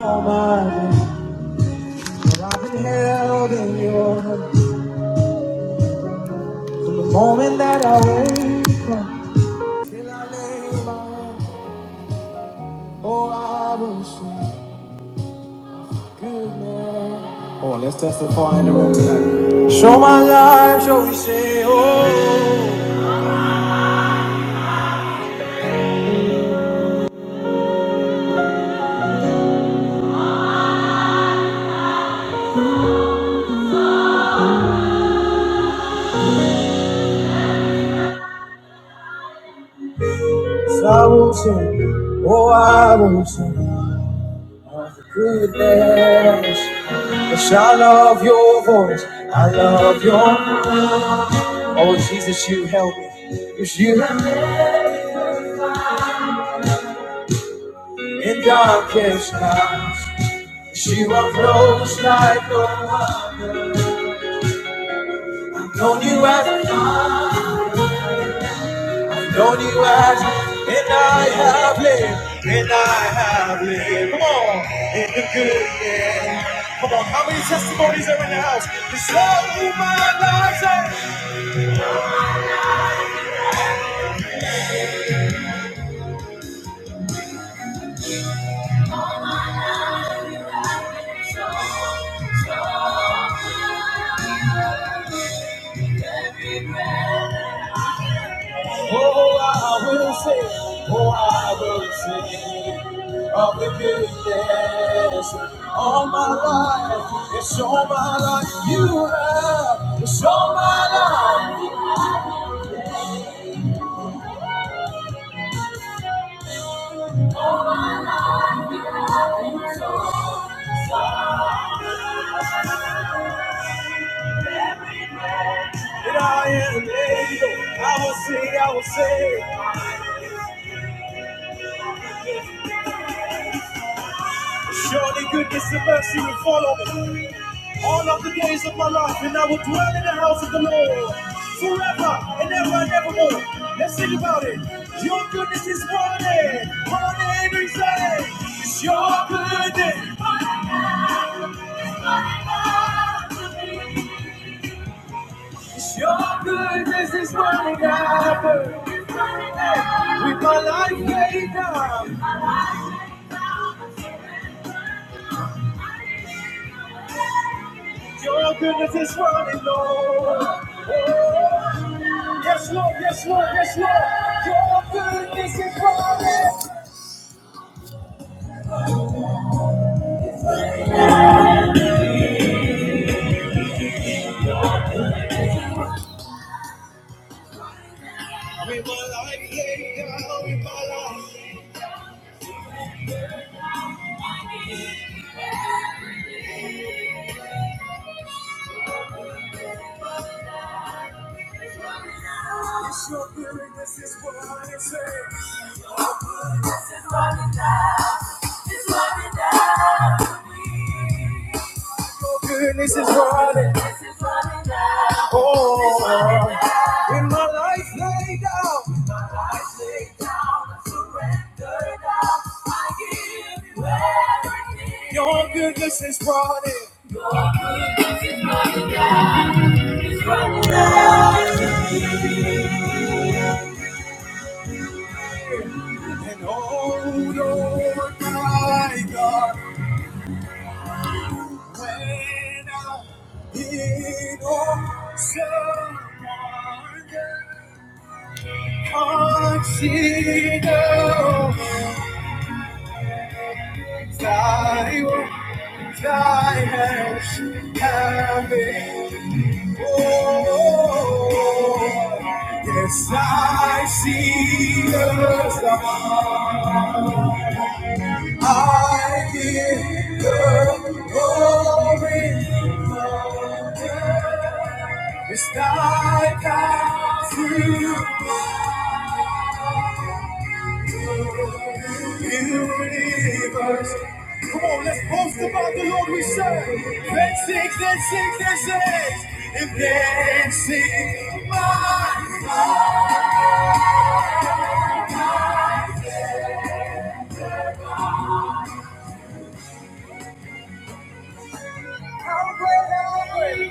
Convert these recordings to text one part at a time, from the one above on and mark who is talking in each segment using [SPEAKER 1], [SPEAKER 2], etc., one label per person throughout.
[SPEAKER 1] Almighty, for I've been held in your hand from the moment that I wake up till I lay my head. Oh, I will sing goodness. Come let's testify in the room tonight. Show my life, shall we say, oh, yes, I will sing, oh, I will sing of the goodness. Yes, I love your voice. I love your. Oh Jesus, you help me. It's you. In darkest nights, she was close like no one. I've Known you as, I've known you as, and I have lived, and I have lived. Come on, in the good years. Come on, how many testimonies are in the house? This love moved my life. Oh, I will sing, oh, I will sing of the goodness all my life. It's all my life you have, it's all my life. And I am able, I will sing, I will sing. Surely goodness and mercy will follow me all of the days of my life, and I will dwell in the house of the Lord forever and ever and evermore. Let's think about it. Your goodness is morning, morning every day. It's your goodness, your goodness is running after. With my life laid down. Your goodness is running low. Oh, yes, Lord, yes, Lord, yes, Lord. Your goodness is running. With my life laid down in my life. Your goodness is running, say. Your goodness is running. Oh, in my life lay down. Lay down. Your goodness is running. And oh, Lord, my God. When I think of someone I consider thy work, thy hands have made. Oh, yes, I see the sun. I give the glory. It's thy power to Universe, Come on, let's boast about the Lord we serve. Let's sing, let's sing, let's sing. And then sing my how great,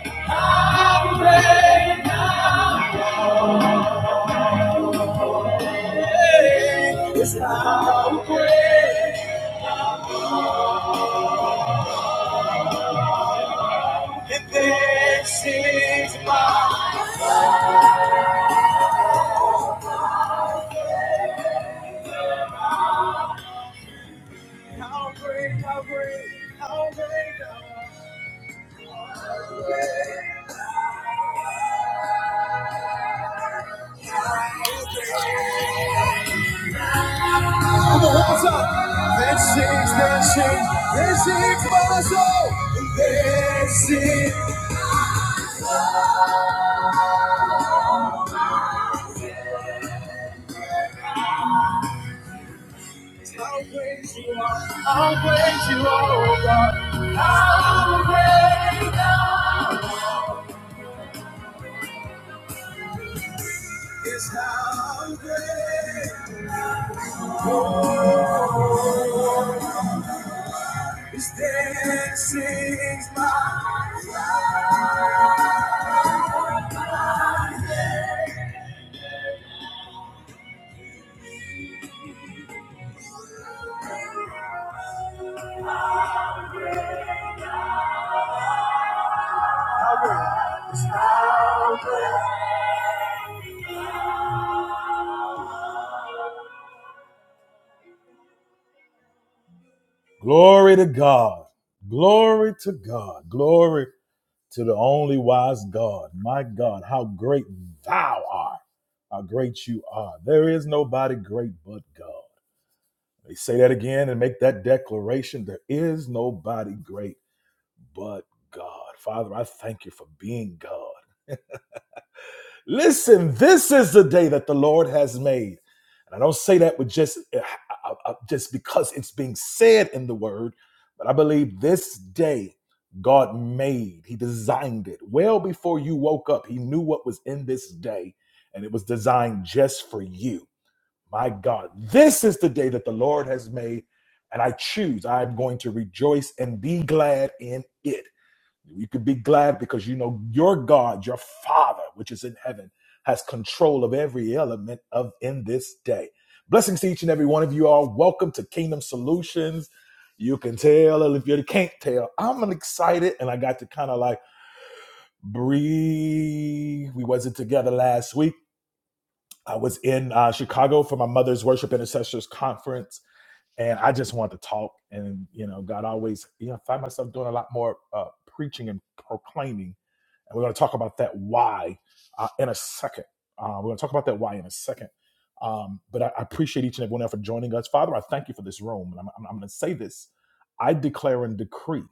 [SPEAKER 1] how great thy name is how great. And then sing my how great, how great, how great thou let's sing, let's sing. is, this is my soul. This is How great you are, how great you are, oh God. How great thou is how great is dancing my to the only wise God, my God, how great thou art, how great you are. There is nobody great but God. They say that again and make that declaration. There is nobody great but God. Father, I thank you for being God. Listen, this is the day that the Lord has made. And I don't say that with just uh, uh, uh, just because it's being said in the word, but I believe this day God made. He designed it well before you woke up. He knew what was in this day and it was designed just for you. My God, this is the day that the Lord has made and I choose. I'm going to rejoice and be glad in it. You could be glad because you know your God, your Father, which is in heaven, has control of every element of in this day. Blessings to each and every one of you all. Welcome to Kingdom Solutions. You can tell, and if you can't tell, I'm excited, and I got to kind of like breathe. We wasn't together last week. I was in uh, Chicago for my mother's worship intercessors conference, and I just wanted to talk. And you know, God always, you know, I find myself doing a lot more uh, preaching and proclaiming and we're going to talk about that why uh, in a second. Uh, we're going to talk about that why in a second. Um, but I, I appreciate each and every one of you for joining us. Father, I thank you for this room. And I'm, I'm, I'm going to say this I declare and decree,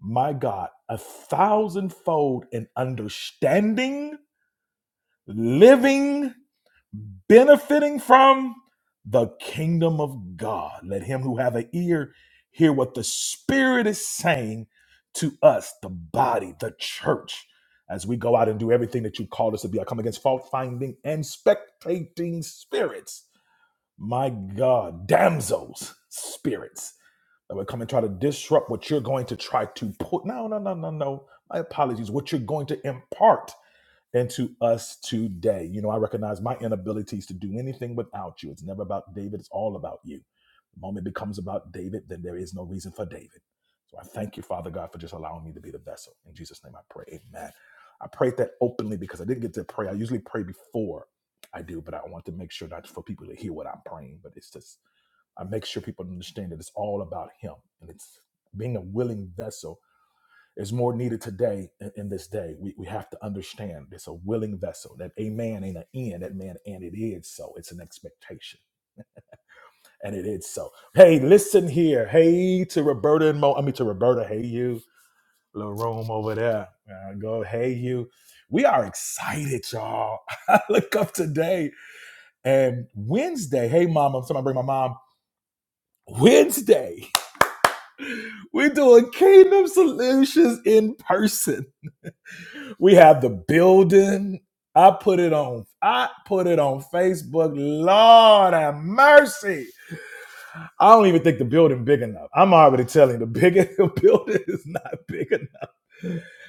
[SPEAKER 1] my God, a thousandfold in understanding, living, benefiting from the kingdom of God. Let him who have an ear hear what the Spirit is saying to us, the body, the church, as we go out and do everything that you called us to be. I come against fault finding and spectating spirits. My God, damsels, spirits that would come and try to disrupt what you're going to try to put. No, no, no, no, no. My apologies. What you're going to impart into us today. You know, I recognize my inabilities to do anything without you. It's never about David, it's all about you. The moment it becomes about David, then there is no reason for David. So I thank you, Father God, for just allowing me to be the vessel. In Jesus' name I pray. Amen. I prayed that openly because I didn't get to pray. I usually pray before I do, but I want to make sure not for people to hear what I'm praying, but it's just I make sure people understand that it's all about him and it's being a willing vessel is more needed today in, in this day. We, we have to understand it's a willing vessel. That a man ain't an end, that man, and it is so. It's an expectation. And it is so. Hey, listen here. Hey to Roberta and Mo. I mean to Roberta. Hey you. Little room over there. Uh, go, hey you. We are excited, y'all. I look up today and Wednesday. Hey mom, I'm somebody bring my mom. Wednesday, we're doing Kingdom Solutions in person. We have the building. I put it on. I put it on Facebook. Lord have mercy. I don't even think the building big enough. I'm already telling you, the big the building is not big enough.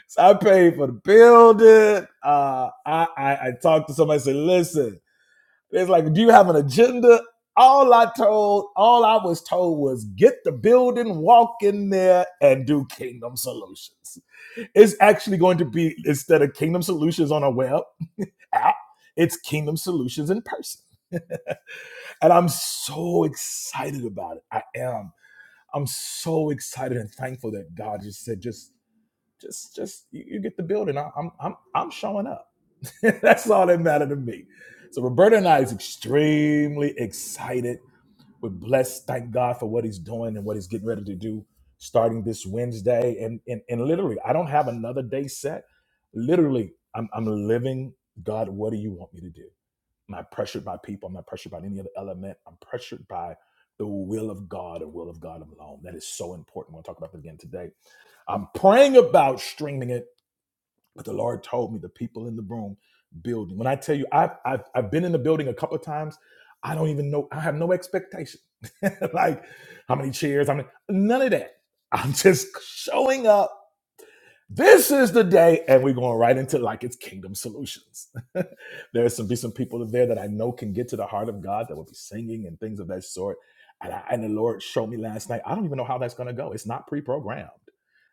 [SPEAKER 1] So I paid for the building. Uh, I, I I talked to somebody. Said, listen, it's like, do you have an agenda? All I told, all I was told was get the building, walk in there, and do Kingdom Solutions. It's actually going to be instead of Kingdom Solutions on a web app. It's Kingdom Solutions in person. And I'm so excited about it. I am. I'm so excited and thankful that God just said, just, just, just, you, you get the building. I, I'm, I'm, I'm showing up. That's all that mattered to me. So Roberta and I is extremely excited. We're blessed. Thank God for what He's doing and what He's getting ready to do starting this Wednesday. And and, and literally, I don't have another day set. Literally, I'm, I'm living. God, what do you want me to do? I'm not pressured by people. I'm not pressured by any other element. I'm pressured by the will of God and will of God alone. That is so important. We'll talk about that again today. I'm praying about streaming it, but the Lord told me the people in the room building. When I tell you, I've, I've, I've been in the building a couple of times. I don't even know. I have no expectation. like how many chairs, I mean, none of that. I'm just showing up this is the day, and we're going right into like it's kingdom solutions. There's some be some people there that I know can get to the heart of God that will be singing and things of that sort. And, I, and the Lord showed me last night. I don't even know how that's going to go. It's not pre-programmed.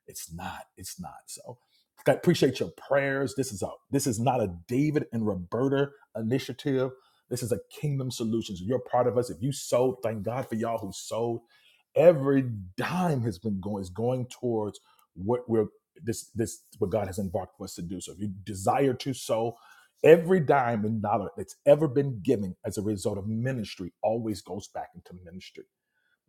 [SPEAKER 1] It's not. It's not. So I appreciate your prayers. This is a this is not a David and Roberta initiative. This is a kingdom solutions. You're part of us. If you sold, thank God for y'all who sold every dime has been going is going towards what we're this this is what God has embarked for us to do. So if you desire to sow, every dime and dollar that's ever been given as a result of ministry always goes back into ministry.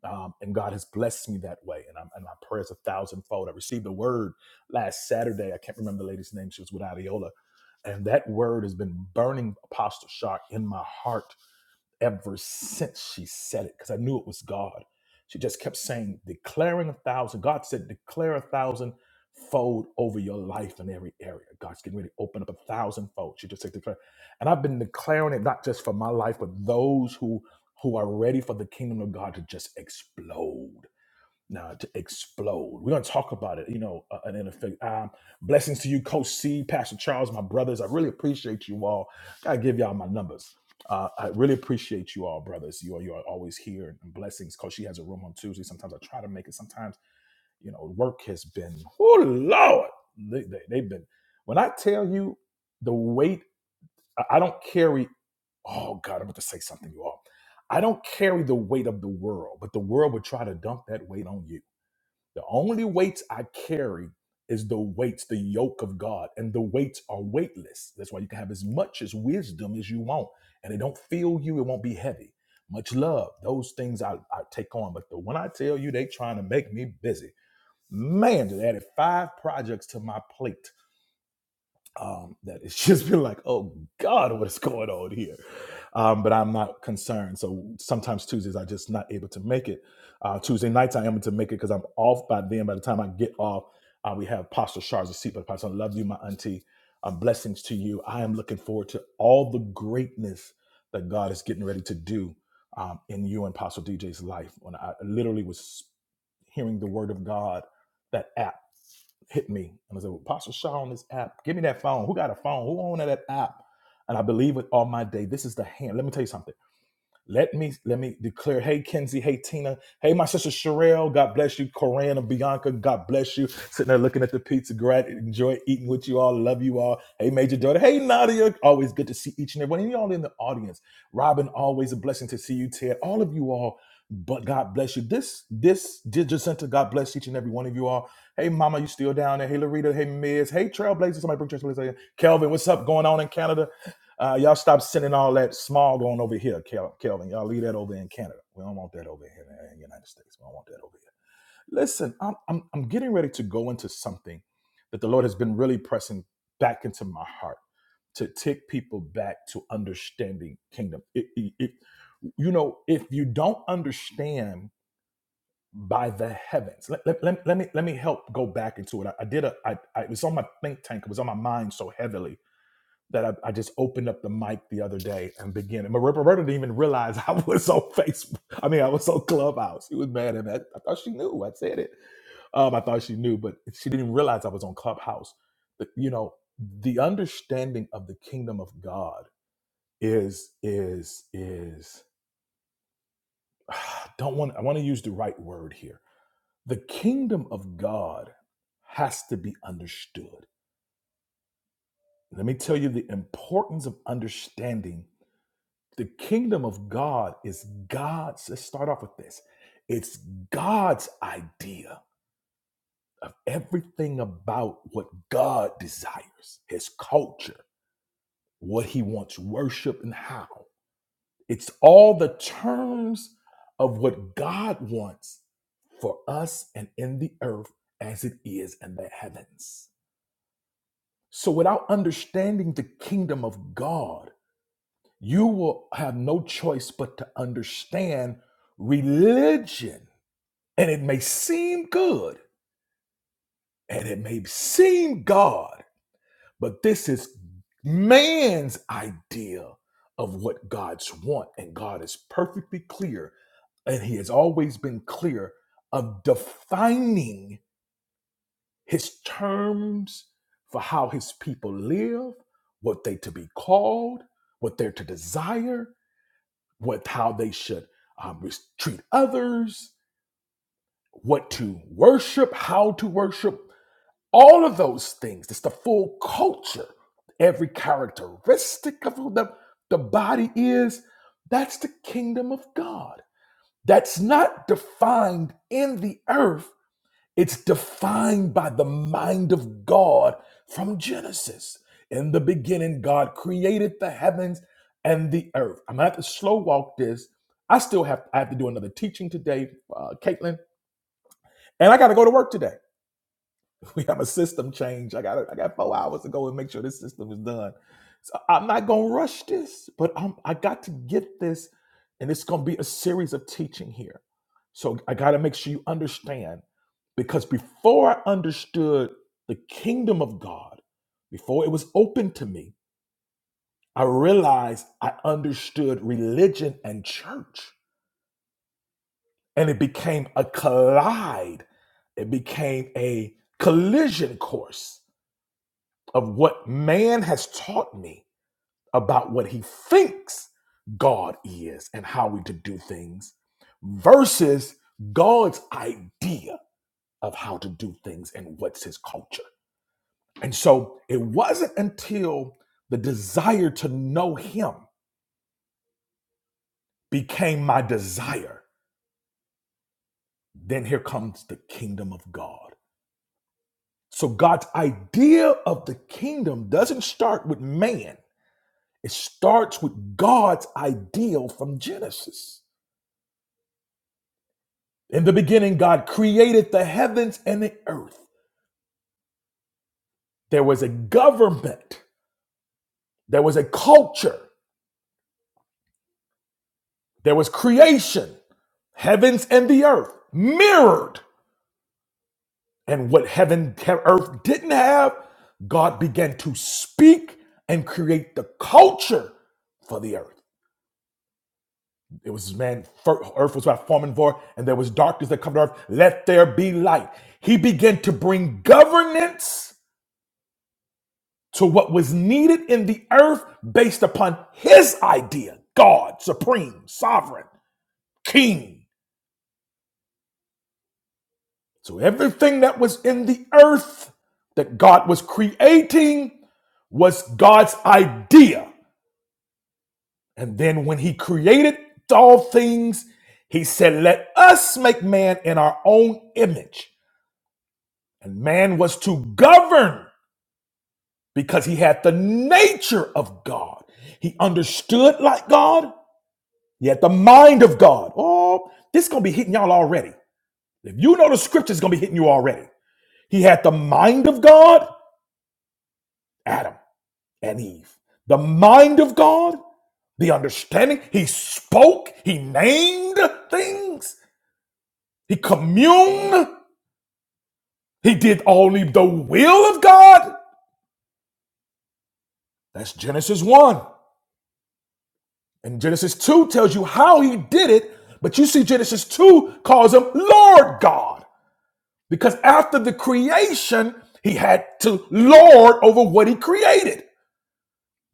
[SPEAKER 1] Um, and God has blessed me that way. And, I'm, and my prayers a thousandfold. I received a word last Saturday. I can't remember the lady's name. She was with Adiola. And that word has been burning Apostle Shark in my heart ever since she said it, because I knew it was God. She just kept saying, declaring a thousand. God said, declare a thousand fold over your life in every area. God's getting ready to open up a thousand fold. She just said, declare. And I've been declaring it not just for my life, but those who who are ready for the kingdom of God to just explode now to explode. We're going to talk about it, you know, uh, and in Um, blessings to you, Coach C, Pastor Charles, my brothers. I really appreciate you all. I gotta give y'all my numbers. Uh, I really appreciate you all, brothers. You are you are always here and blessings. Coach she has a room on Tuesday. Sometimes I try to make it. Sometimes you know, work has been oh Lord, they, they, they've been. When I tell you the weight, I I don't carry. Oh God, I'm about to say something, you all. I don't carry the weight of the world, but the world would try to dump that weight on you the only weights I carry is the weights, the yoke of God, and the weights are weightless. That's why you can have as much as wisdom as you want, and it don't feel you. It won't be heavy. Much love. Those things I, I take on, but the, when I tell you they trying to make me busy, man, they added five projects to my plate um, that it's just been like, oh God, what is going on here? Um, but I'm not concerned. So sometimes Tuesdays i just not able to make it. Uh, Tuesday nights I am able to make it because I'm off by then. By the time I get off, uh, we have Pastor Shards of Seat, but Pastor, I love you, my auntie. Uh, blessings to you. I am looking forward to all the greatness that God is getting ready to do um, in you and Pastor DJ's life. When I literally was hearing the word of God, that app hit me. And I said, well, Pastor Shaw on this app, give me that phone. Who got a phone? Who owned that app? And I believe it all my day. This is the hand. Let me tell you something. Let me let me declare, hey Kenzie, hey Tina, hey my sister Sherelle, God bless you, Corinne and Bianca, God bless you. Sitting there looking at the pizza, Grant, enjoy eating with you all, love you all. Hey Major Daughter, hey Nadia, always good to see each and every one of y'all in the audience. Robin, always a blessing to see you, Ted. All of you all, but God bless you. This this digital center, God bless each and every one of you all. Hey Mama, you still down there? Hey Larita, hey Miz, hey Trailblazer, somebody bring Trailblazer. in. Kelvin, what's up going on in Canada? Uh, y'all stop sending all that smog on over here, Kel- Kelvin. Y'all leave that over in Canada. We don't want that over here in the United States. We don't want that over here. Listen, I'm, I'm, I'm getting ready to go into something that the Lord has been really pressing back into my heart to take people back to understanding kingdom. It, it, it- you know, if you don't understand by the heavens, let, let, let, let me let me help go back into it. I, I did a, I, I, it was on my think tank. It was on my mind so heavily that I, I just opened up the mic the other day and began. And Roberta Roberta didn't even realize I was on Facebook. I mean, I was on Clubhouse. She was mad at me. I, I thought she knew. I said it. Um, I thought she knew, but she didn't even realize I was on Clubhouse. But, you know, the understanding of the kingdom of God is is is. I don't want. I want to use the right word here. The kingdom of God has to be understood. Let me tell you the importance of understanding The kingdom of God is God's. Let's start off with this. It's God's idea of everything about what God desires, his culture, what he wants worship and how. It's all the terms of what God wants for us and in the earth as it is in the heavens. So without understanding the kingdom of God, you will have no choice but to understand religion And it may seem good and it may seem God, but this is man's idea of what God's want. And God is perfectly clear, and He has always been clear of defining His terms for how His people live, what they to be called, what they're to desire, what how they should um, res- treat others, what to worship, how to worship, All of those things. It's the full culture. Every characteristic of who the, the body is, that's the kingdom of God. That's not defined in the earth, it's defined by the mind of God from Genesis. In the beginning, God created the heavens and the earth. I'm gonna have to slow walk this. I still have I have to do another teaching today, uh, Caitlin, and I got to go to work today. We have a system change. I got I got four hours to go and make sure this system is done. So I'm not gonna rush this, but I'm I got to get this, and it's gonna be a series of teaching here. So I gotta make sure you understand because before I understood the kingdom of God, before it was open to me, I realized I understood religion and church. And it became a collide, it became a collision course. of what man has taught me about what he thinks God is and how we to do things versus God's idea of how to do things and what's his culture. And so it wasn't until the desire to know him became my desire. Then here comes the kingdom of God. So God's idea of the kingdom doesn't start with man, it starts with God's ideal from Genesis. In the beginning, God created the heavens and the earth. There was a government, there was a culture, there was creation, heavens and the earth mirrored. And what heaven, he- earth didn't have, God began to speak and create the culture for the earth. It was man, earth was without form and void, and there was darkness that covered earth. Let there be light. He began to bring governance to what was needed in the earth based upon his idea God, supreme, sovereign, king. So everything that was in the earth that God was creating was God's idea. And then when he created all things, he said, Let us make man in our own image. And man was to govern because he had the nature of God. He understood like God. Yet the mind of God, oh, this is going to be hitting y'all already. If you know the scripture, it's going to be hitting you already. He had the mind of God, Adam and Eve. The mind of God, the understanding. He spoke, he named things, he communed, he did only the will of God. That's Genesis 1. And Genesis 2 tells you how he did it, but you see Genesis 2 calls him Lord God. Because after the creation, he had to lord over what he created.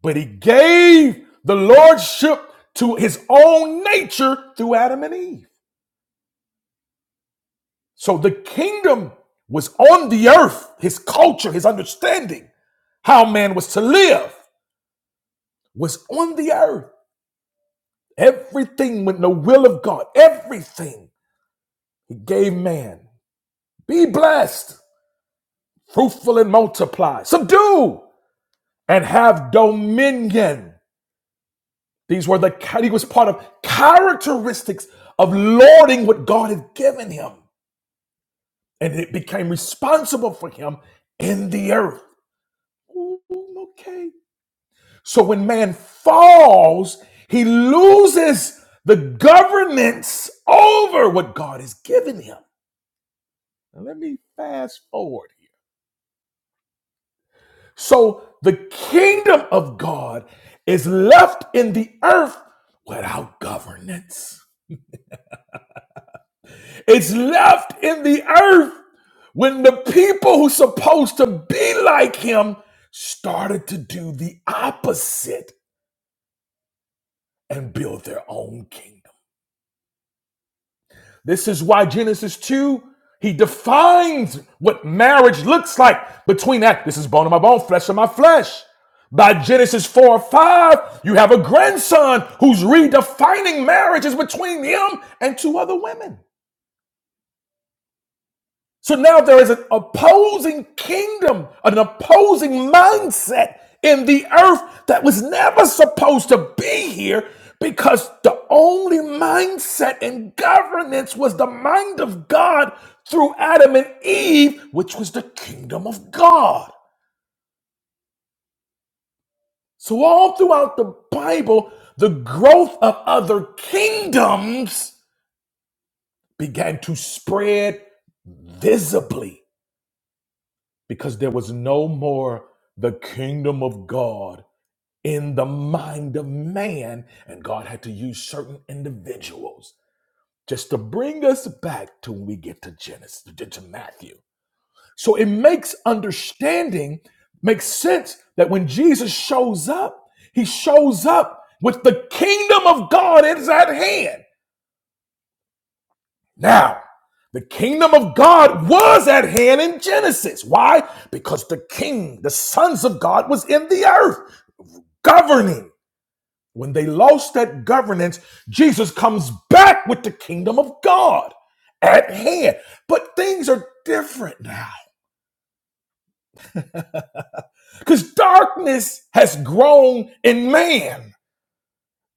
[SPEAKER 1] But he gave the lordship to his own nature through Adam and Eve. So the kingdom was on the earth. His culture, his understanding, how man was to live was on the earth. Everything with the will of God, everything he gave man. Be blessed, fruitful and multiply, subdue and have dominion. These were the he was part of characteristics of lording what God had given him, and it became responsible for him in the earth. Ooh, okay. So when man falls, he loses the governance over what God has given him. Now let me fast forward here. So the kingdom of God is left in the earth without governance. It's left in the earth when the people who supposed to be like him started to do the opposite and build their own kingdom. This is why Genesis 2 he defines what marriage looks like between that this is bone of my bone, flesh of my flesh. By Genesis 4 or 5, you have a grandson who's redefining marriages between him and two other women. So now there is an opposing kingdom, an opposing mindset in the earth that was never supposed to be here because the only mindset in governance was the mind of God through Adam and Eve, which was the kingdom of God. So, all throughout the Bible, the growth of other kingdoms began to spread visibly because there was no more the kingdom of God in the mind of man. And God had to use certain individuals just to bring us back to when we get to Genesis, to to Matthew. So it makes understanding, makes sense that when Jesus shows up, he shows up with the kingdom of God is at hand. Now, the kingdom of God was at hand in Genesis. Why? Because the king, the sons of God, was in the earth governing. When they lost that governance, Jesus comes back with the kingdom of God at hand. But things are different now because darkness has grown in man.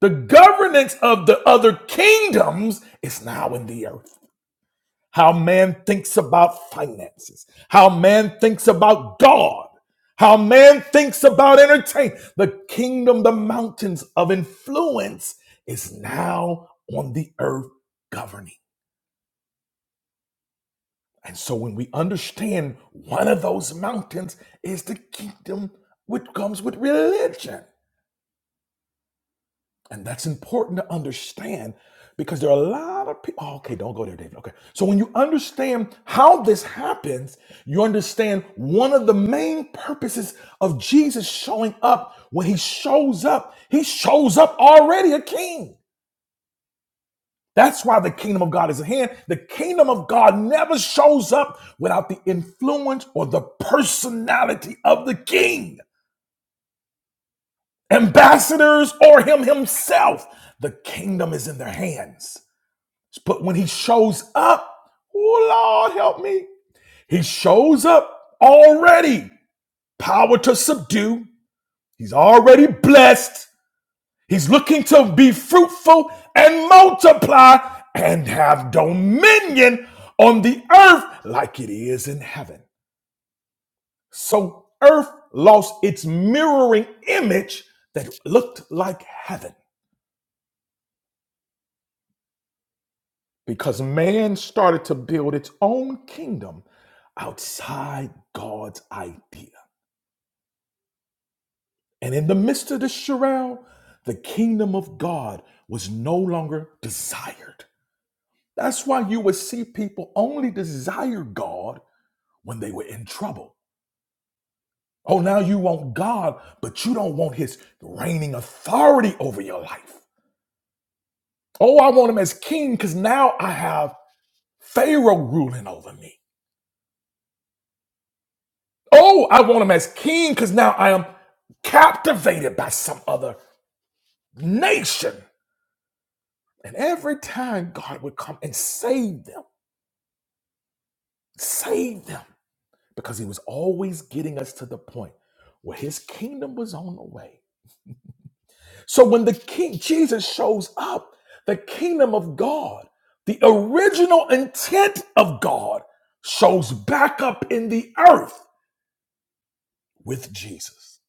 [SPEAKER 1] The governance of the other kingdoms is now in the earth. how man thinks about finances, how man thinks about God, how man thinks about entertainment. The kingdom, the mountains of influence is now on the earth governing. And so when we understand one of those mountains is the kingdom which comes with religion. And that's important to understand because there are a lot of people. Oh, okay, don't go there, David. Okay. So when you understand how this happens, you understand one of the main purposes of Jesus showing up. When he shows up, he shows up already a king. That's why the kingdom of God is at hand. The kingdom of God never shows up without the influence or the personality of the king, ambassadors, or him himself. The kingdom is in their hands. But when he shows up, oh Lord help me. He shows up already. Power to subdue. He's already blessed. He's looking to be fruitful and multiply and have dominion on the earth like it is in heaven. So earth lost its mirroring image that looked like heaven. because man started to build its own kingdom outside God's idea. And in the midst of this chorale, the kingdom of God was no longer desired. That's why you would see people only desire God when they were in trouble. Oh, now you want God, but you don't want his reigning authority over your life. Oh, I want him as king because now I have Pharaoh ruling over me. Oh, I want him as king because now I am captivated by some other nation. And every time God would come and save them, save them, because he was always getting us to the point where his kingdom was on the way. So when the king, Jesus shows up, the kingdom of God, the original intent of God, shows back up in the earth with Jesus.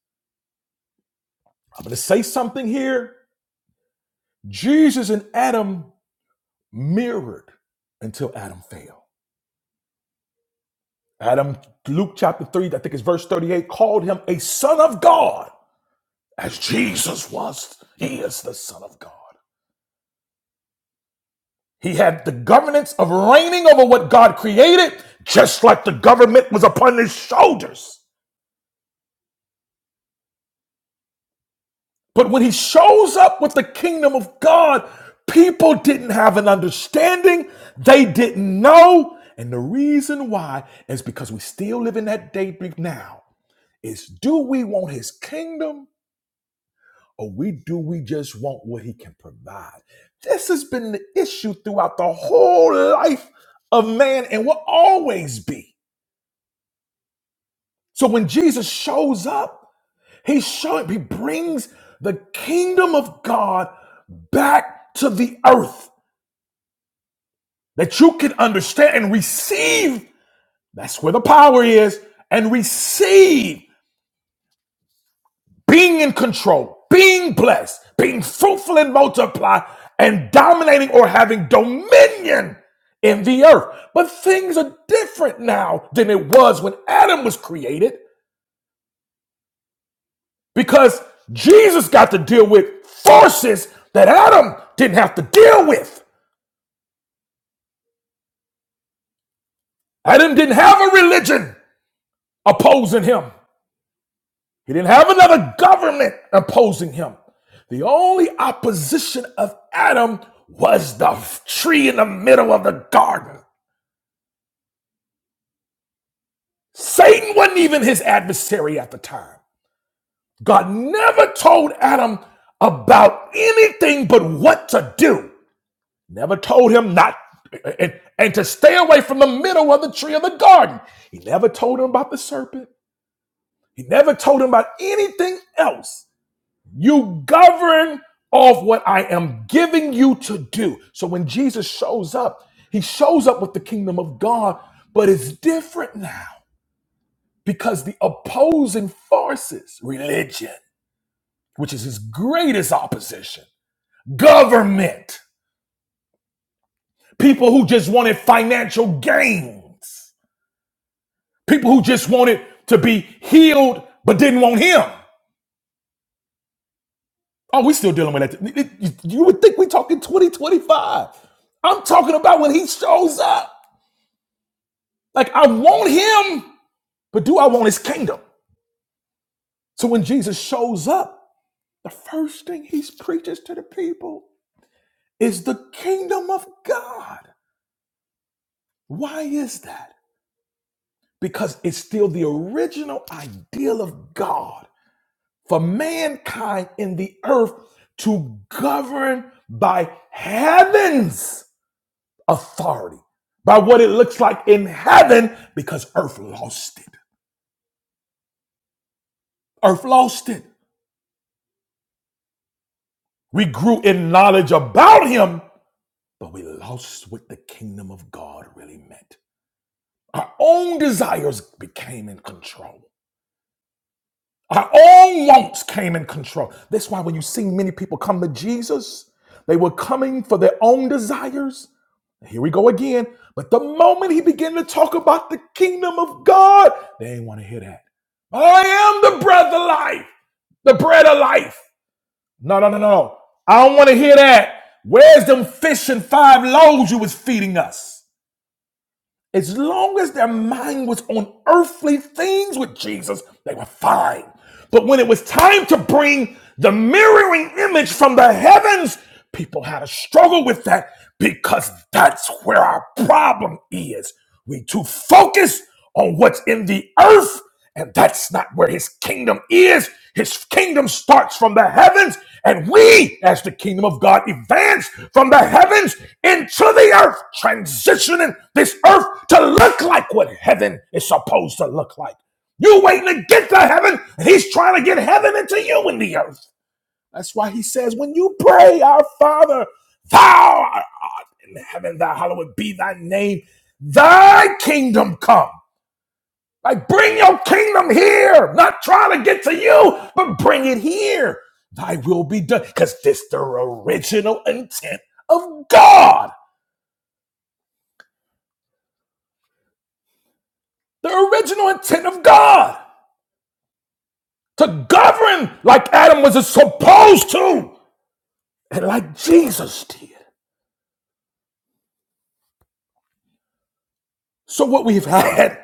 [SPEAKER 1] I'm going to say something here. Jesus and Adam mirrored until Adam fell. Adam, Luke chapter 3, I think it's verse 38, called him a son of God, as Jesus was. He is the son of God. He had the governance of reigning over what God created, just like the government was upon his shoulders. But when he shows up with the kingdom of God, people didn't have an understanding. They didn't know. And the reason why is because we still live in that day now is do we want his kingdom or we do we just want what he can provide this has been the issue throughout the whole life of man and will always be so when jesus shows up he showing he brings the kingdom of god back to the earth that you can understand and receive that's where the power is and receive being in control, being blessed, being fruitful and multiply, and dominating or having dominion in the earth. But things are different now than it was when Adam was created because Jesus got to deal with forces that Adam didn't have to deal with. Adam didn't have a religion opposing him. He didn't have another government opposing him. The only opposition of Adam was the tree in the middle of the garden. Satan wasn't even his adversary at the time. God never told Adam about anything but what to do. Never told him not and, and to stay away from the middle of the tree of the garden. He never told him about the serpent. He never told him about anything else. You govern off what I am giving you to do. So when Jesus shows up, he shows up with the kingdom of God, but it's different now because the opposing forces, religion, which is his greatest opposition, government, people who just wanted financial gains, people who just wanted to be healed but didn't want him. Oh, we still dealing with that. You would think we are talking 2025. I'm talking about when he shows up. Like I want him, but do I want his kingdom? So when Jesus shows up, the first thing he preaches to the people is the kingdom of God. Why is that? Because it's still the original ideal of God for mankind in the earth to govern by heaven's authority, by what it looks like in heaven, because earth lost it. Earth lost it. We grew in knowledge about him, but we lost what the kingdom of God really meant. Our own desires became in control. Our own wants came in control. That's why when you see many people come to Jesus, they were coming for their own desires. Here we go again. But the moment he began to talk about the kingdom of God, they ain't want to hear that. I am the bread of life, the bread of life. No, no, no, no. no. I don't want to hear that. Where's them fish and five loaves you was feeding us? As long as their mind was on earthly things with Jesus, they were fine. But when it was time to bring the mirroring image from the heavens, people had a struggle with that because that's where our problem is. We too focused on what's in the earth and that's not where his kingdom is. His kingdom starts from the heavens, and we, as the kingdom of God, advance from the heavens into the earth, transitioning this earth to look like what heaven is supposed to look like. You waiting to get to heaven, and he's trying to get heaven into you in the earth. That's why he says, when you pray, our Father, thou art in heaven, thy hallowed be thy name, thy kingdom come. Like, bring your kingdom here. Not trying to get to you, but bring it here. Thy will be done. Because this the original intent of God. The original intent of God. To govern like Adam was supposed to. And like Jesus did. So what we've had,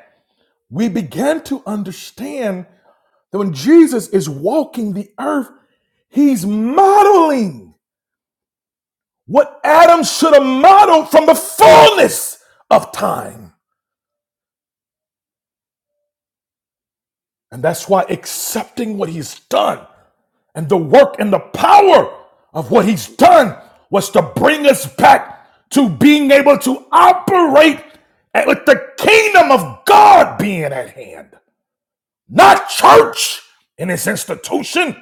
[SPEAKER 1] we began to understand that when Jesus is walking the earth, he's modeling what Adam should have modeled from the fullness of time. And that's why accepting what he's done and the work and the power of what he's done was to bring us back to being able to operate at- with the kingdom of God being at hand, not church in its institution,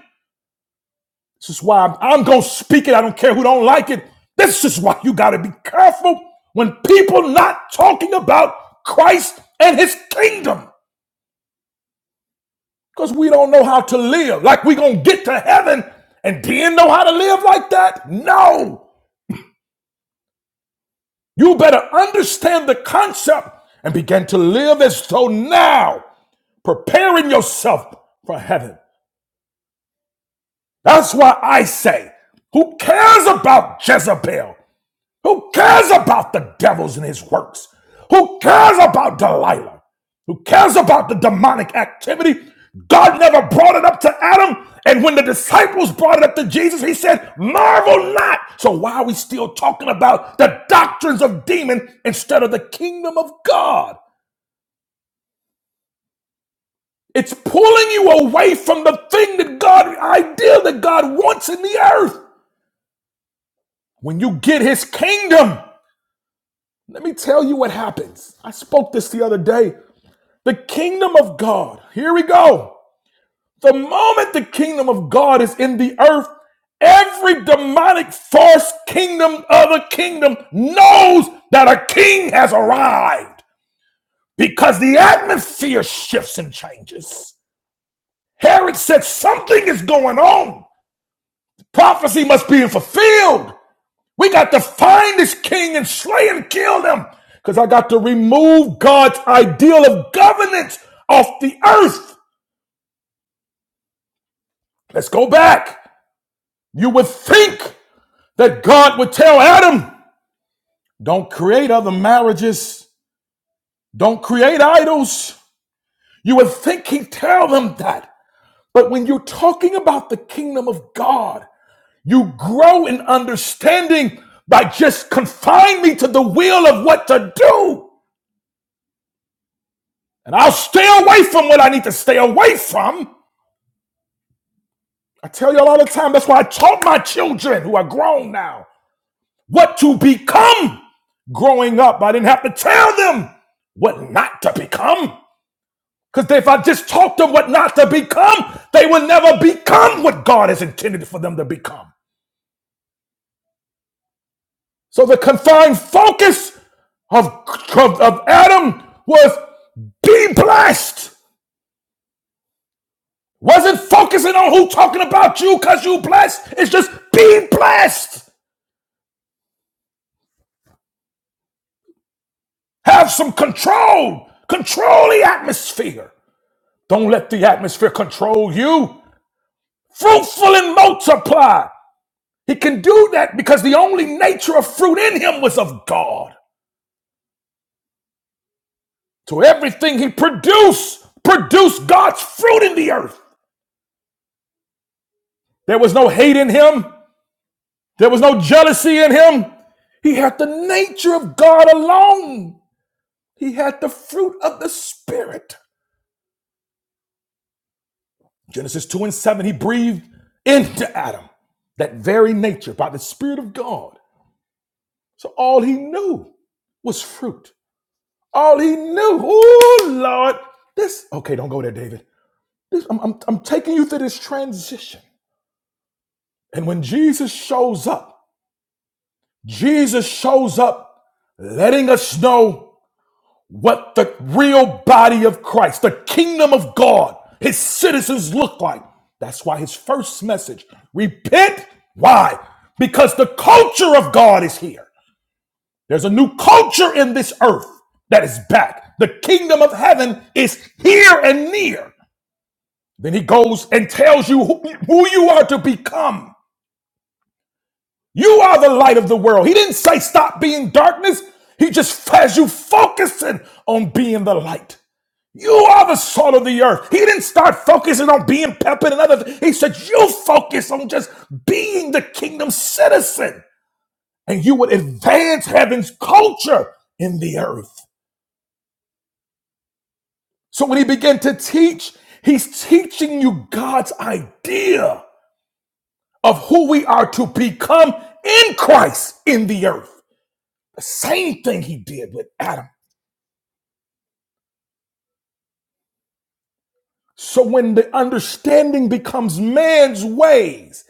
[SPEAKER 1] This is why I'm, I'm going to speak it. I don't care who don't like it. This is why you got to be careful when people not talking about Christ and his kingdom because we don't know how to live. Like we going to get to heaven and didn't know how to live like that? No. You better understand the concept and begin to live as though now, preparing yourself for heaven. That's why I say, who cares about Jezebel? Who cares about the devils and his works? Who cares about Delilah? Who cares about the demonic activity? God never brought it up to Adam. And when the disciples brought it up to Jesus, he said, Marvel not. So why are we still talking about the doctrines of demon instead of the kingdom of God? It's pulling you away from the thing that God, the ideal that God wants in the earth. When you get his kingdom, let me tell you what happens. I spoke this the other day. The kingdom of God. Here we go. The moment the kingdom of God is in the earth, every demonic false kingdom other kingdom knows that a king has arrived because the atmosphere shifts and changes. Herod said something is going on. Prophecy must be fulfilled. We got to find this king and slay and kill them because I got to remove God's ideal of governance off the earth. Let's go back. You would think that God would tell Adam, don't create other marriages, don't create idols. You would think he'd tell them that. But when you're talking about the kingdom of God, you grow in understanding by just confine me to the will of what to do. And I'll stay away from what I need to stay away from. I tell you all the time, that's why I taught my children who are grown now. what to become growing up. I didn't have to tell them what not to become. Because if I just taught them what not to become, they would never become what God has intended for them to become. So the confined focus of, of, of Adam was be blessed. Wasn't focusing on who talking about you because you blessed. It's just be blessed. Have some control. Control the atmosphere. Don't let the atmosphere control you. fruitful and multiply. He can do that because the only nature of fruit in him was of God. So everything he produced produced God's fruit in the earth. There was no hate in him, there was no jealousy in him. He had the nature of God alone, he had the fruit of the Spirit. Genesis 2 and 7, he breathed into Adam that very nature by the Spirit of God. So all he knew was fruit. All he knew. Oh Lord. This okay, don't go there, David. This, I'm, I'm, I'm taking you through this transition. And when Jesus shows up, Jesus shows up letting us know what the real body of Christ, the kingdom of God, his citizens look like. That's why his first message, repent. Why? Because the culture of God is here. There's a new culture in this earth that is back. The kingdom of heaven is here and near. Then he goes and tells you who, who you are to become. You are the light of the world. He didn't say stop being darkness. He just has you focusing on being the light. You are the salt of the earth. He didn't start focusing on being pepper and other. things. He said you focus on just being the kingdom citizen, and you would advance heaven's culture in the earth. So when he began to teach, he's teaching you God's idea of who we are to become in Christ in the earth. The same thing he did with Adam. So when the understanding becomes man's ways,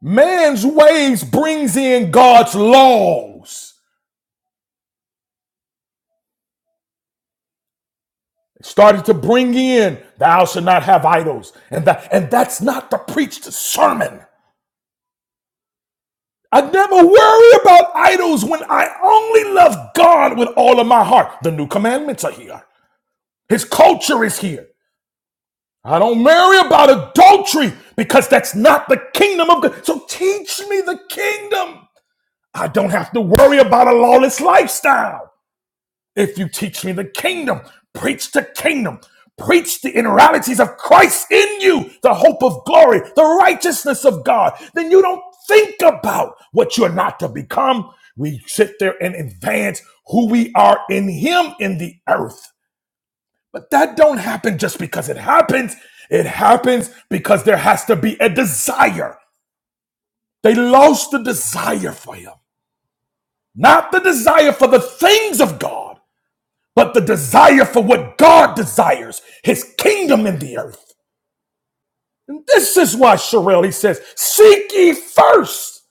[SPEAKER 1] man's ways brings in God's laws. It started to bring in thou shalt not have idols. And that and that's not to preach the preached sermon. I never worry about idols when I only love God with all of my heart. The new commandments are here. His culture is here. I don't marry about adultery because that's not the kingdom of God. So teach me the kingdom. I don't have to worry about a lawless lifestyle. If you teach me the kingdom, preach the kingdom, preach the inneralities of Christ in you, the hope of glory, the righteousness of God, then you don't think about what you're not to become. We sit there and advance who we are in Him in the earth. But that don't happen just because it happens. It happens because there has to be a desire. They lost the desire for him. Not the desire for the things of God, but the desire for what God desires, his kingdom in the earth. And this is why Sherelle, he says, seek ye first.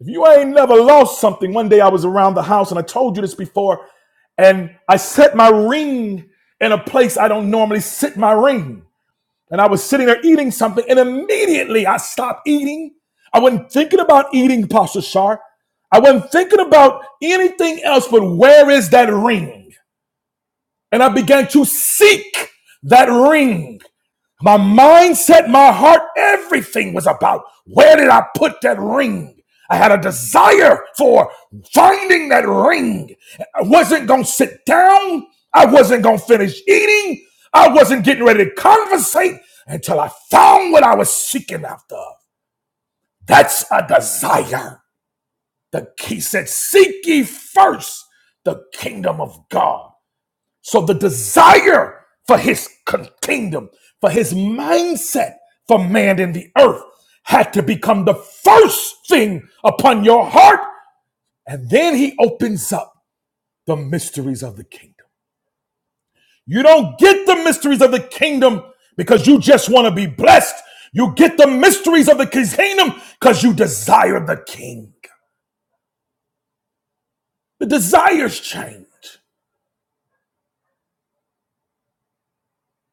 [SPEAKER 1] If you ain't never lost something, one day I was around the house and I told you this before, and I set my ring in a place I don't normally sit my ring. And I was sitting there eating something, and immediately I stopped eating. I wasn't thinking about eating, Pastor Shar. I wasn't thinking about anything else but where is that ring? And I began to seek that ring. My mindset, my heart, everything was about where did I put that ring? I had a desire for finding that ring. I wasn't going to sit down. I wasn't going to finish eating. I wasn't getting ready to conversate until I found what I was seeking after. That's a desire. The, he said, Seek ye first the kingdom of God so the desire for his kingdom, for his mindset for man in the earth had to become the first thing upon your heart. And then he opens up the mysteries of the kingdom. You don't get the mysteries of the kingdom because you just want to be blessed. You get the mysteries of the kingdom because you desire the king. The desires change.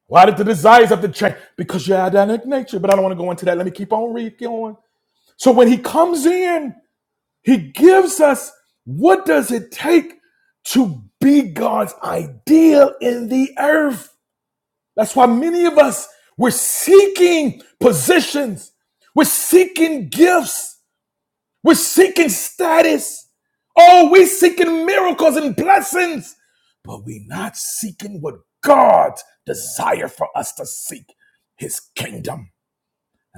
[SPEAKER 1] Why did the desires have to change? Because your identic nature. But I don't want to go into that. Let me keep on reading. So when he comes in, he gives us what does it take to be God's ideal in the earth. That's why many of us we're seeking positions, we're seeking gifts, we're seeking status. Oh, we're seeking miracles and blessings, but we're not seeking what God desires for us to seek, his kingdom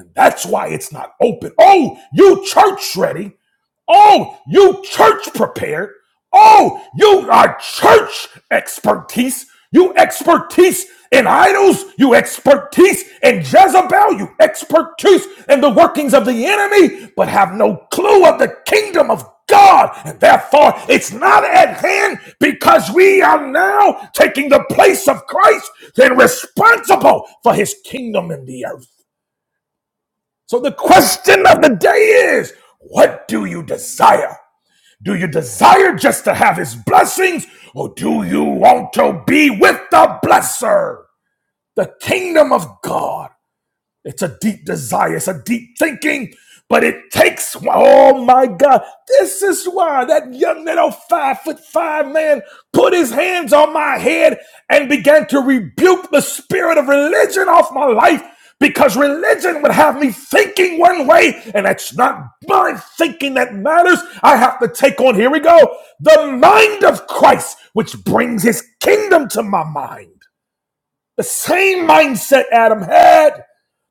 [SPEAKER 1] open. That's why it's not open. Oh, you church ready. Oh, you church prepared. Oh, you are church expertise. You expertise in idols. You expertise in Jezebel. You expertise in the workings of the enemy, but have no clue of the kingdom of God. And therefore, it's not at hand because we are now taking the place of Christ and responsible for his kingdom in the earth. So the question of the day is, what do you desire? Do you desire just to have his blessings or do you want to be with the blesser? The kingdom of God it's a deep desire. It's a deep thinking, but it takes. Oh my God! This is why that young little five foot five man put his hands on my head and began to rebuke the spirit of religion off my life because religion would have me thinking one way, and that's not my thinking that matters. I have to take on. Here we go. The mind of Christ, which brings His kingdom to my mind. The same mindset Adam had,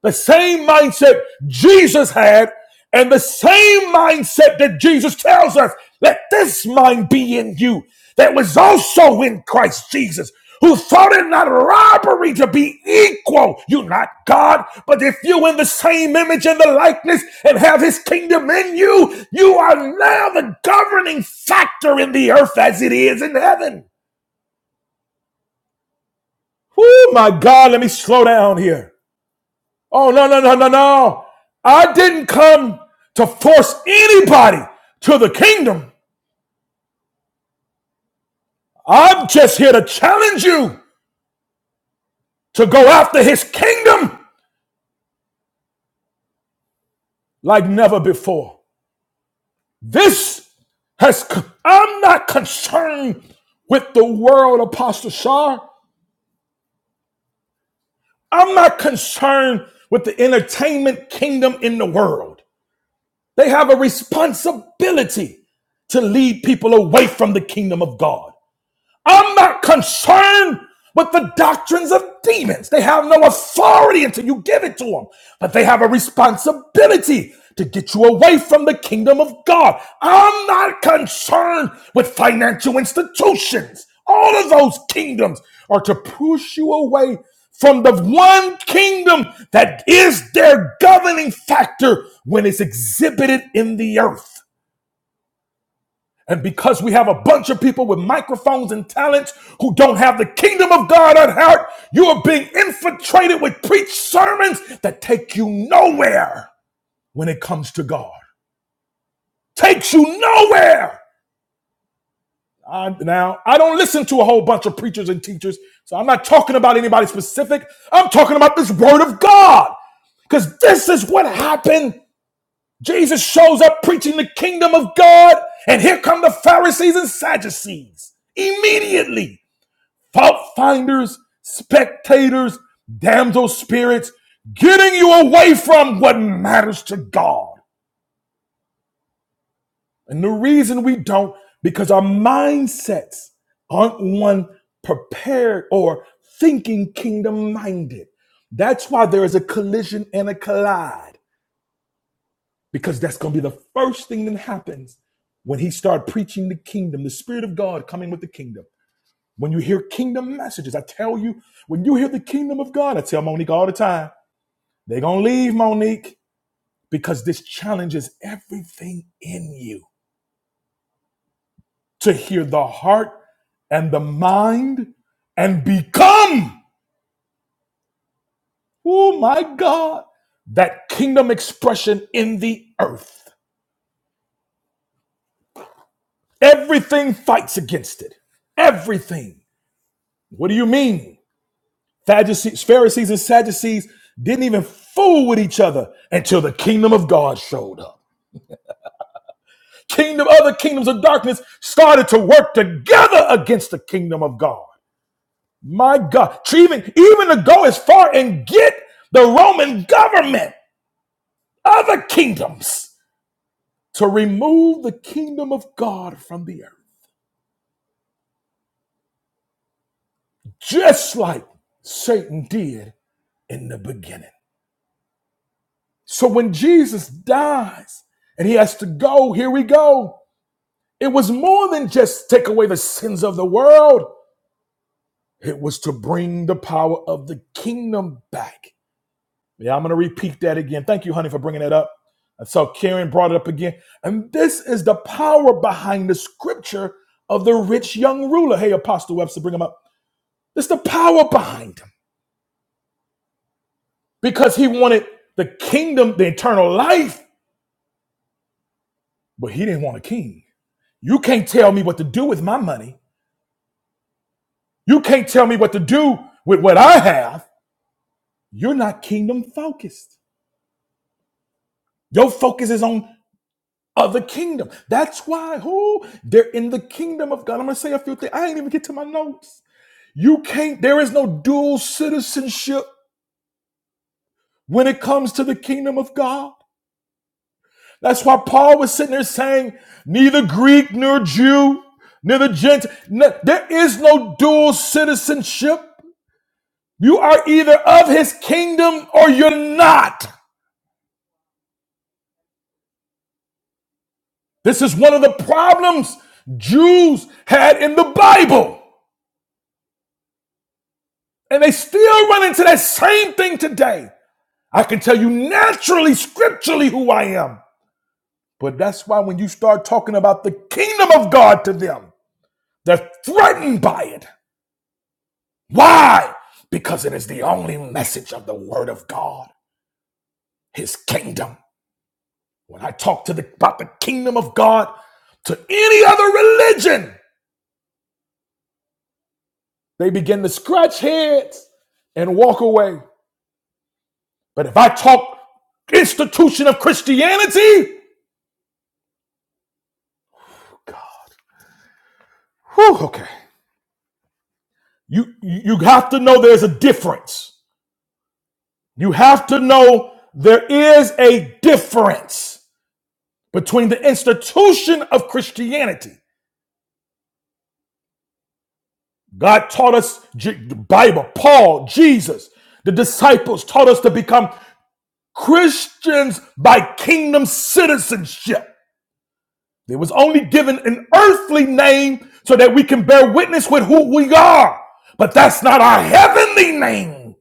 [SPEAKER 1] the same mindset Jesus had, and the same mindset that Jesus tells us let this mind be in you that was also in Christ Jesus. Who thought it not robbery to be equal? You are not God, but if you in the same image and the likeness and have his kingdom in you, you are now the governing factor in the earth as it is in heaven. Oh my God, let me slow down here. Oh, no, no, no, no, no. I didn't come to force anybody to the kingdom. I'm just here to challenge you to go after his kingdom like never before. This has, i I'm not concerned with the world, Apostle Shar. I'm not concerned with the entertainment kingdom in the world. They have a responsibility to lead people away from the kingdom of God. I'm not concerned with the doctrines of demons. They have no authority until you give it to them, but they have a responsibility to get you away from the kingdom of God. I'm not concerned with financial institutions. All of those kingdoms are to push you away from the one kingdom that is their governing factor when it's exhibited in the earth. And because we have a bunch of people with microphones and talents who don't have the kingdom of God at heart, you are being infiltrated with preach sermons that take you nowhere when it comes to God. Takes you nowhere. I, now, I don't listen to a whole bunch of preachers and teachers, so I'm not talking about anybody specific. I'm talking about this word of God. Because this is what happened. Jesus shows up preaching the kingdom of God, and here come the Pharisees and Sadducees immediately. fault finders, spectators, damsel spirits, getting you away from what matters to God. And the reason we don't, because our mindsets aren't one prepared or thinking kingdom minded. That's why there is a collision and a collide, because that's going to be the first thing that happens when he start preaching the kingdom, the spirit of God coming with the kingdom When you hear kingdom messages, I tell you, when you hear the kingdom of God, I tell Monique all the time, they're going to leave, Monique, because this challenges everything in you to hear the heart and the mind and become, oh my God, that kingdom expression in the earth. Everything fights against it. Everything. What do you mean? Pharisees, Pharisees and Sadducees didn't even fool with each other until the kingdom of God showed up. Kingdom, other kingdoms of darkness started to work together against the kingdom of God. My God, even even to go as far and get the Roman government, other kingdoms, to remove the kingdom of God from the earth, just like Satan did in the beginning. So when Jesus dies and he has to go, here we go. It was more than just take away the sins of the world. It was to bring the power of the kingdom back. Yeah, I'm going to repeat that again. Thank you, honey, for bringing that up. And so Karen brought it up again. And this is the power behind the scripture of the rich young ruler. Hey, Apostle Webster, bring him up. It's the power behind him because he wanted the kingdom, the eternal life, but he didn't want a king. You can't tell me what to do with my money. You can't tell me what to do with what I have. You're not kingdom focused. Your focus is on of the kingdom. That's why who they're in the kingdom of God. I'm gonna say a few things. I ain't even get to my notes. You can't, there is no dual citizenship when it comes to the kingdom of God. That's why Paul was sitting there saying, neither Greek nor Jew, neither Gentile. No, there is no dual citizenship. You are either of his kingdom or you're not. This is one of the problems Jews had in the Bible. And they still run into that same thing today. I can tell you naturally, scripturally, who I am. But that's why when you start talking about the kingdom of God to them, they're threatened by it. Why? Because it is the only message of the word of God, his kingdom. When I talk to the, about the kingdom of God to any other religion, they begin to scratch heads and walk away. But if I talk institution of Christianity, whew, okay. You you have to know there's a difference. You have to know there is a difference between the institution of Christianity. God taught us the Bible, Paul, Jesus, the disciples taught us to become Christians by kingdom citizenship. It was only given an earthly name so that we can bear witness with who we are. But that's not our heavenly name.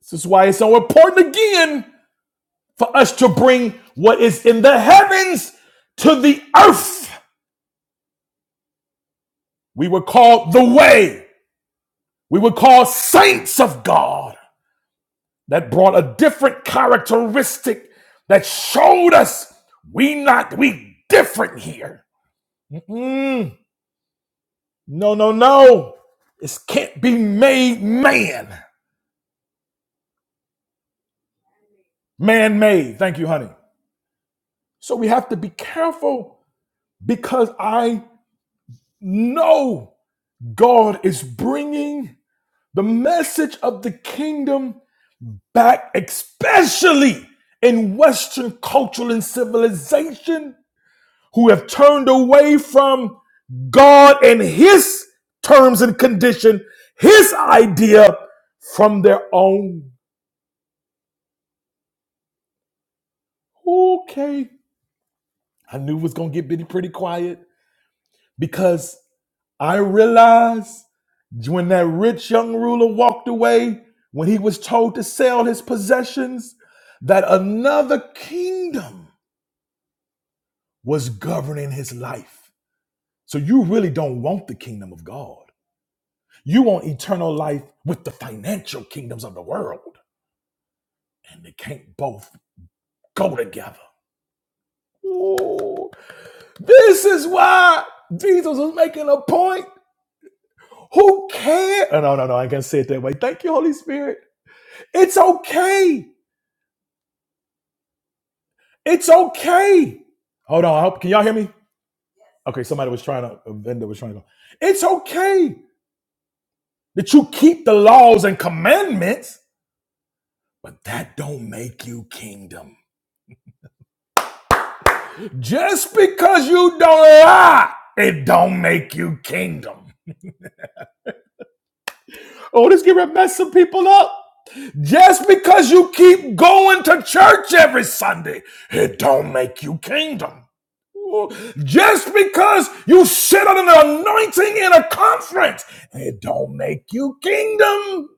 [SPEAKER 1] This is why it's so important again for us to bring what is in the heavens to the earth. We were called the way. We were called saints of God. That brought a different characteristic that showed us we not we different here. Mm-mm. No, no, no. This can't be made man. Man made. Thank you, honey. So we have to be careful because I know God is bringing The message of the kingdom back, especially in Western culture and civilization, who have turned away from God and His terms and condition, His idea from their own. Okay. I knew it was going to get pretty, pretty quiet. because I realize when that rich young ruler walked away, when he was told to sell his possessions, that another kingdom was governing his life. So you really don't want the kingdom of God. You want eternal life with the financial kingdoms of the world, and they can't both go together. Ooh, this is why Jesus was making a point. Who cares? Oh, no, no, no, I can't say it that way. Thank you, Holy Spirit. It's okay. It's okay. Hold on. I hope can y'all hear me? Okay, somebody was trying to a vendor was trying to go. It's okay that you keep the laws and commandments, but that don't make you kingdom. Just because you don't lie, it don't make you kingdom. Oh, this gonna mess some people up. Just because you keep going to church every Sunday, it don't make you kingdom. Just because you sit on an anointing in a conference, it don't make you kingdom.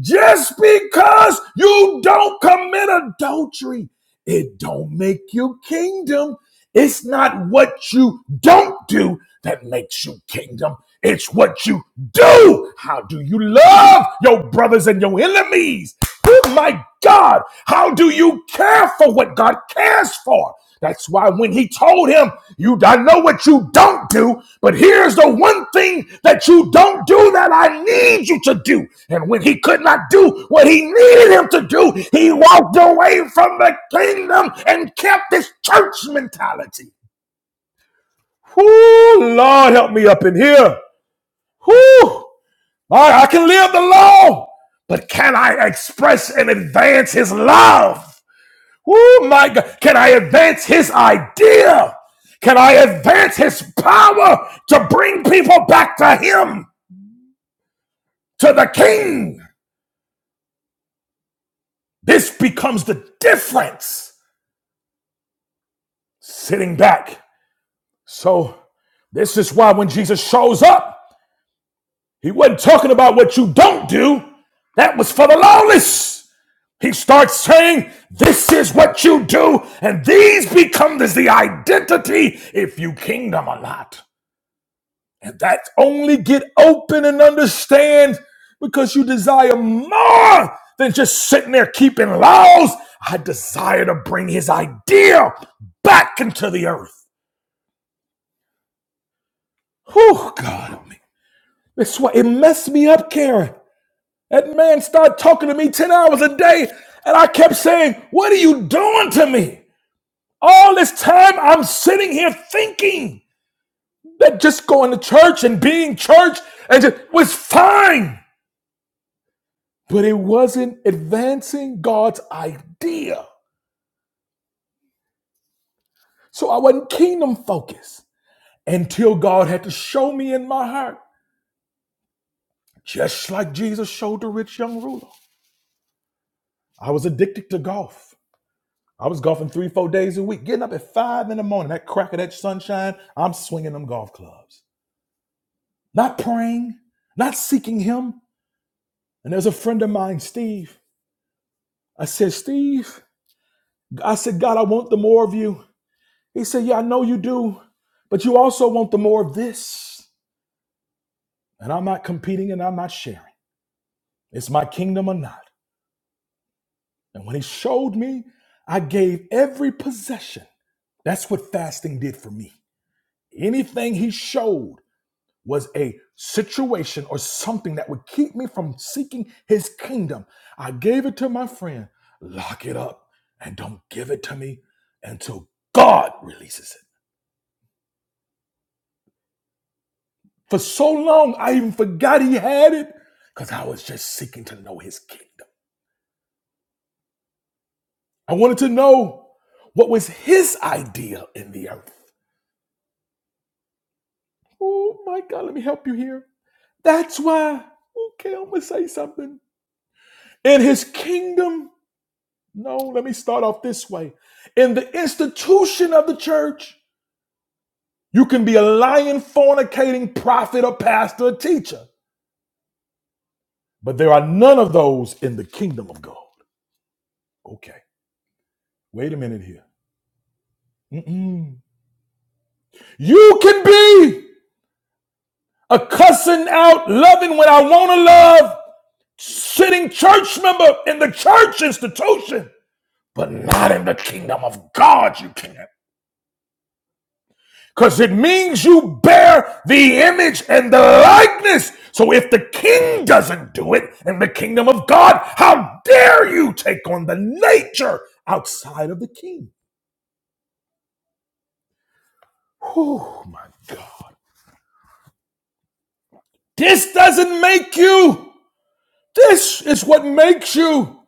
[SPEAKER 1] Just because you don't commit adultery, it don't make you kingdom. It's not what you don't do that makes you kingdom. It's what you do. How do you love your brothers and your enemies? Oh my God, how do you care for what God cares for? That's why when he told him, You I know what you don't do, but here's the one thing that you don't do that I need you to do. And when he could not do what he needed him to do, he walked away from the kingdom and kept his church mentality. Whoo, Lord help me up in here. Whoo! I, I can live the law, but can I express and advance his love? Oh my God. Can I advance his idea? Can I advance his power to bring people back to him, to the king? This becomes the difference. Sitting back. So, this is why when Jesus shows up, he wasn't talking about what you don't do. That was for the lawless. He starts saying, This is what you do, and these become this the identity if you kingdom or not. And that only get open and understand because you desire more than just sitting there keeping laws. I desire to bring his idea back into the earth. Whew, God help me. That's why it messed me up, Karen. That man started talking to me 10 hours a day, and I kept saying, What are you doing to me? All this time I'm sitting here thinking that just going to church and being church and just was fine. but it wasn't advancing God's idea. So I wasn't kingdom focused until God had to show me in my heart, just like Jesus showed the rich young ruler. I was addicted to golf. I was golfing three, four days a week, getting up at five in the morning, that crack of that sunshine, I'm swinging them golf clubs. Not praying, not seeking Him. And there's a friend of mine, Steve. I said, Steve, I said, God, I want the more of you. He said, Yeah, I know you do, but you also want the more of this. And I'm not competing and I'm not sharing. It's my kingdom or not. And when he showed me, I gave every possession. That's what fasting did for me. Anything he showed was a situation or something that would keep me from seeking his kingdom. I gave it to my friend. Lock it up and don't give it to me until God releases it. For so long, I even forgot he had it because I was just seeking to know his kingdom. I wanted to know what was his idea in the earth. Oh my God, let me help you here. That's why, okay, I'm going to say something. In his kingdom, no, let me start off this way. In the institution of the church, you can be a lying, fornicating prophet or pastor or teacher, but there are none of those in the kingdom of God. Okay, wait a minute here. Mm-mm. You can be a cussing out, loving what I want to love, sitting church member in the church institution, but not in the kingdom of God. You can't. Because it means you bear the image and the likeness. So if the king doesn't do it in the kingdom of God, how dare you take on the nature outside of the king? Oh my God. This doesn't make you This is what makes you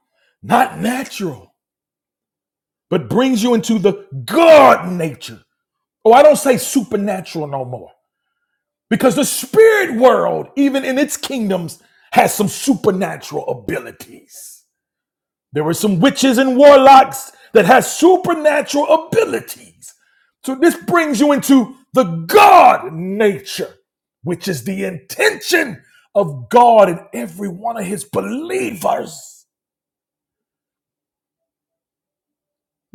[SPEAKER 1] not natural, but brings you into the God nature. Oh, I don't say supernatural no more because the spirit world, even in its kingdoms, has some supernatural abilities. There were some witches and warlocks that has supernatural abilities. So this brings you into the God nature, which is the intention of God in every one of his believers.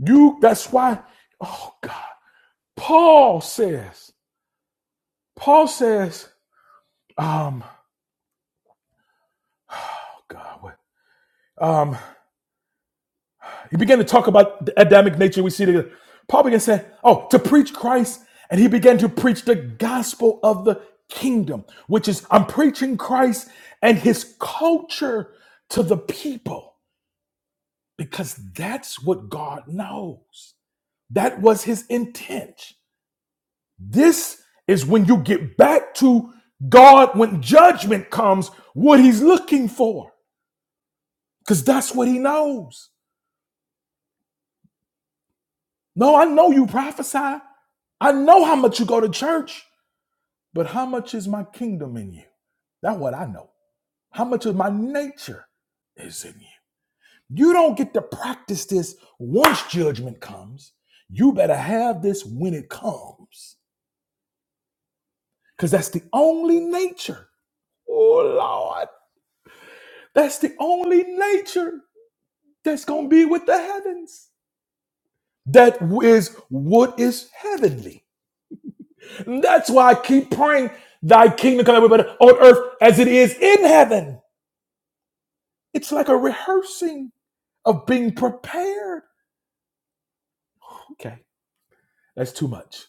[SPEAKER 1] You that's why, oh God. Paul says, Paul says, um, oh God, what um he began to talk about the Adamic nature we see together. Paul began saying, Oh, to preach Christ, and he began to preach the gospel of the kingdom, which is I'm preaching Christ and his culture to the people, because that's what God knows. That was his intent. This is when you get back to God when judgment comes, what he's looking for. Because that's what he knows. No, I know you prophesy. I know how much you go to church, but how much is my kingdom in you? That's what I know. How much of my nature is in you? You don't get to practice this once judgment comes. You better have this when it comes. Because that's the only nature. Oh, Lord. That's the only nature that's going to be with the heavens. That is what is heavenly. And that's why I keep praying, Thy kingdom come but on earth as it is in heaven. It's like a rehearsing of being prepared. Okay, that's too much.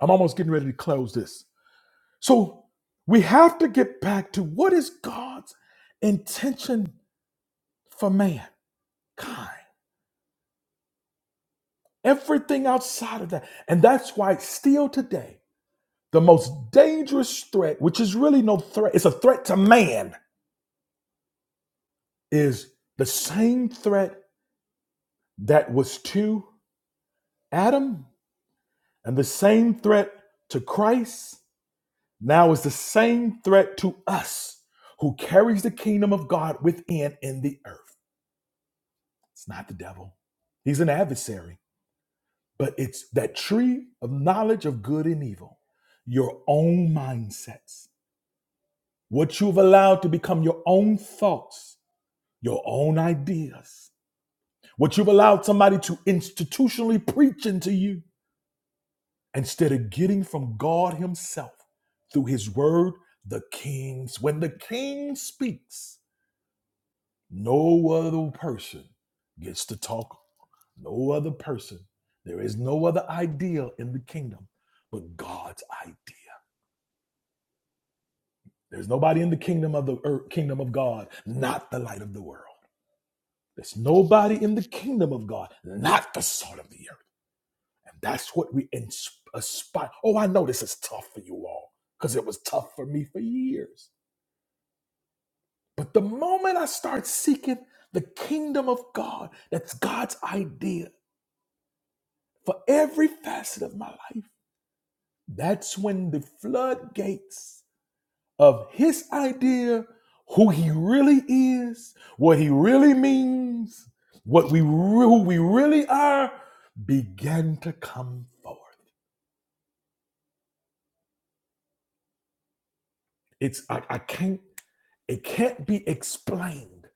[SPEAKER 1] I'm almost getting ready to close this. So we have to get back to what is God's intention for mankind. Everything outside of that. And that's why, still today, The most dangerous threat, which is really no threat, it's a threat to man, is the same threat that was to Adam and the same threat to Christ now is the same threat to us who carries the kingdom of God within in the earth. It's not the devil, he's an adversary, but it's that tree of knowledge of good and evil, your own mindsets, what you've allowed to become your own thoughts your own ideas, what you've allowed somebody to institutionally preach into you, instead of getting from God Himself through His Word, the King's. When the King speaks, no other person gets to talk, no other person. There is no other idea in the kingdom but God's idea. There's nobody in the kingdom of the earth, kingdom of God, not the light of the world. There's nobody in the kingdom of God, not the salt of the earth. That's what we ins- aspire. Oh, I know this is tough for you all because it was tough for me for years. But the moment I start seeking the kingdom of God, that's God's idea for every facet of my life, that's when the floodgates of His idea, who He really is, what He really means, what we re- who we really are, began to come forth. It's I, I can't. It can't be explained.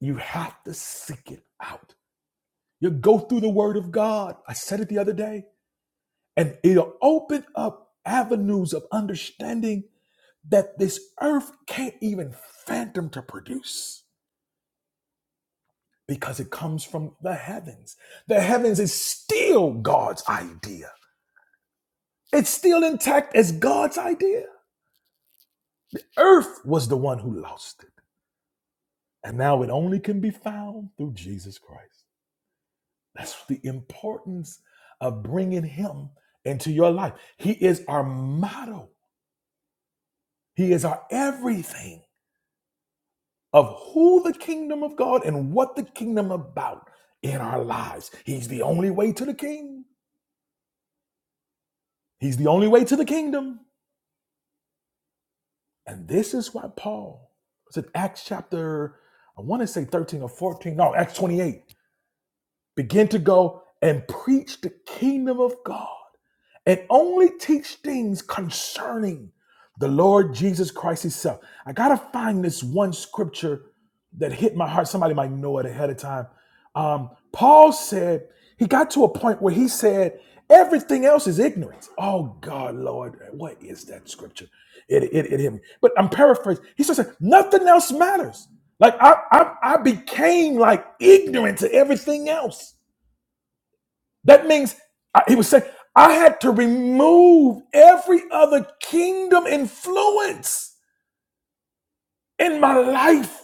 [SPEAKER 1] You have to seek it out. You go through the Word of God. I said it the other day, and it'll open up avenues of understanding that this earth can't even phantom to produce because it comes from the heavens. The heavens is still God's idea, it's still intact as God's idea. Earth was the one who lost it, and now it only can be found through Jesus Christ. That's the importance of bringing him into your life. He is our motto, he is our everything of who the kingdom of God and what the kingdom about in our lives. He's the only way to the king. He's the only way to the kingdom. And this is why Paul was it Acts chapter I want to say 13 or 14. No, Acts 28. Begin to go and preach the kingdom of God and only teach things concerning the Lord Jesus Christ Himself. I gotta find this one scripture that hit my heart. Somebody might know it ahead of time. Um, Paul said he got to a point where he said everything else is ignorance. Oh God, Lord, what is that scripture? It, it, it hit me. But I'm paraphrasing. He says nothing else matters. Like I, I, I became like ignorant to everything else. That means I, he was saying I had to remove every other kingdom influence in my life,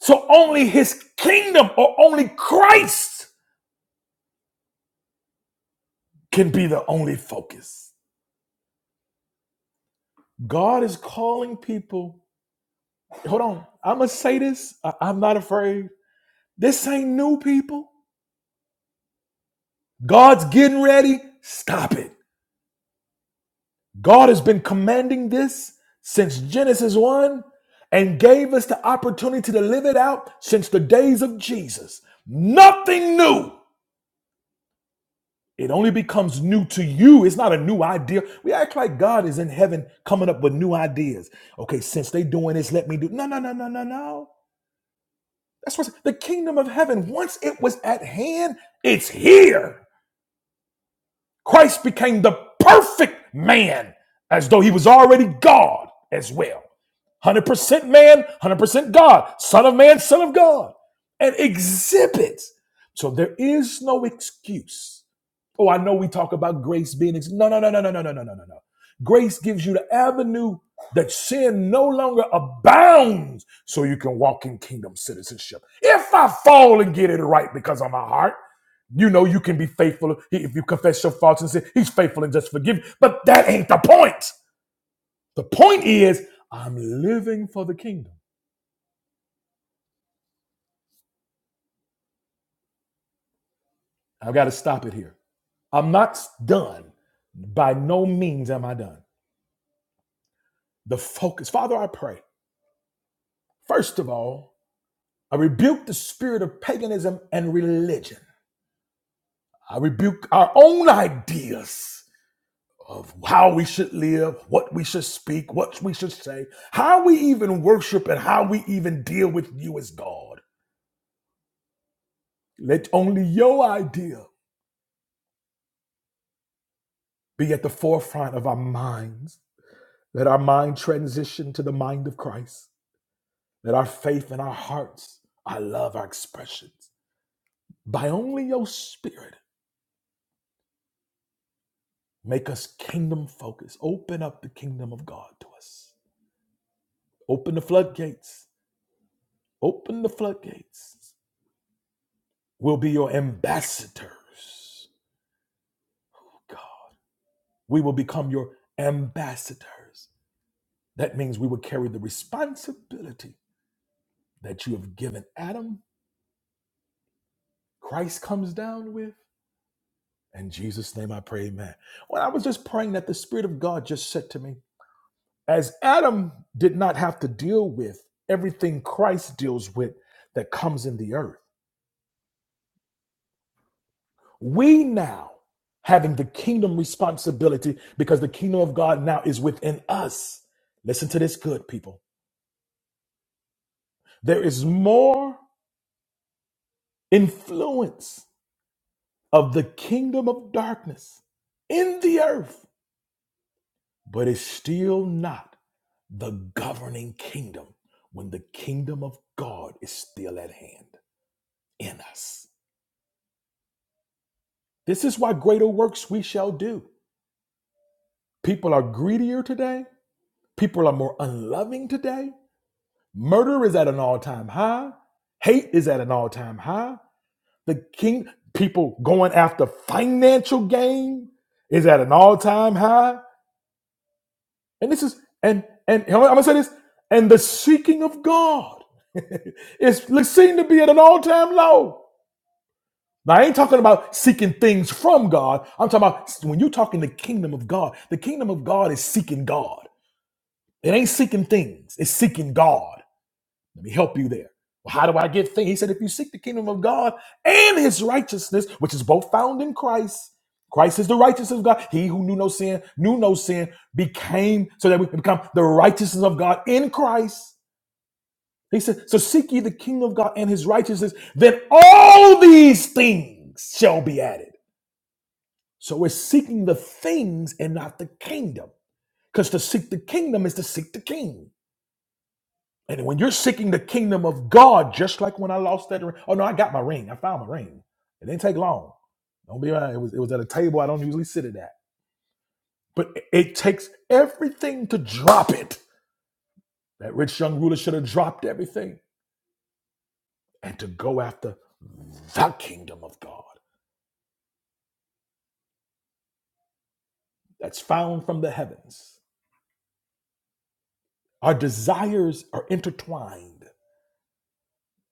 [SPEAKER 1] so only His kingdom or only Christ can be the only focus. God is calling people. Hold on, I'm gonna say this. I, I'm not afraid. This ain't new people. God's getting ready. Stop it. God has been commanding this since Genesis 1 and gave us the opportunity to live it out since the days of Jesus. Nothing new. It only becomes new to you. It's not a new idea. We act like God is in heaven coming up with new ideas. Okay, since they doing this, let me do. No, no, no, no, no, no. That's what the kingdom of heaven, once it was at hand, it's here. Christ became the perfect man as though he was already God as well. 100% man, 100% God, son of man, son of God, and exhibits. So there is no excuse. Oh, I know we talk about grace being ex- no, no, no, no, no, no, no, no, no, no, no. Grace gives you the avenue that sin no longer abounds, so you can walk in kingdom citizenship. If I fall and get it right because of my heart, you know you can be faithful if you confess your faults and sin. He's faithful and just forgive. you. But that ain't the point. The point is, I'm living for the kingdom. I've got to stop it here. I'm not done. By no means am I done. The focus, Father, I pray. First of all, I rebuke the spirit of paganism and religion. I rebuke our own ideas of how we should live, what we should speak, what we should say, how we even worship, and how we even deal with you as God. Let only your idea be at the forefront of our minds Let our mind transition to the mind of Christ. Let our faith and our hearts, our love, our expressions, by only your spirit, make us kingdom focused. Open up the kingdom of God to us. Open the floodgates. Open the floodgates. We'll be your ambassadors, God. We will become your ambassadors. That means we will carry the responsibility that you have given Adam. Christ comes down with. In Jesus' name I pray, amen. When I was just praying that the Spirit of God just said to me, as Adam did not have to deal with everything Christ deals with that comes in the earth, we now having the kingdom responsibility because the kingdom of God now is within us. Listen to this good people. There is more influence of the kingdom of darkness in the earth but it's still not the governing kingdom when the kingdom of God is still at hand in us. This is why greater works we shall do. People are greedier today, people are more unloving today, murder is at an all-time high, hate is at an all-time high. The king people going after financial gain is at an all-time high And this is and and I'm gonna say this. And the seeking of God is seen to be at an all-time low. Now I ain't talking about seeking things from God. I'm talking about when you're talking the kingdom of God. The kingdom of God is seeking God. It ain't seeking things. It's seeking God. Let me help you there. Well, how do I get things? He said, if you seek the kingdom of God and his righteousness, which is both found in Christ, Christ is the righteousness of God. He who knew no sin, knew no sin, became so that we can become the righteousness of God in Christ. He said, So seek ye the kingdom of God and his righteousness, then all these things shall be added. So we're seeking the things and not the kingdom. Because to seek the kingdom is to seek the king. And when you're seeking the kingdom of God, just like when I lost that ring. Oh no, I got my ring. I found my ring. It didn't take long. Don't be lying. It was it was at a table I don't usually sit at. That. But it it takes everything to drop it. That rich young ruler should have dropped everything and to go after the kingdom of God that's found from the heavens. Our desires are intertwined.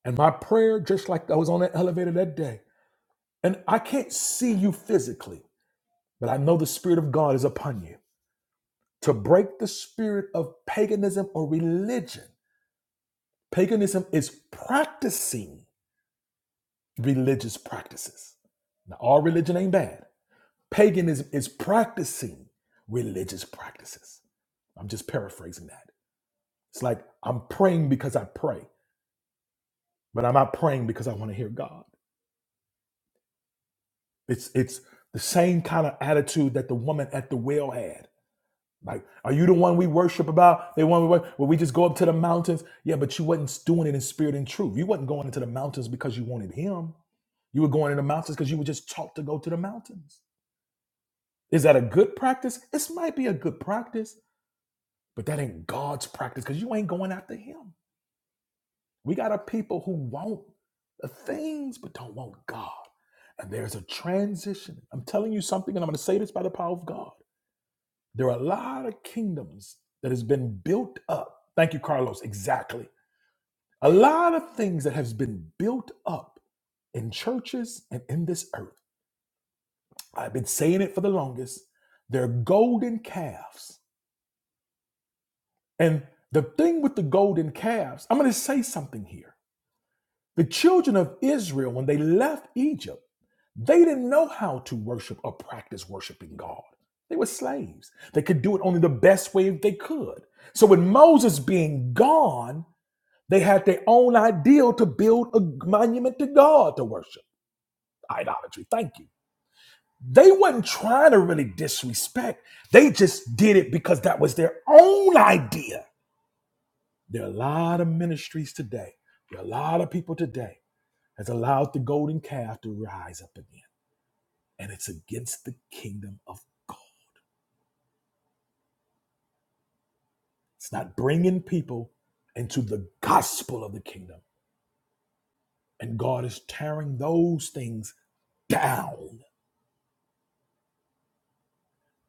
[SPEAKER 1] And my prayer, just like I was on that elevator that day, and I can't see you physically, but I know the Spirit of God is upon you to break the spirit of paganism or religion. Paganism is practicing religious practices. Now, all religion ain't bad. Paganism is practicing religious practices. I'm just paraphrasing that. It's like I'm praying because I pray, but I'm not praying because I want to hear God. It's it's the same kind of attitude that the woman at the well had Like, are you the one we worship about? They one we worship. Well, we just go up to the mountains. Yeah, but you wasn't doing it in spirit and truth. You wasn't going into the mountains because you wanted him. You were going in the mountains because you were just taught to go to the mountains. Is that a good practice? This might be a good practice, but that ain't God's practice because you ain't going after him. We got a people who want the things but don't want God. And there's a transition. I'm telling you something, and I'm going to say this by the power of God. There are a lot of kingdoms that has been built up. Thank you, Carlos. Exactly. A lot of things that has been built up in churches and in this earth. I've been saying it for the longest. They're golden calves. And the thing with the golden calves, I'm going to say something here. The children of Israel, when they left Egypt, They didn't know how to worship or practice worshiping God. They were slaves. They could do it only the best way they could. So, with Moses being gone, they had their own ideal to build a monument to God to worship. Idolatry. Thank you. They wasn't trying to really disrespect. They just did it because that was their own idea. There are a lot of ministries today. There are a lot of people today has allowed the golden calf to rise up again, and it's against the kingdom of God. It's not bringing people into the gospel of the kingdom. And God is tearing those things down,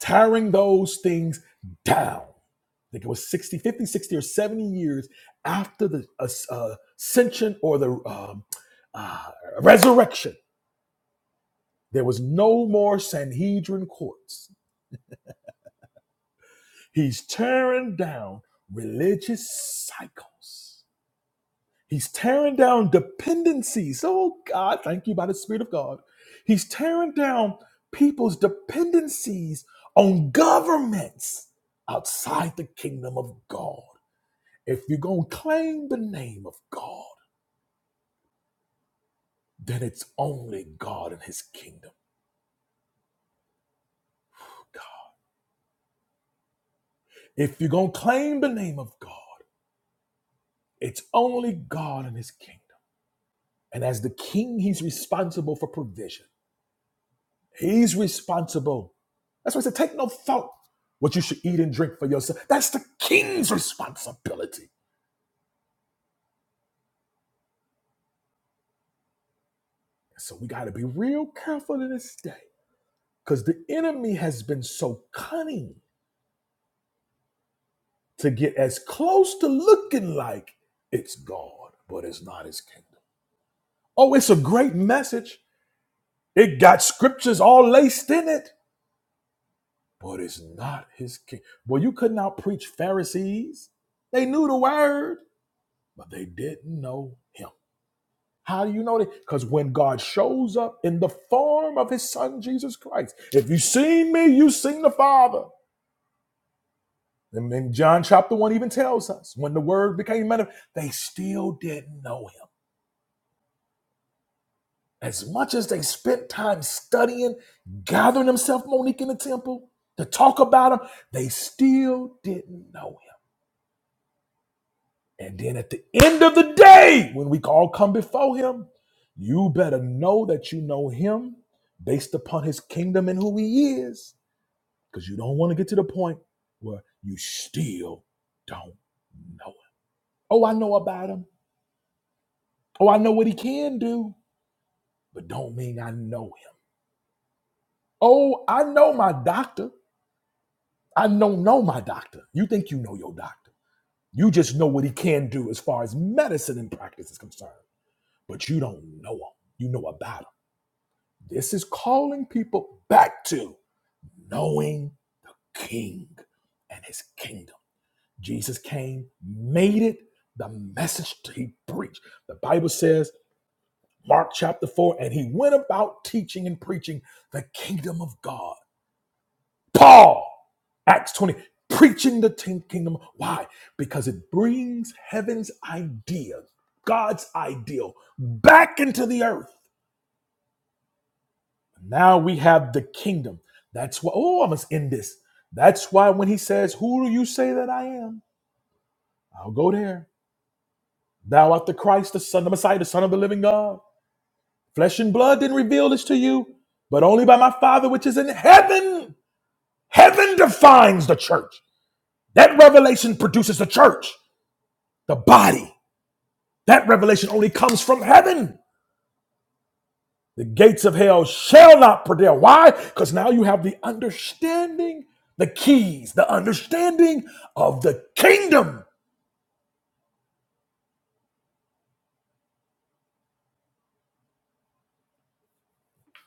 [SPEAKER 1] tearing those things down. I think it was 60, 50, 60, or 70 years after the as- uh, ascension or the um, uh, resurrection. There was no more Sanhedrin courts. He's tearing down religious cycles He's tearing down dependencies. Oh God, thank you by the Spirit of God. He's tearing down people's dependencies on governments outside the kingdom of God. If you're going to claim the name of God, then it's only God and his kingdom. If you're going to claim the name of God, it's only God and his kingdom. And as the king, he's responsible for provision. He's responsible. That's why I said, take no thought what you should eat and drink for yourself. That's the king's responsibility. So we got to be real careful in this day because the enemy has been so cunning to get as close to looking like it's God, but it's not his kingdom. Oh, it's a great message. It got scriptures all laced in it, but it's not his king. Well, you could not preach Pharisees. They knew the word, but they didn't know him. How do you know that? Because when God shows up in the form of his son Jesus Christ, if you've seen me, you've seen the Father. And then John chapter 1 even tells us when the word became man, they still didn't know him. As much as they spent time studying, gathering themselves, Monique, in the temple to talk about him, they still didn't know him. And then at the end of the day, when we all come before him, you better know that you know him based upon his kingdom and who he is. Because you don't want to get to the point where you still don't know him. Oh, I know about him. Oh, I know what he can do, but don't mean I know him. Oh, I know my doctor. I don't know my doctor. You think you know your doctor. You just know what he can do as far as medicine and practice is concerned, but you don't know him. You know about him This is calling people back to knowing King and his kingdom. Jesus came, made it the message he preached. The Bible says, Mark chapter 4, and he went about teaching and preaching the kingdom of God. Paul, Acts 20, preaching the ten kingdom. Why? Because it brings heaven's idea, God's ideal, back into the earth Now we have the kingdom. That's why, oh, I must end this. That's why when he says, Who do you say that I am? I'll go there. Thou art the Christ, the Son, the Messiah, the Son of the living God. Flesh and blood didn't reveal this to you, but only by my Father which is in heaven. Heaven defines the church. That revelation produces the church, the body. That revelation only comes from heaven. The gates of hell shall not prevail. Why? Because now you have the understanding, the keys, the understanding of the kingdom.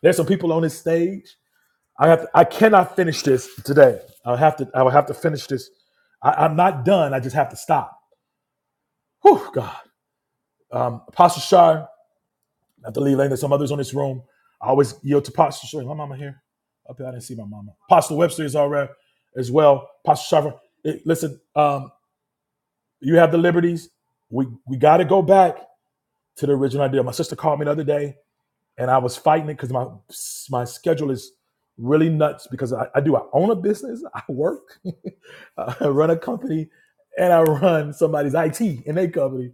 [SPEAKER 1] There's some people on this stage. I have. To, I cannot finish this today. I will have to. I will have to finish this. I, am not done. I just have to stop. Whew, God. Um, Apostle Shar, I have to leave later. There's Some others on this room. I always yield to Apostle Shar. Is My mama here. Up here. I didn't see my mama. Apostle Webster is already as well. Apostle Shar. Listen. um, you have the liberties. We we got to go back to the original idea. My sister called me the other day, and I was fighting it because my my schedule is really nuts because I, I do I own a business, I work, I run a company, and I run somebody's IT in their company,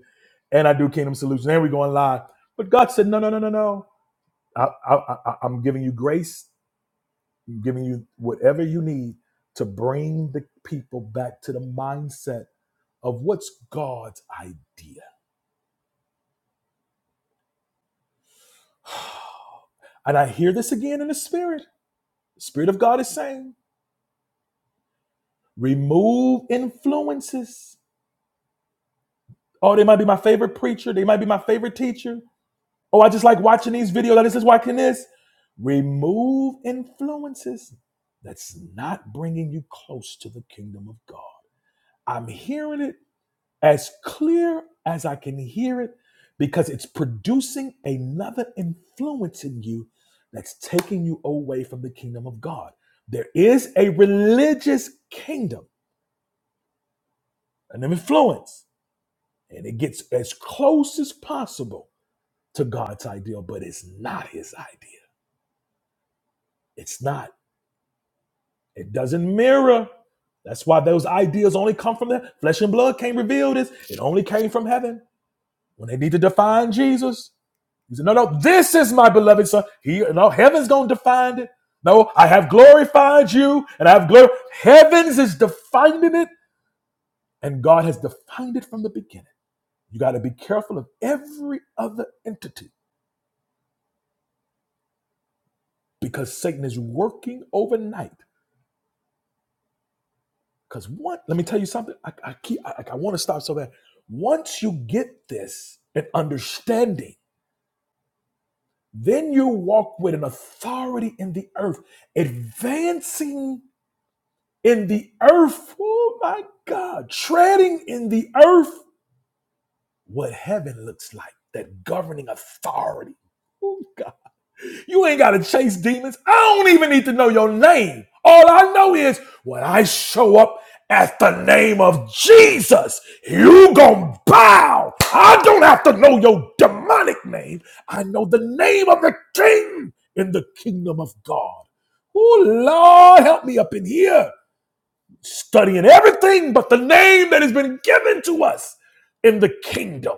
[SPEAKER 1] and I do Kingdom Solutions, and we going live. But God said, no, no, no, no, no. I, I, I, I'm giving you grace, I'm giving you whatever you need to bring the people back to the mindset of what's God's idea And I hear this again in the spirit. The spirit of God is saying, remove influences. Oh, they might be my favorite preacher. They might be my favorite teacher. Oh, I just like watching these videos. I just like watching this. Remove influences that's not bringing you close to the kingdom of God. I'm hearing it as clear as I can hear it because it's producing another influence in you that's taking you away from the kingdom of God. There is a religious kingdom, an influence, and it gets as close as possible to God's ideal, but it's not his idea. It's not. It doesn't mirror. That's why those ideas only come from the flesh and blood can't reveal this. It only came from heaven. When they need to define Jesus, He said, No, no, this is my beloved son. He no, heaven's gonna define it. No, I have glorified you and I have glory. Heavens is defining it, and God has defined it from the beginning. You got to be careful of every other entity because Satan is working overnight. Because what? Let me tell you something. I, I keep. I, I want to stop so that once you get this and understanding, then you walk with an authority in the earth, advancing in the earth. Oh my God, treading in the earth what heaven looks like, that governing authority. Oh God, you ain't got to chase demons. I don't even need to know your name. All I know is when I show up at the name of Jesus, you gonna bow. I don't have to know your demonic name. I know the name of the King in the kingdom of God. Oh Lord, help me up in here studying everything but the name that has been given to us in the kingdom.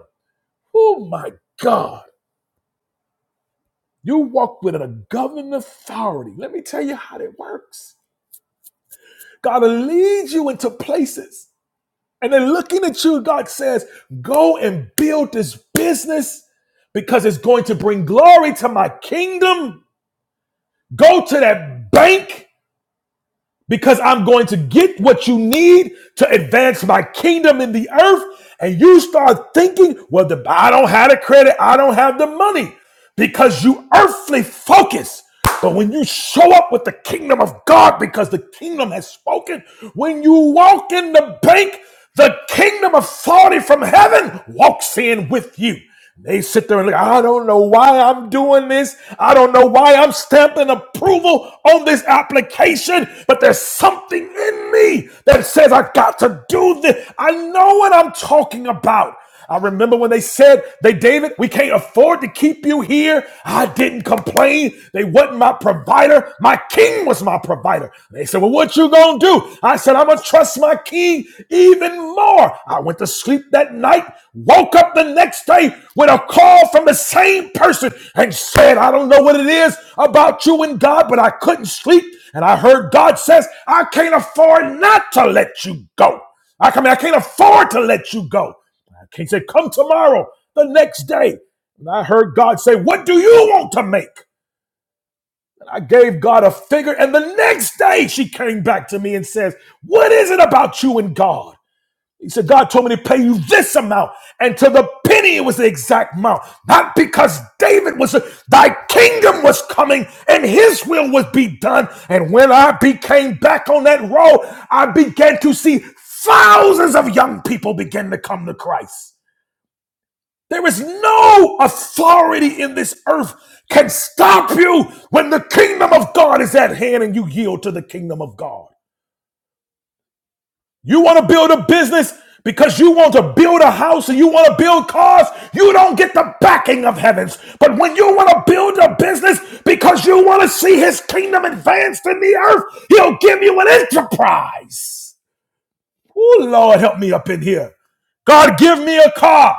[SPEAKER 1] Oh my God. You walk with a governing authority. Let me tell you how that works. God will lead you into places. And then looking at you, God says, Go and build this business because it's going to bring glory to my kingdom. Go to that bank because I'm going to get what you need to advance my kingdom in the earth. And you start thinking, well, the, I don't have the credit, I don't have the money, because you earthly focus. But when you show up with the kingdom of God, because the kingdom has spoken, when you walk in the bank, the kingdom authority from heaven walks in with you. They sit there and look, I don't know why I'm doing this. I don't know why I'm stamping approval on this application, but there's something in me that says I got to do this. I know what I'm talking about. I remember when they said, they David, we can't afford to keep you here. I didn't complain. They wasn't my provider. My king was my my provider. They said, Well, what you gonna do? I said, I'm gonna trust my king even more. I went to sleep that night, woke up the next day with a call from the same person and said, I don't know what it is about you and God, but I couldn't sleep. And I heard God says, I can't afford not to let you go. I come, I can't afford to let you go. I can't say, come tomorrow, the next day. And I heard God say, What do you want to make? I gave God a figure, and the next day she came back to me and says, What is it about you and God? He said, God told me to pay you this amount, and to the penny it was the exact amount. Not because David was, thy kingdom was coming, and his will would be done. And when I became back on that road, I began to see thousands of young people begin to come to Christ. There is no authority in this earth can stop you when the kingdom of God is at hand and you yield to the kingdom of God. You want to build a business because you want to build a house and you want to build cars, you don't get the backing of heavens. But when you want to build a business because you want to see his kingdom advanced in the earth, he'll give you an enterprise. Oh, Lord, help me up in here. God, give me a car.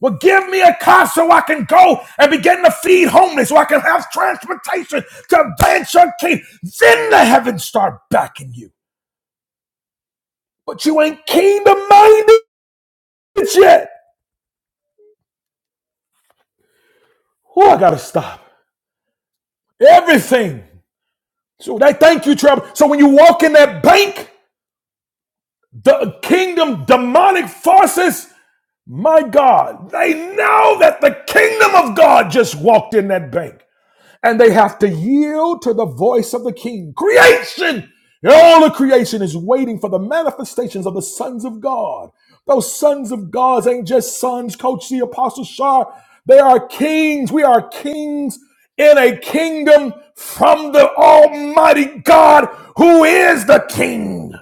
[SPEAKER 1] Well, give me a car so I can go and begin to feed homeless, so I can have transportation to advance your kingdom. Then the heavens start backing you. But you ain't kingdom minded yet. Oh, I gotta stop. Everything. So that thank you, Trevor. So when you walk in that bank, the kingdom demonic forces, my God, they know that the kingdom of God just walked in that bank. and they have to yield to the voice of the king. Creation, all of creation is waiting for the manifestations of the sons of God. Those sons of God ain't just sons, Coach C, Apostle Shar. They are kings. We are kings in a kingdom from the Almighty God who is the King.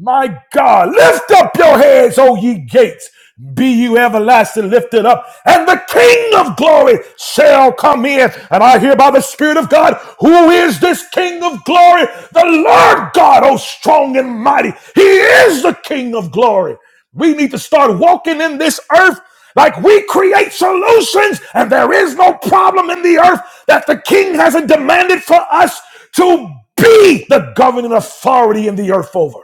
[SPEAKER 1] My God, lift up your heads, O ye gates. Be you everlasting lifted up, and the King of glory shall come in. And I hear by the Spirit of God, who is this King of glory? The Lord God, oh strong and mighty. He is the King of glory. We need to start walking in this earth like we create solutions, and there is no problem in the earth that the King hasn't demanded for us to be the governing authority in the earth over.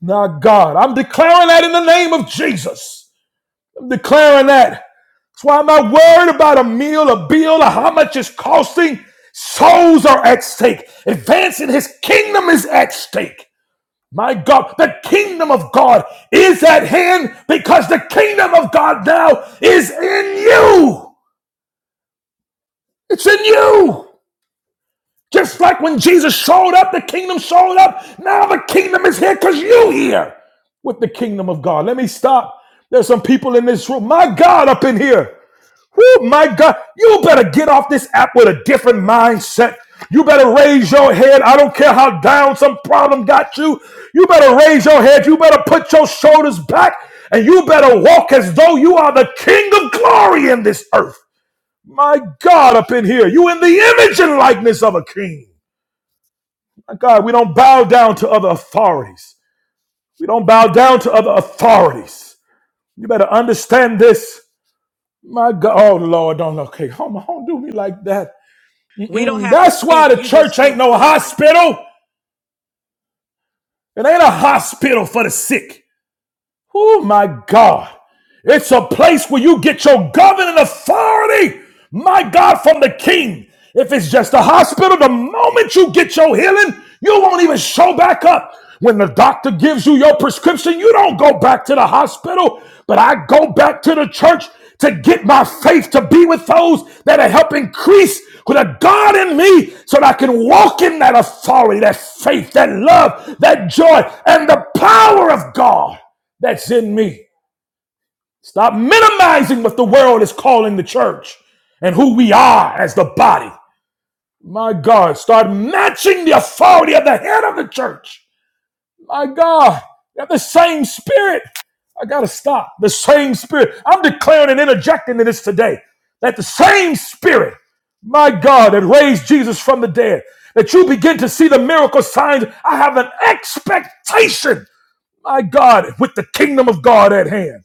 [SPEAKER 1] Now, God, I'm declaring that in the name of Jesus. I'm declaring that. That's why I'm not worried about a meal, a bill, or how much it's costing. Souls are at stake. Advancing his kingdom is at stake. My God, the kingdom of God is at hand because the kingdom of God now is in you. It's in you. Just like when Jesus showed up, the kingdom showed up. Now the kingdom is here because you are here with the kingdom of God. Let me stop. There's some people in this room. My God, up in here. Oh my God. You better get off this app with a different mindset. You better raise your head. I don't care how down some problem got you. You better raise your head. You better put your shoulders back and you better walk as though you are the king of glory in this earth. My God, up in here. You in the image and likeness of a king. My God, we don't bow down to other authorities. We don't bow down to other authorities. You better understand this. My God, oh Lord, don't okay, come on, don't do me like that.
[SPEAKER 2] We don't
[SPEAKER 1] Mm-mm.
[SPEAKER 2] have to
[SPEAKER 1] That's why
[SPEAKER 2] speak.
[SPEAKER 1] the
[SPEAKER 2] You just
[SPEAKER 1] church ain't
[SPEAKER 2] keep
[SPEAKER 1] no
[SPEAKER 2] flowing.
[SPEAKER 1] hospital. It ain't a hospital for the sick. Oh my God. It's a place where you get your governing authority, my God, from the king. If it's just a hospital, the moment you get your healing, you won't even show back up. When the doctor gives you your prescription, you don't go back to the hospital, but I go back to the church to get my faith to be with those that are help increase with a God in me so that I can walk in that authority, that faith, that love, that joy, and the power of God that's in me. Stop minimizing what the world is calling the church and who we are as the body. My God, start matching the authority of the head of the church. My God, you have the same spirit. I gotta stop. The same spirit. I'm declaring and interjecting in this today. That the same spirit, my God, that raised Jesus from the dead, that you begin to see the miracle signs. I have an expectation, my God, with the kingdom of God at hand.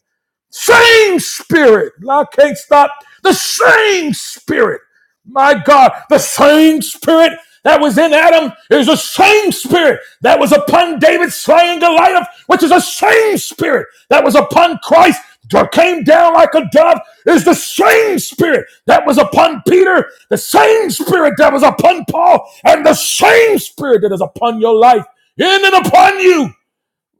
[SPEAKER 1] Same spirit. I can't stop. The same spirit. My God, the same spirit that was in Adam is the same spirit that was upon David slaying Goliath, which is the same spirit that was upon Christ that came down like a dove, is the same spirit that was upon Peter, the same spirit that was upon Paul, and the same spirit that is upon your life, in and upon you.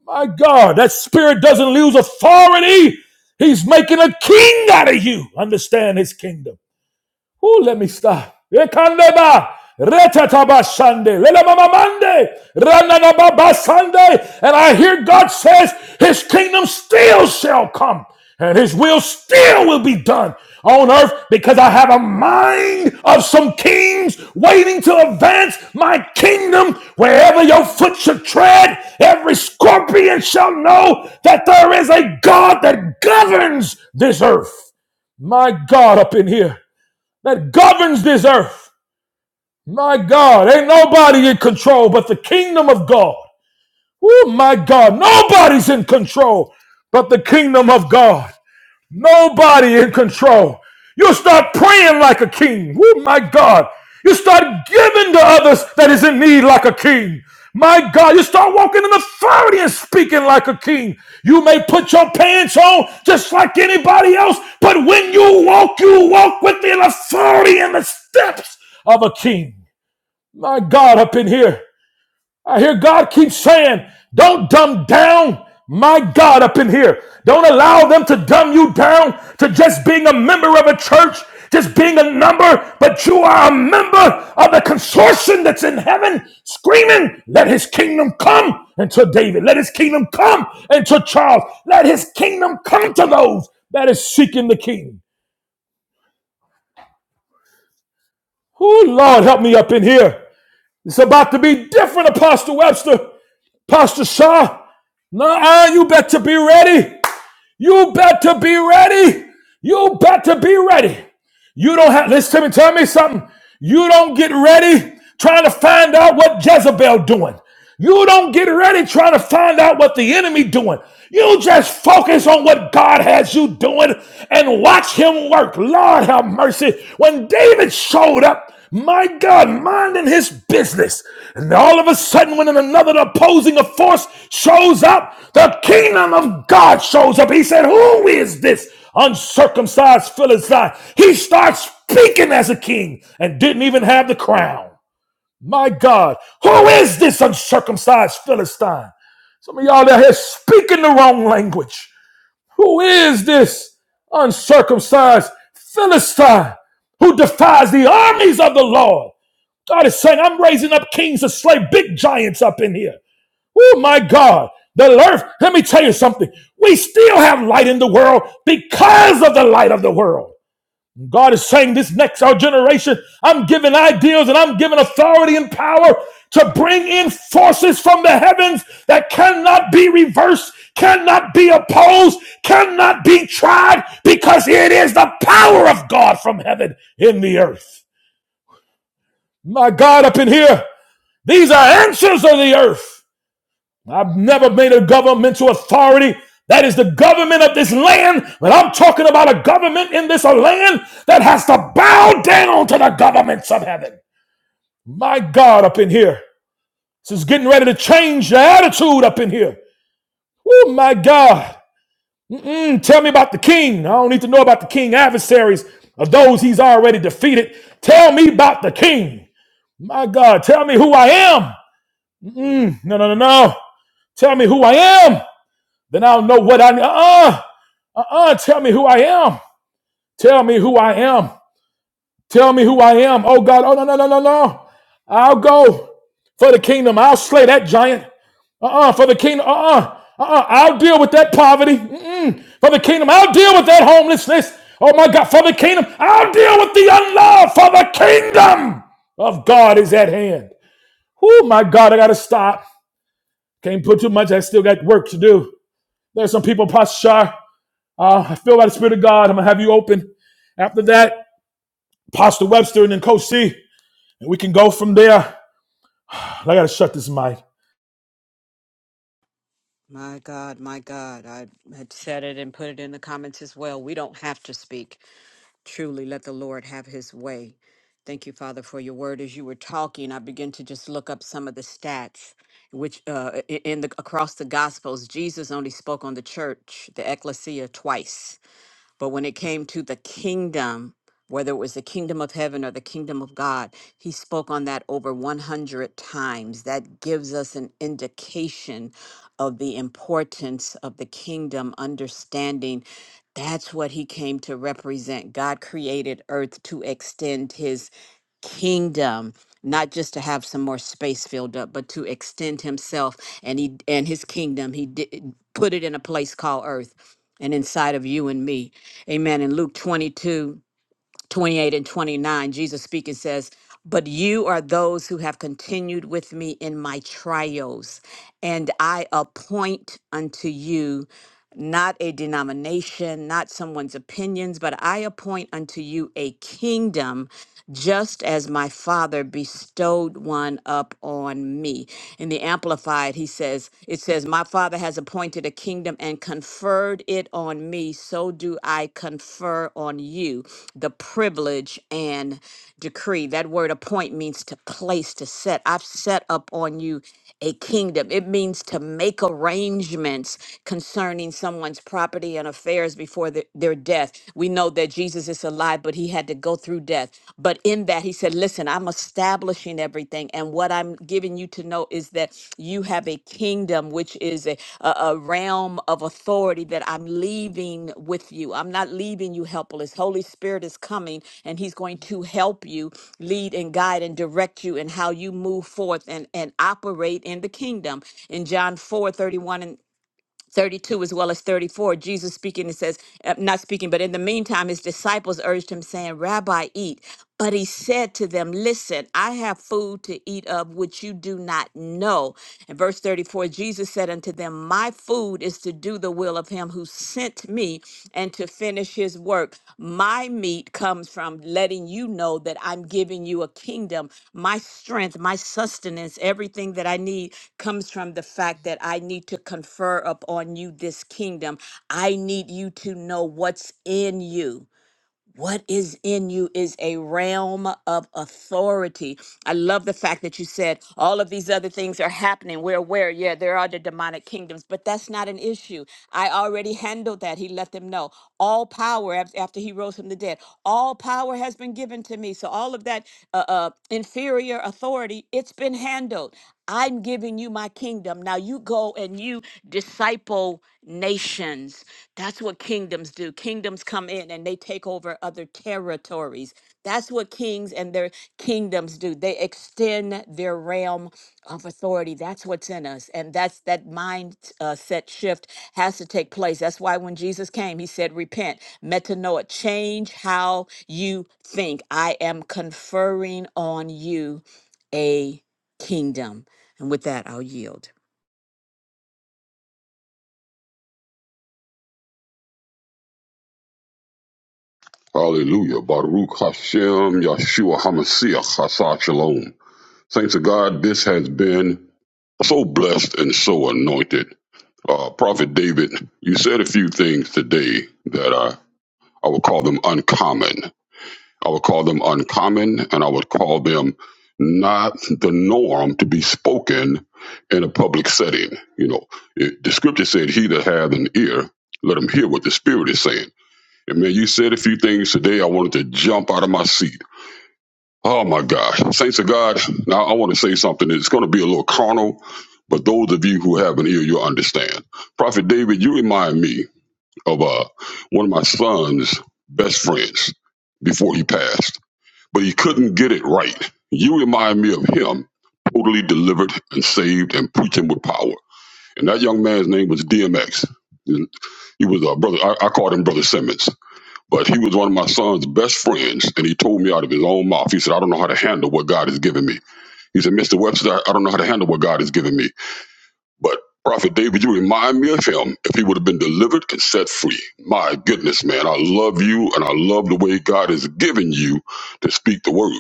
[SPEAKER 1] My God, that spirit doesn't lose authority. He's making a king out of you. Understand his kingdom. Oh, let me stop. Ekandeba, retetabashande, lelemamamande, rananababasande. And I hear God says, His kingdom still shall come, and His will still will be done on earth because I have a mind of some kings waiting to advance my kingdom. Wherever your foot should tread, every scorpion shall know that there is a God that governs this earth. My God, up in here that governs this earth. My God, ain't nobody in control but the kingdom of God. Oh, my God, nobody's in control but the kingdom of God. Nobody in control. You start praying like a king. Oh my God. You start giving to others that is in need like a king. My God, you start walking in authority and speaking like a king. You may put your pants on just like anybody else, but when you walk, you walk with the authority and the steps of a king. My God, up in here. I hear God keep saying, don't dumb down my God up in here. Don't allow them to dumb you down to just being a member of a church, just being a number, but you are a member of the consortium that's in heaven screaming, let his kingdom come unto David. Let his kingdom come unto Charles. Let his kingdom come to those that is seeking the king. Oh, Lord, help me up in here. It's about to be different, Apostle Webster, Pastor Shaw. Nah, you better be ready. You better be ready. You better be ready. You don't have, listen to me, tell me something. You don't get ready trying to find out what Jezebel doing. You don't get ready trying to find out what the enemy doing. You just focus on what God has you doing and watch him work. Lord have mercy. When David showed up, my God, minding his business. And all of a sudden, when another opposing force shows up, the kingdom of God shows up. He said, Who is this? uncircumcised Philistine. He starts speaking as a king and didn't even have the crown. My God, who is this uncircumcised Philistine? Some of y'all out here speaking the wrong language. Who is this uncircumcised Philistine who defies the armies of the Lord? God is saying, I'm raising up kings to slay big giants up in here. Oh my God. The earth, let me tell you something. We still have light in the world because of the light of the world. God is saying this next our generation, I'm giving ideals and I'm giving authority and power to bring in forces from the heavens that cannot be reversed, cannot be opposed, cannot be tried, because it is the power of God from heaven in the earth. My God, up in here, these are answers of the earth. I've never been a governmental authority. That is the government of this land. But I'm talking about a government in this land that has to bow down to the governments of heaven. My God, up in here. This is getting ready to change the attitude up in here. Oh, my God. Mm-mm, tell me about the king. I don't need to know about the king adversaries of those he's already defeated. Tell me about the king. My God, tell me who I am. Mm-mm, no, no, no, no. Tell me who I am. Then I'll know what I uh uh uh. Tell me who I am. Tell me who I am. Tell me who I am. Oh God. Oh no no no no no. I'll go for the kingdom. I'll slay that giant. Uh uh For the kingdom. Uh uh. Uh uh. I'll deal with that poverty. Mm-mm. For the kingdom. I'll deal with that homelessness. Oh my God. For the kingdom. I'll deal with the unloved. For the kingdom of God is at hand. Oh my God. I gotta stop. Can't put too much. I still got work to do. There's some people, Pastor. Uh, I feel by the Spirit of God. I'm going to have you open. After that, Pastor Webster and then Coach C, and we can go from there. I got to shut this mic.
[SPEAKER 2] My God, my God. I had said it and put it in the comments as well. We don't have to speak. Truly, let the Lord have his way. Thank you, Father, for your word. As you were talking, I began to just look up some of the stats, which uh, i- in the across the Gospels, Jesus only spoke on the church, the ecclesia, twice. But when it came to the kingdom, whether it was the kingdom of heaven or the kingdom of God, he spoke on that over 100 times. That gives us an indication of the importance of the kingdom, understanding that's what he came to represent. God created earth to extend his kingdom not just to have some more space filled up but to extend himself and he and his kingdom he did put it in a place called earth and inside of you and me Amen. In Luke 22, 28, and 29, Jesus speaking says, But you are those who have continued with me in my trials, and I appoint unto you not a denomination, not someone's opinions, but I appoint unto you a kingdom just as my father bestowed one up on me. In the Amplified, he says, it says, My father has appointed a kingdom and conferred it on me, so do I confer on you the privilege and decree. That word appoint means to place, to set. I've set up on you a kingdom. It means to make arrangements concerning someone's property and affairs before the, their their death. We know that Jesus is alive, but he had to go through death. But in that, he said, Listen, I'm establishing everything. And what I'm giving you to know is that you have a kingdom, which is a, a, a realm of authority that I'm leaving with you. I'm not leaving you helpless. Holy Spirit is coming, and he's going to help you lead and guide and direct you in how you move forth and, and operate in the kingdom. In John four thirty one 31, 32 as well as 34 jesus speaking it says uh, not speaking but in the meantime his disciples urged him saying rabbi eat but he said to them listen i have food to eat of which you do not know and verse 34 jesus said unto them my food is to do the will of him who sent me me and to finish his work. My meat comes from letting you know that I'm giving you a kingdom. My strength, my sustenance, everything that I need comes from the fact that I need to confer upon you this kingdom. I need you to know what's in you. What is in you is a realm of authority. I love the fact that you said all of these other things are happening. We're aware, yeah, there are the demonic kingdoms, but that's not an issue. I already handled that. He let them know all power af- after he rose from the dead. All power has been given to me. So all of that uh, uh, inferior authority, it's been handled. I'm giving you my kingdom. Now you go and you disciple nations. That's what kingdoms do. Kingdoms come in and they take over other territories. That's what kings and their kingdoms do. They extend their realm of authority that's what's in us and that's that mindset uh, set shift has to take place that's why when jesus came he said repent metanoia change how you think i am conferring on you a kingdom and with that i'll yield
[SPEAKER 3] Hallelujah. Baruch Hashem Yeshua HaMashiach Hasa Shalom. Thanks to God, this has been so blessed and so anointed. Uh, Prophet David, you said a few things today that I, I would call them uncommon. I would call them uncommon and I would call them not the norm to be spoken in a public setting. You know, it, the scripture said, He that hath an ear, let him hear what the Spirit is saying and man, you said a few things today. I wanted to jump out of my seat. Oh my gosh. Saints of God, now I want to say something. It's going to be a little carnal, but those of you who have an ear, you'll understand. Prophet David, you remind me of uh, one of my son's best friends before he passed, but he couldn't get it right. You remind me of him, totally delivered and saved and preaching with power. And that young man's name was DMX. And He was a brother. I, I called him Brother Simmons but he was one of my son's best friends, and he told me out of his own mouth. He said, I don't know how to handle what God has given me. He said, Mr. Webster, I I don't know how to handle what God has given me. But Prophet David, you remind me of him if he would have been delivered and set free. My goodness, man, I love you, and I love the way God has given you to speak the word.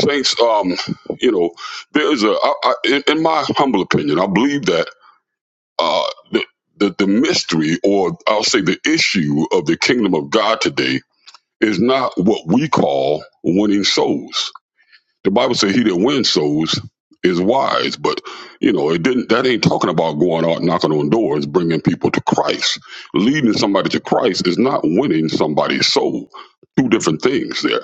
[SPEAKER 3] Saints, um, you know, there's a, I, I, in, in my humble opinion, I believe that uh, the, the, the mystery, or I'll say the issue of the kingdom of God today is not what we call winning souls. The Bible says he that wins souls is wise, but you know, it didn't that ain't talking about going out knocking on doors, bringing people to Christ. Leading somebody to Christ is not winning somebody's soul. Two different things there.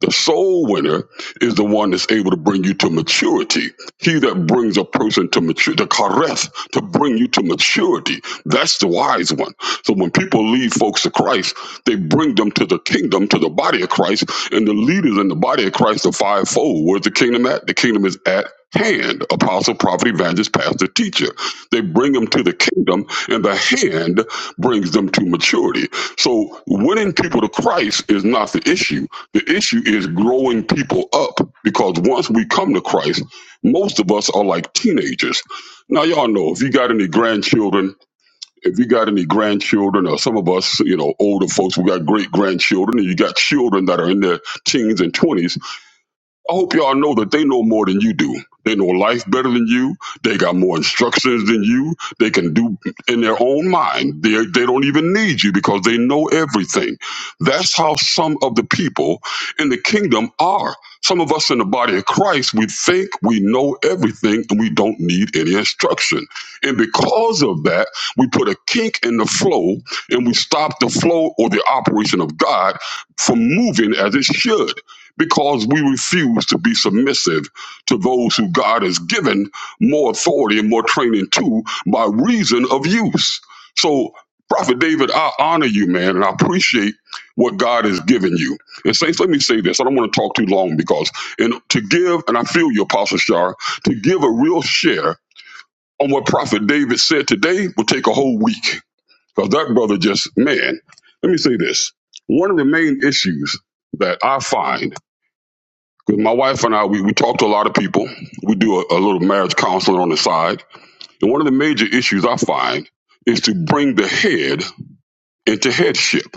[SPEAKER 3] The soul winner is the one that's able to bring you to maturity. He that brings a person to maturity, the kareth, to bring you to maturity. That's the wise one. So when people lead folks to Christ, they bring them to the kingdom, to the body of Christ, and the leaders in the body of Christ, the fivefold. Where's the kingdom at? The kingdom is at hand apostle prophet evangelist pastor teacher they bring them to the kingdom and the hand brings them to maturity so winning people to christ is not the issue the issue is growing people up because once we come to christ most of us are like teenagers now y'all know if you got any grandchildren if you got any grandchildren or some of us you know older folks we got great grandchildren and you got children that are in their teens and 20s I hope y'all know that they know more than you do. They know life better than you. They got more instructions than you. They can do in their own mind. They, they don't even need you because they know everything. That's how some of the people in the kingdom are. Some of us in the body of Christ, we think we know everything and we don't need any instruction. And because of that, we put a kink in the flow and we stop the flow or the operation of God from moving as it should because we refuse to be submissive to those who God has given more authority and more training to by reason of use. So, Prophet David, I honor you, man, and I appreciate what God has given you. And Saints, let me say this. I don't want to talk too long because and to give, and I feel you, Apostle Shar, to give a real share on what Prophet David said today will take a whole week. Because that brother just, man, let me say this. One of the main issues that I find 'Cause My wife and I, we, we talk to a lot of people. We do a, a little marriage counseling on the side. And one of the major issues I find is to bring the head into headship.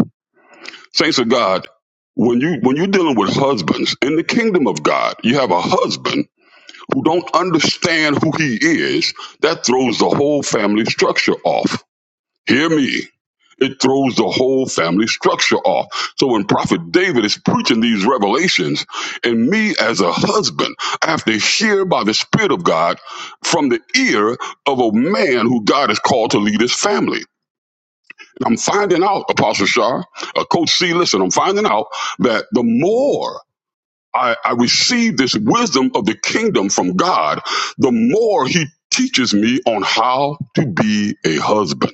[SPEAKER 3] Saints of God, when you when you're dealing with husbands in the kingdom of God, you have a husband who don't understand who he is. That throws the whole family structure off. Hear me. It throws the whole family structure off. So when Prophet David is preaching these revelations, and me as a husband, I have to hear by the Spirit of God from the ear of a man who God has called to lead his family. And I'm finding out, Apostle Shah, uh, Coach C, listen, I'm finding out that the more I, I receive this wisdom of the kingdom from God, the more he teaches me on how to be a husband.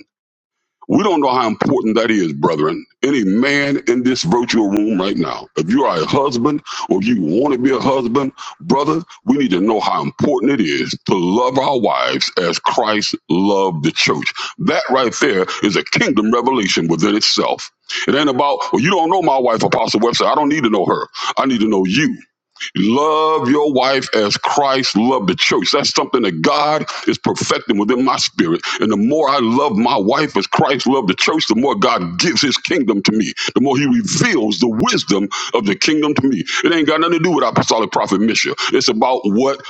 [SPEAKER 3] We don't know how important that is, brethren. Any man in this virtual room right now, if you are a husband or you want to be a husband, brother, we need to know how important it is to love our wives as Christ loved the church. That right there is a kingdom revelation within itself. It ain't about, well, you don't know my wife, Apostle Webster. I don't need to know her. I need to know you. Love your wife as Christ loved the church. That's something that God is perfecting within my spirit. And the more I love my wife as Christ loved the church, the more God gives his kingdom to me. The more he reveals the wisdom of the kingdom to me. It ain't got nothing to do with apostolic prophet mission. It's about what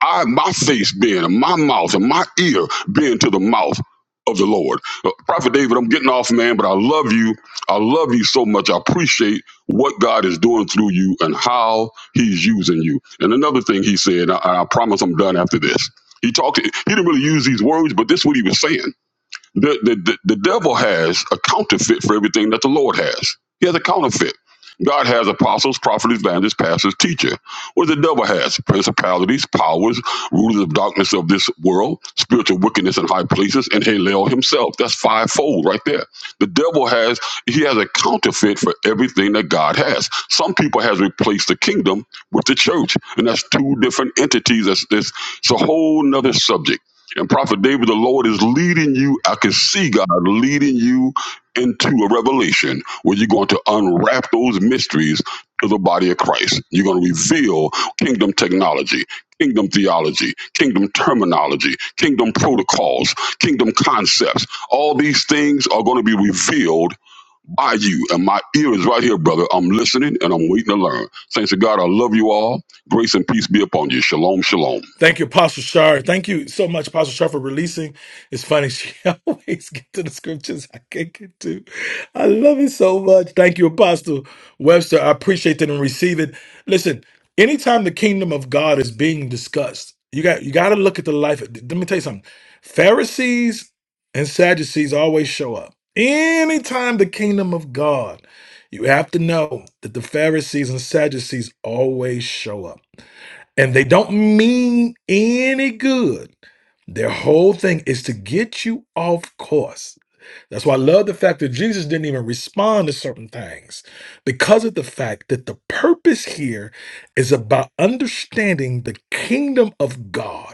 [SPEAKER 3] I my face being and my mouth and my ear being to the mouth of the Lord. Uh, Prophet David, I'm getting off, man, but I love you. I love you so much. I appreciate what God is doing through you and how he's using you. And another thing he said, I, I promise I'm done after this. He talked, he didn't really use these words, but this is what he was saying. The, the, the, the devil has a counterfeit for everything that the Lord has. He has a counterfeit. God has apostles, prophets, evangelists, pastors, teacher. What the devil has? Principalities, powers, rulers of darkness of this world, spiritual wickedness in high places, and Halel himself. That's fivefold right there. The devil has, he has a counterfeit for everything that God has. Some people has replaced the kingdom with the church, and that's two different entities. That's, that's it's a whole nother subject and Prophet David, the Lord is leading you. I can see God leading you into a revelation where you're going to unwrap those mysteries to the body of Christ. You're going to reveal kingdom technology, kingdom theology, kingdom terminology, kingdom protocols, kingdom concepts. All these things are going to be revealed by you. And my ear is right here, brother. I'm listening and I'm waiting to learn. Thanks to God, I love you all. Grace and peace be upon you. Shalom, shalom.
[SPEAKER 1] Thank you, Apostle Shar. Thank you so much, Apostle Shar, for releasing. It's funny, she always get to the scriptures I can't get to. I love it so much. Thank you, Apostle Webster. I appreciate that and receive it. Listen, anytime the kingdom of God is being discussed, you got you gotta look at the life. Let me tell you something. Pharisees and Sadducees always show up. Anytime the kingdom of God, you have to know that the Pharisees and Sadducees always show up and they don't mean any good. Their whole thing is to get you off course. That's why I love the fact that Jesus didn't even respond to certain things because of the fact that the purpose here is about understanding the kingdom of God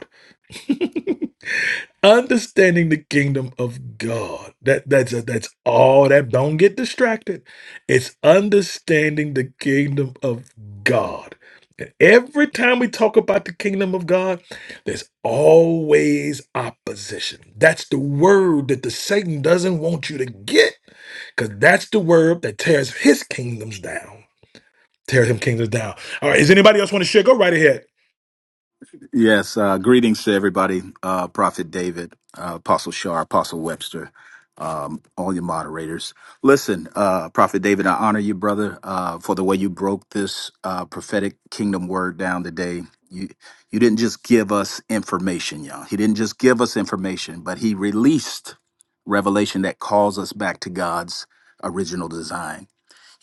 [SPEAKER 1] understanding the kingdom of God. That that's that's all that don't get distracted. It's understanding the kingdom of God. And every time we talk about the kingdom of God, there's always opposition. That's the word that the Satan doesn't want you to get because that's the word that tears his kingdoms down. Tears him kingdoms down. All right, is anybody else want to share? Go right ahead.
[SPEAKER 4] Yes, uh, greetings to everybody, uh, Prophet David, uh, Apostle Shar, Apostle Webster, um, all your moderators. Listen, uh, Prophet David, I honor you, brother, uh, for the way you broke this uh, prophetic kingdom word down today. You you didn't just give us information, y'all. He didn't just give us information, but he released revelation that calls us back to God's original design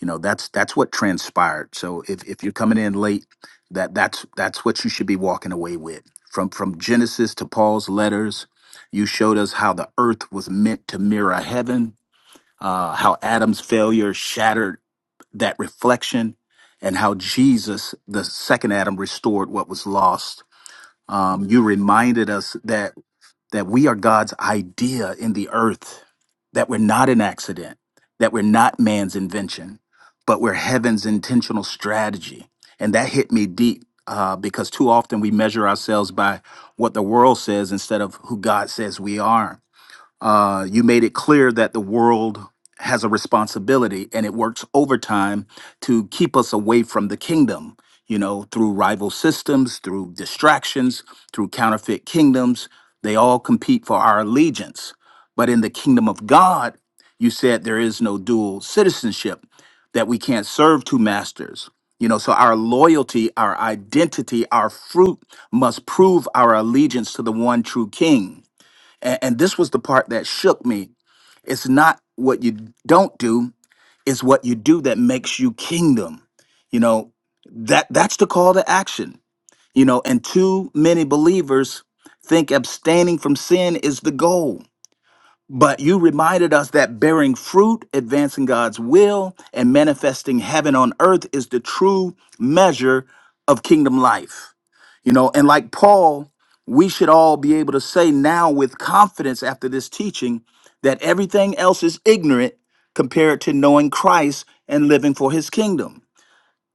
[SPEAKER 4] you know that's that's what transpired so if, if you're coming in late that that's that's what you should be walking away with from from genesis to paul's letters you showed us how the earth was meant to mirror heaven uh, how adam's failure shattered that reflection and how jesus the second adam restored what was lost um, you reminded us that that we are God's idea in the earth, that we're not an accident, that we're not man's invention, but we're heaven's intentional strategy. And that hit me deep uh, because too often we measure ourselves by what the world says instead of who God says we are. Uh, you made it clear that the world has a responsibility and it works overtime to keep us away from the kingdom, you know, through rival systems, through distractions, through counterfeit kingdoms. They all compete for our allegiance. But in the kingdom of God, you said there is no dual citizenship, that we can't serve two masters. You know, so our loyalty, our identity, our fruit must prove our allegiance to the one true king and, and this was the part that shook me. It's not what you don't do, it's what you do that makes you kingdom. You know, that that's the call to action. You know, and too many believers think abstaining from sin is the goal but you reminded us that bearing fruit, advancing God's will, and manifesting heaven on earth is the true measure of kingdom life. You know, and like Paul, we should all be able to say now with confidence after this teaching that everything else is ignorant compared to knowing Christ and living for his kingdom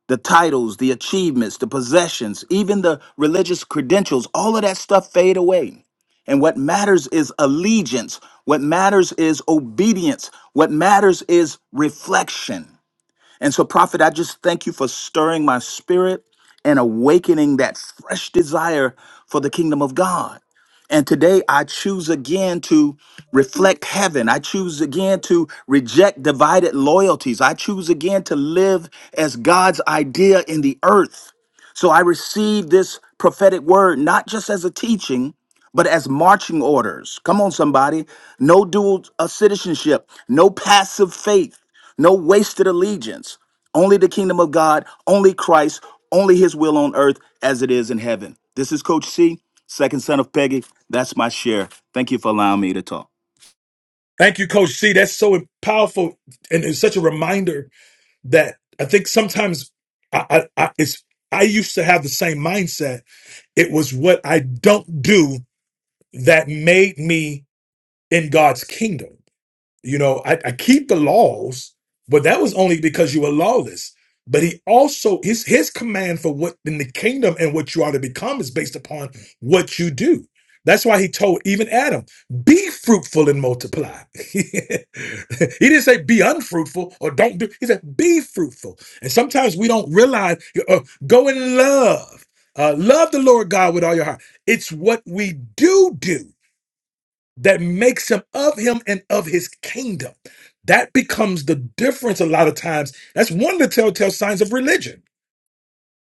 [SPEAKER 4] the titles, the achievements, the possessions, even the religious credentials, all of that stuff fade away. And what matters is allegiance. What matters is obedience. What matters is reflection. And so, prophet, I just thank you for stirring my spirit and awakening that fresh desire for the kingdom of God. And today I choose again to reflect heaven. I choose again to reject divided loyalties. I choose again to live as God's idea in the earth. So I received this prophetic word not just as a teaching, but as marching orders. Come on, somebody. No dual uh, citizenship, no passive faith, no wasted allegiance. Only the kingdom of God, only Christ, only his will on earth as it is in heaven. This is Coach C, second son of Peggy. That's my share. Thank you for allowing me to talk.
[SPEAKER 1] Thank you, Coach C. That's so powerful and it's such a reminder that I think sometimes I, I, I it's I used to have the same mindset. It was what I don't do that made me in God's kingdom you know, I, I keep the laws, but that was only because you were lawless. But he also his his command for what in the kingdom and what you are to become is based upon what you do. That's why he told even Adam, be fruitful and multiply. he didn't say be unfruitful or don't do. He said be fruitful. And sometimes we don't realize uh, go in love. Uh, love the Lord God with all your heart. It's what we do do that makes him of him and of his kingdom. That becomes the difference a lot of times. That's one of the telltale signs of religion.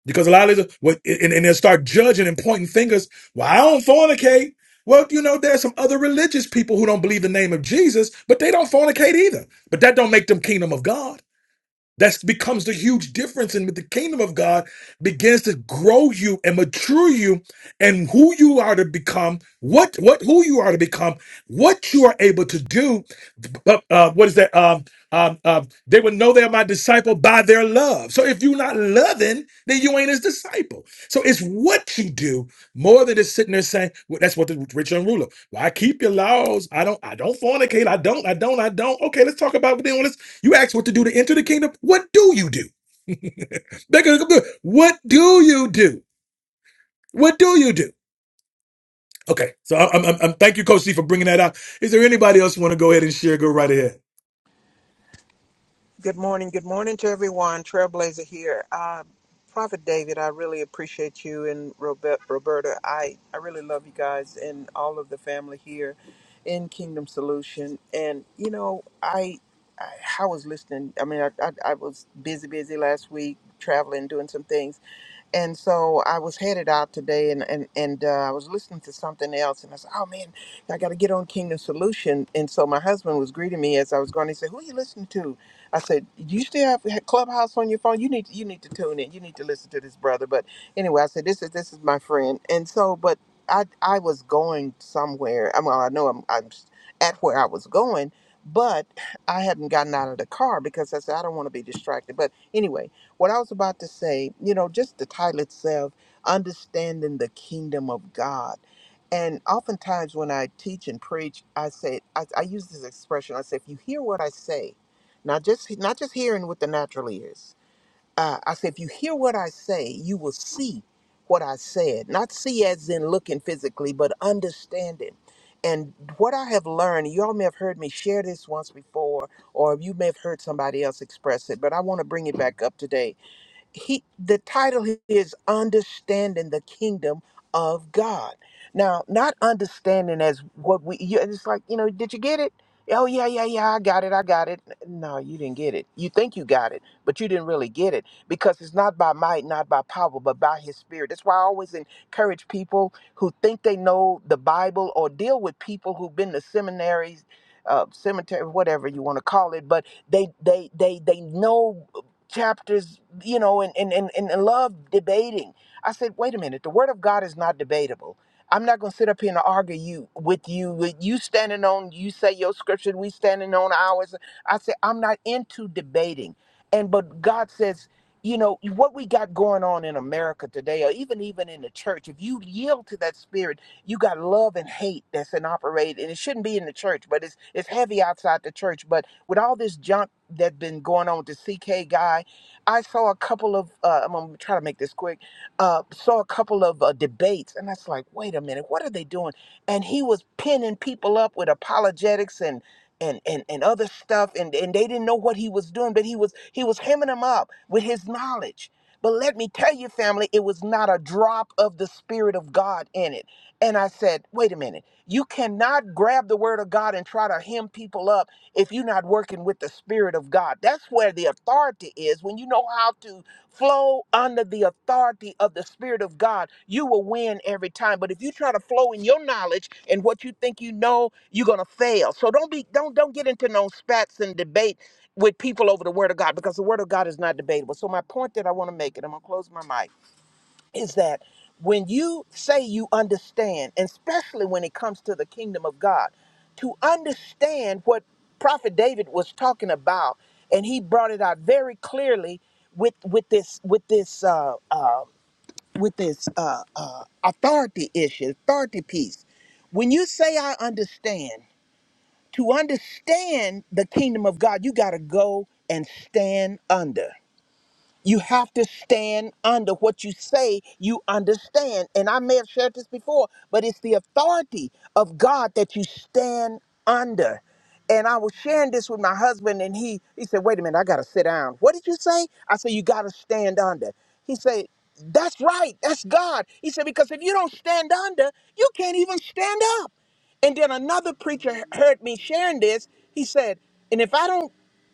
[SPEAKER 1] Because a lot of these, what- and, and they'll start judging and pointing fingers. Well, I don't fornicate. Well, you know, there's some other religious people who don't believe the name of Jesus, but they don't fornicate either. But that don't make them kingdom of God. That becomes the huge difference, and with the kingdom of God begins to grow you and mature you, and who you are to become, what what who you are to become, what you are able to do. But uh, what is that? Um, um, um, they would know they're my disciple by their love. So if you're not loving, then you ain't his disciple. So it's what you do more than just sitting there saying well, that's what the rich young ruler. Well, I keep your laws. I don't. I don't fornicate. I don't. I don't. I don't. Okay, let's talk about it then. You ask what to do to enter the kingdom. What do you do? they What do you do? What do you do? Okay, so I- I'm, I'm, I'm thank you, Coach C, for bringing that out. Is there anybody else want to go ahead and share? Go right ahead.
[SPEAKER 5] Good morning. Good morning to everyone. Trailblazer here. Uh, Prophet David, I really appreciate you and Robert, Roberta. I, I really love you guys and all of the family here in Kingdom Solution. And, you know, I I, I was listening. I mean, I, I, I was busy, busy last week, traveling, doing some things and so I was headed out today, and and and uh, I was listening to something else, and I said, "Oh man, I got to get on Kingdom Solution." And so my husband was greeting me as I was going. He said, "Who are you listening to?" I said, "You still have Clubhouse on your phone? You need you need to tune in. You need to listen to this brother." But anyway, I said, "This is this is my friend." And so, but I I was going somewhere. I mean, I know I'm I'm at where I was going, but I hadn't gotten out of the car because I said I don't want to be distracted. But anyway what I was about to say, you know, just the title itself, understanding the kingdom of God. And oftentimes when I teach and preach, I say I, I use this expression. I say, if you hear what I say, not just not just hearing with the natural ears. Uh, I say, if you hear what I say, you will see what I said. Not see as in looking physically, but understanding. And what I have learned, you all may have heard me share this once before, or you may have heard somebody else express it, but I want to bring it back up today he the title is understanding the kingdom of god now not understanding as what we you- it's like you know did you get it oh yeah yeah yeah i got it i got it no you didn't get it you think you got it but you didn't really get it because it's not by might not by power but by his spirit that's why i always encourage people who think they know the bible or deal with people who've been to seminaries uh, cemetery whatever you want to call it but they they they they know chapters, you know, and and and, and love debating. I said, wait a minute, the word of God is not debatable. I'm not gonna sit up here and argue you with you with you standing on you say your scripture, we standing on ours. I said, I'm not into debating. And but God says, you know, what we got going on in America today, or even even in the church, if you yield to that spirit, you got love and hate that's in operate, and it shouldn't be in the church, but it's it's heavy outside the church. But with all this junk that been going on with the CK guy, I saw a couple of uh, I'm gonna try to make this quick. Uh, saw a couple of uh, debates, and I was like, wait a minute, what are they doing? And he was pinning people up with apologetics and. And, and, and other stuff and, and they didn't know what he was doing but he was he was hemming them up with his knowledge but let me tell you family it was not a drop of the spirit of god in it and i said wait a minute you cannot grab the word of God and try to hem people up if you're not working with the Spirit of God. That's where the authority is. When you know how to flow under the authority of the Spirit of God, you will win every time. But if you try to flow in your knowledge and what you think you know, you're gonna fail. So don't be don't don't get into no spats and debate with people over the Word of God because the Word of God is not debatable. So my point that I want to make, and I'm gonna close my mic is that when you say you understand, and especially when it comes to the kingdom of God, to understand what Prophet David was talking about, and he brought it out very clearly with with this with this uh, uh, with this uh, uh, authority issue, authority piece. When you say I understand, to understand the kingdom of God, you got to go and stand under. You have to stand under what you say you understand. And I may have shared this before, but it's the authority of God that you stand under. And I was sharing this with my husband, and he he said, "Wait a minute, I gotta sit down." What did you say? I said, "You gotta stand under." He said, "That's right, that's God." He said, "Because if you don't stand under, you can't even stand up." And then another preacher heard me sharing this. He said, "And if I don't."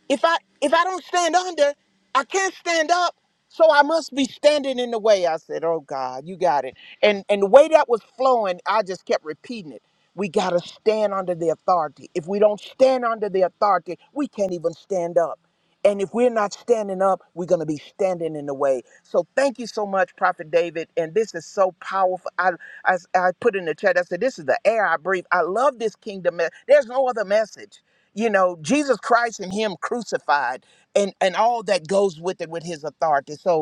[SPEAKER 5] If I if I don't stand under, I can't stand up. So I must be standing in the way. I said, "Oh God, you got it." And and the way that was flowing, I just kept repeating it. We got to stand under the authority. If we don't stand under the authority, we can't even stand up. And if we're not standing up, we're going to be standing in the way. So thank you so much, Prophet David. And this is so powerful. I, I, I put in the chat, I said, this is the air I breathe. I love this kingdom. me- There's no other message. You know, Jesus Christ and him crucified and, and all that goes with it with his authority. So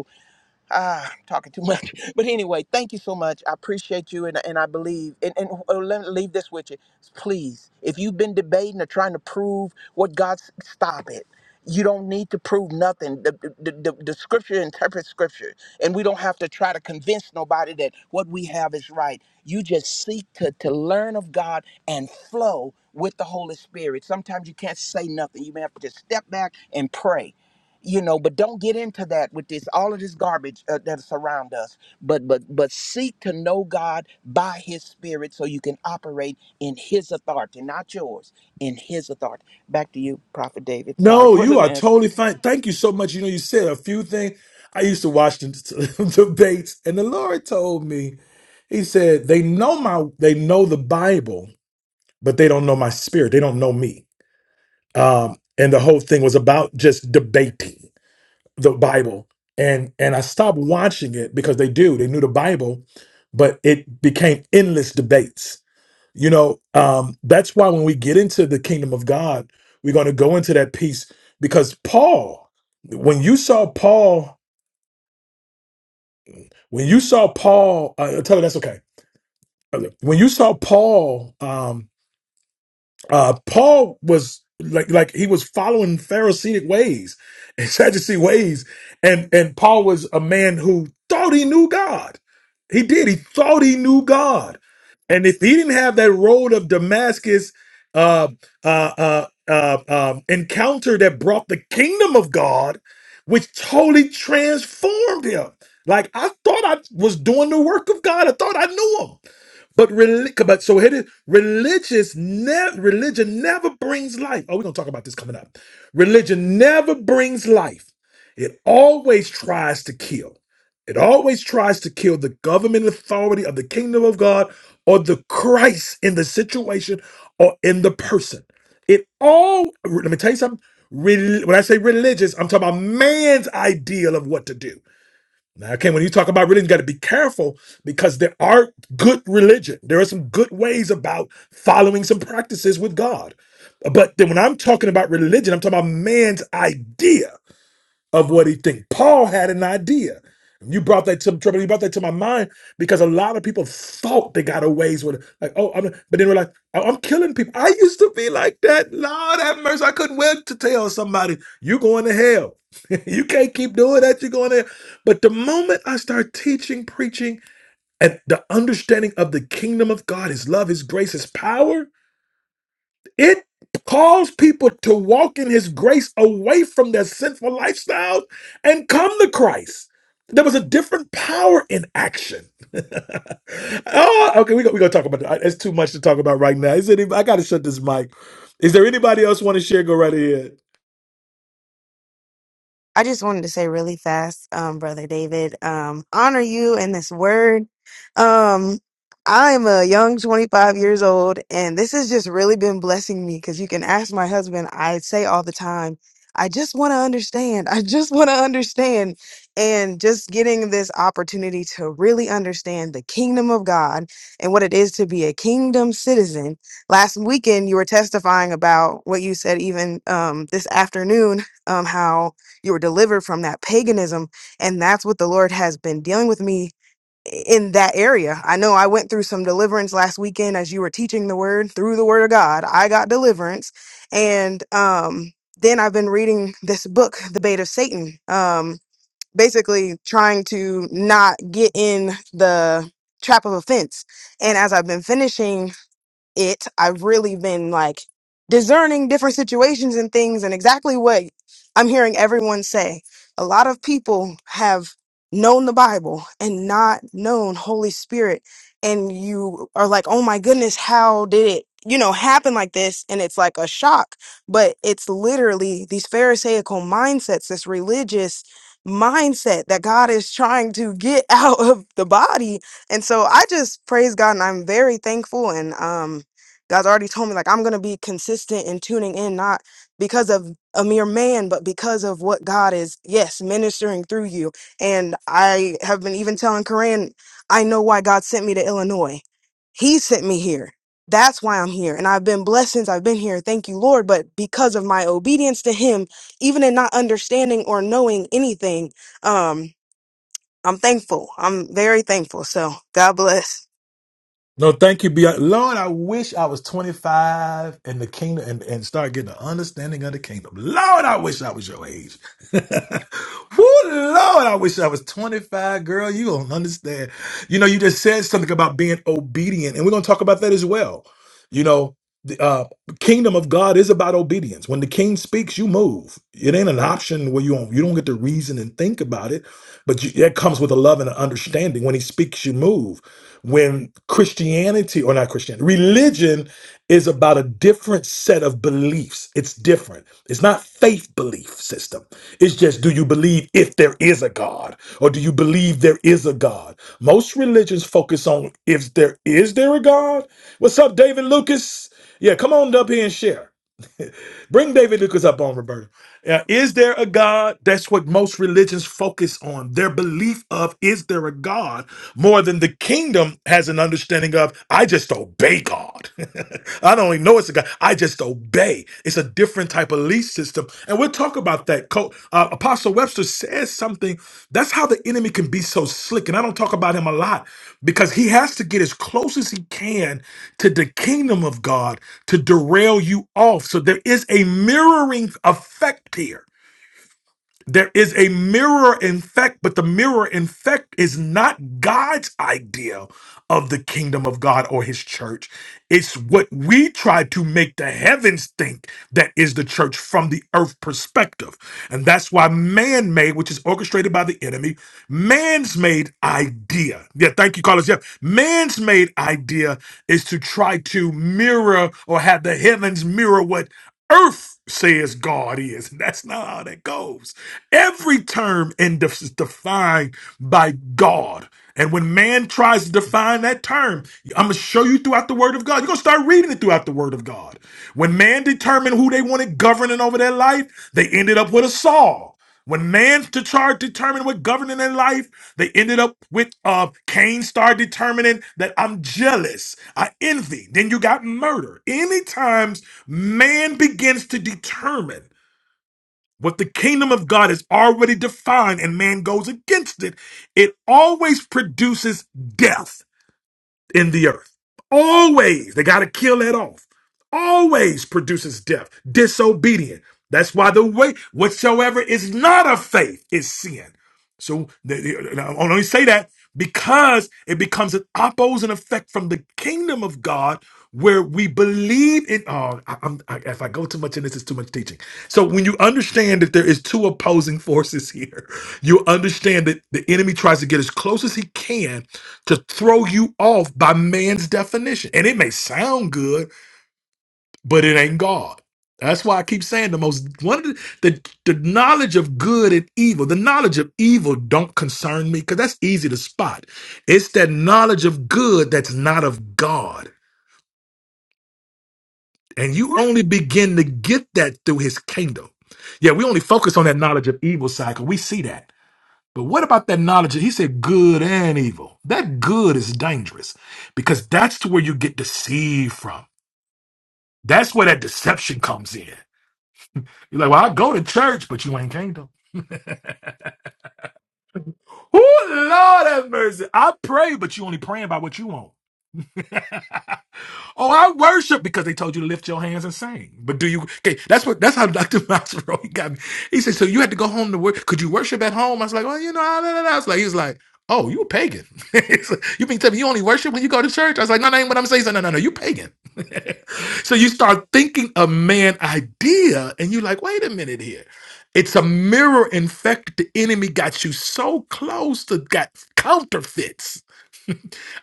[SPEAKER 5] Ah, I'm talking too much. But anyway, thank you so much. I appreciate you, and, and I believe. And, and uh, let me leave this with you. Please, if you've been debating or trying to prove what God's, stop it. You don't need to prove nothing. The, the, the, the scripture interprets scripture, and we don't have to try to convince nobody that what we have is right. You just seek to, to learn of God and flow with the Holy Spirit. Sometimes you can't say nothing. You may have to just step back and pray you know but don't get into that with this all of this garbage uh, that's around us but but but seek to know god by his spirit so you can operate in his authority not yours in his authority back to you prophet david sorry
[SPEAKER 1] No,
[SPEAKER 5] for the
[SPEAKER 1] you are
[SPEAKER 5] length
[SPEAKER 1] totally fine. Thank you so much. You know, you said a few things. I used to watch the debates, and the Lord told me, He said, they know my, they know the Bible, but they don't know my spirit. They don't know me. Um, and the whole thing was about just debating the Bible, and and I stopped watching it because they do. They knew the Bible, but it became endless debates. You know, um, that's why when we get into the kingdom of God, we're going to go into that piece because Paul, when you saw Paul, when you saw Paul, uh, tell her that's okay. Uh, When you saw Paul, um, uh, Paul was like like he was following Pharisaic ways and Sadducee ways, and and Paul was a man who thought he knew God. He did. He thought he knew God, and if he didn't have that road of Damascus uh, uh, uh, uh, um, encounter that brought the kingdom of God, which totally transformed him. Like I thought I was doing the work of God. I thought I knew him. But relig- but so here it is. Religious ne- religion never brings life. Oh, we're gonna talk about this coming up. Religion never brings life. It always tries to kill. It always tries to kill the government authority of the kingdom of God or the Christ in the situation or in the person. It all let me tell you something. Rel- when I say religious, I'm talking about man's ideal of what to do. Now, okay, when you talk about religion, you got to be careful because there are good religion. There are some good ways about following some practices with God. But then when I'm talking about religion, I'm talking about man's idea of what he think. Paul had an idea. You brought that to trouble. You brought that to my mind because a lot of people thought they got away with it. Like, oh, I'm, but then we're like, oh, I'm killing people. I used to be like that. Lord have mercy. I couldn't wait to tell somebody, you going to hell. you can't keep doing that. You're going there. But the moment I start teaching, preaching, and the understanding of the kingdom of God, his love, his grace, his power, it calls people to walk in his grace away from their sinful lifestyles and come to Christ. There was a different power in action. oh, okay, we're gonna we go talk about that. It's too much to talk about right now. Is any, I gotta shut this mic. Is there anybody else want to share? Go right ahead.
[SPEAKER 6] I just wanted to say really fast, um, brother David, um, honor you in this word. Um, I'm a young 25 years old, and this has just really been blessing me because you can ask my husband. I say all the time, I just want to understand. I just want to understand. And just getting this opportunity to really understand the kingdom of God and what it is to be a kingdom citizen. Last weekend, you were testifying about what you said, even um, this afternoon, um, how you were delivered from that paganism. And that's what the Lord has been dealing with me in that area. I know I went through some deliverance last weekend as you were teaching the word through the word of God. I got deliverance. And um, then I've been reading this book, The Bait of Satan, um, basically trying to not get in the trap of offense. And as I've been finishing it. I've really been like discerning different situations and things and exactly what I'm hearing everyone say. A lot of people have known the Bible and not known Holy Spirit. And you are like, oh my goodness, how did it, you know, happen like this? And it's like a shock, but it's literally these Pharisaical mindsets, this religious mindset that God is trying to get out of the body and so I just praise God and I'm very thankful. And um God's already told me like I'm gonna be consistent in tuning in, not because of a mere man, but because of what God is, yes, ministering through you. And I have been even telling Koran, I know why God sent me to Illinois. He sent me here. That's why I'm here. And I've been blessed since I've been here. Thank you, Lord. But because of my obedience to him, even in not understanding or knowing anything, um, I'm thankful. I'm very thankful. So God bless.
[SPEAKER 1] No, thank you, Beyonce. Lord, I wish I was 25 in the kingdom and, and start getting an understanding of the kingdom. Lord, I wish I was your age. Woo, Lord, I wish I was 25, girl. You don't understand. You know, you just said something about being obedient, and we're going to talk about that as well. You know, the uh, kingdom of God is about obedience. When the king speaks, you move. It ain't an option where you don't, you don't get to reason and think about it, but you, it comes with a love and an understanding. When he speaks, you move when Christianity, or not Christianity, religion is about a different set of beliefs. It's different. It's not faith belief system. It's just do you believe if there is a God or do you believe there is a God? Most religions focus on if there is there a God. What's up, David Lucas? Yeah, come on up here and share. Bring David Lucas up on Roberta. Uh, is there a God? That's what most religions focus on. Their belief of is there a God more than the kingdom has an understanding of. I just obey God. I don't even know it's a God. I just obey. It's a different type of belief system system. And we'll talk about that. Co- uh, Apostle Webster says something. That's how the enemy can be so slick. And I don't talk about him a lot because he has to get as close as he can to the kingdom of God to derail you off. So there is a mirroring effect here there is a mirror effect, but the mirror effect is not God's idea of the kingdom of God or his church. It's what we try to make the heavens think that is the church from the earth perspective. And that's why man made, which is orchestrated by the enemy, man's made idea. Yeah, thank you, Carlos. Yeah, man's made idea is to try to mirror or have the heavens mirror what earth says God is. And that's not how that goes. Every term in this is defined by God. And when man tries to define that term, I'm going to show you throughout the Word of God. You're going to start reading it throughout the Word of God. When man determined who they wanted governing over their life, they ended up with a Saul. When man's to chart determined what governing in life, they ended up with uh Cain started determining that I'm jealous, I envy. Then you got murder. Any times man begins to determine what the kingdom of God is already defined and man goes against it, it always produces death in the earth. Always, they got to kill that off. Always produces death, disobedient. That's why the way whatsoever is not of faith is sin. So the- the- and I only say that because it becomes an opposing effect from the kingdom of God, where we believe in. Oh, I, I'm, I, if I go too much in this, it's too much teaching. So when you understand that there is two opposing forces here, you understand that the enemy tries to get as close as he can to throw you off by man's definition. And it may sound good, but it ain't God. That's why I keep saying the most one of the, the the knowledge of good and evil, the knowledge of evil don't concern me because that's easy to spot. It's that knowledge of good that's not of God. And you only begin to get that through his kingdom. Yeah, we only focus on that knowledge of evil cycle. We see that. But what about that knowledge? He said good and evil. That good is dangerous because that's to where you get deceived from. That's where that deception comes in. You're like, well, I go to church, but you ain't kingdom. Oh, Lord have mercy. I pray, but you only praying about what you want. Oh, I worship because they told you to lift your hands and sing. But do you? Okay, that's what that's how Dr. Masro he got me. He said, so you had to go home to work. Could you worship at home? I was like, well, you know, I, I, I I was like, he was like, oh, you a pagan. He's like, you been telling me you only worship when you go to church? I was like, no, that ain't what I'm saying. He said, no, no, no, you pagan. so you start thinking a man idea, and you're like, wait a minute here. It's a mirror infected. The enemy got you so close to got counterfeits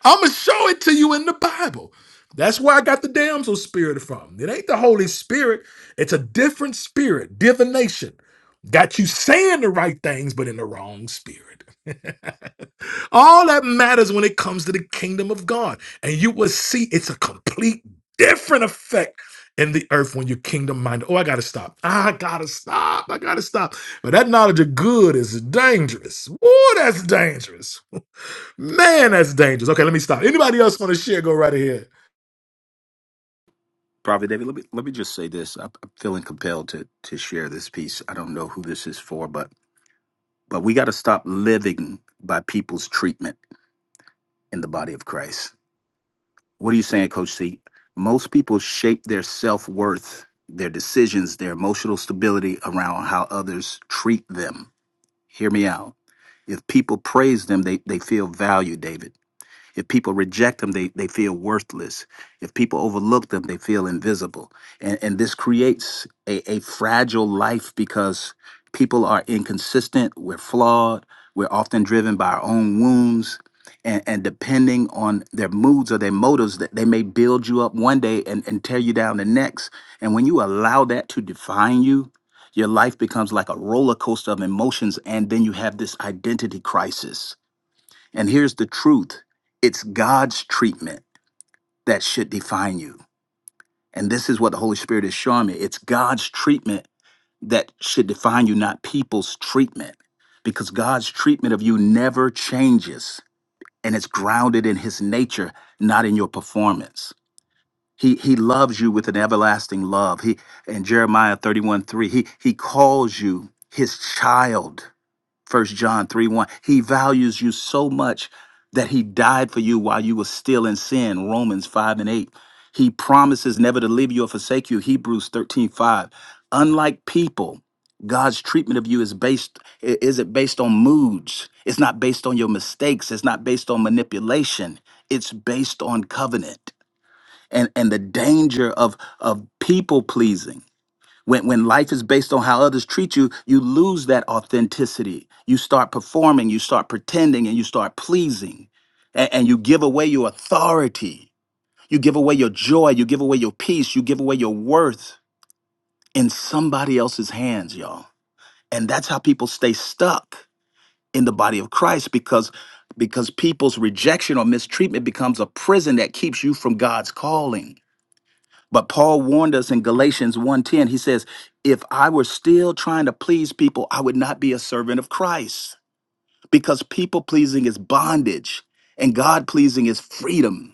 [SPEAKER 1] I'm gonna show it to you in the Bible. That's where I got the damsel spirit from. It ain't the Holy Spirit. It's a different spirit, divination. Got you saying the right things, but in the wrong spirit. All that matters when it comes to the kingdom of God. And you will see it's a complete different effect in the earth when you're kingdom minded. Oh, I gotta stop. Ah, I gotta stop. I gotta stop. But that knowledge of good is dangerous. Oh, that's dangerous. Man, that's dangerous. Okay, let me stop. Anybody else want to share? Go right ahead.
[SPEAKER 4] Prophet David, let me let me just say this. I'm I'm feeling compelled to to share this piece. I don't know who this is for, but But we got to stop living by people's treatment in the body of Christ. What are you saying, Coach C? Most people shape their self worth, their decisions, their emotional stability around how others treat them. Hear me out. If people praise them, they, they feel valued, David. If people reject them, they, they feel worthless. If people overlook them, they feel invisible. And, and this creates a, a fragile life because people are inconsistent, we're flawed, we're often driven by our own wounds. And, and depending on their moods or their motives, that they may build you up one day and, and tear you down the next. And when you allow that to define you, your life becomes like a roller coaster of emotions, and then you have this identity crisis and here's the truth it's God's treatment that should define you. And this is what the Holy Spirit is showing me it's God's treatment that should define you, not people's treatment, because God's treatment of you never changes and it's grounded in his nature, not in your performance. He, he loves you with an everlasting love. He in Jeremiah 31 3, he, he calls you his child First John 3 1. He values you so much that he died for you while you were still in sin. Romans 5 and 8. He promises never to leave you or forsake you. Hebrews 13 5. Unlike people, God's treatment of you is based i- isn't based on moods. It's not based on your mistakes. It's not based on manipulation. It's based on covenant. And and the danger of of people pleasing when, when life is based on how others treat you, you lose that authenticity. You start performing, you start pretending, and you start pleasing. A- and you give away your authority. You give away your joy. You give away your peace. You give away your worth in somebody else's hands, y'all. And that's how people stay stuck in the body of Christ because because people's rejection or mistreatment becomes a prison that keeps you from God's calling. But Paul warned us in Galatians one ten. He says, "If I were still trying to please people, I would not be a servant of Christ, because people pleasing is bondage and God pleasing is freedom."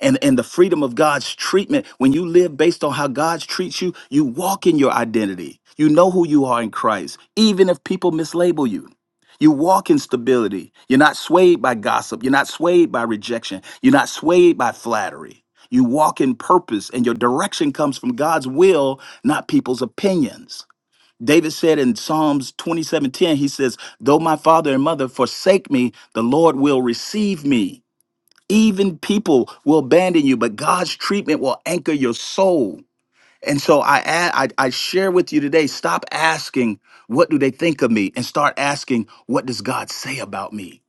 [SPEAKER 4] and and the freedom of God's treatment. When you live based on how God treats you, you walk in your identity. You know who you are in Christ, even if people mislabel you. You walk in stability. You're not swayed by gossip. You're not swayed by rejection. You're not swayed by flattery. You walk in purpose, and your direction comes from God's will, not people's opinions. David said in Psalms 27:10, he says, Though my father and mother forsake me, the Lord will receive me. Even people will abandon you, but God's treatment will anchor your soul. And so I, add, I I share with you today, stop asking what do they think of me and start asking what does God say about me?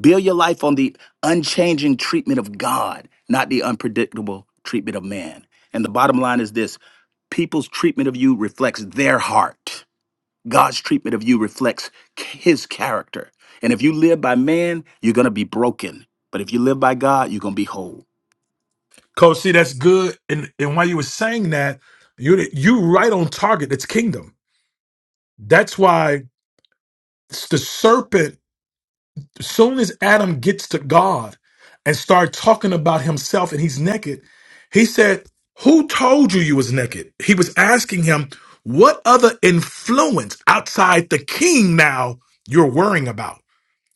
[SPEAKER 4] Build your life on the unchanging treatment of God, not the unpredictable treatment of man. And the bottom line is this, people's treatment of you reflects their heart God's treatment of you reflects c- his character. And if you live by man, you're going to be broken. But if you live by God, you're going to be whole.
[SPEAKER 1] Coach, see, that's good. And and while you were saying that, you you right on target. It's kingdom. That's why s- the serpent, as soon as Adam gets to God and start talking about himself and he's naked, he said, Who told you you was naked? He was asking him, What other influence outside the king now you're worrying about?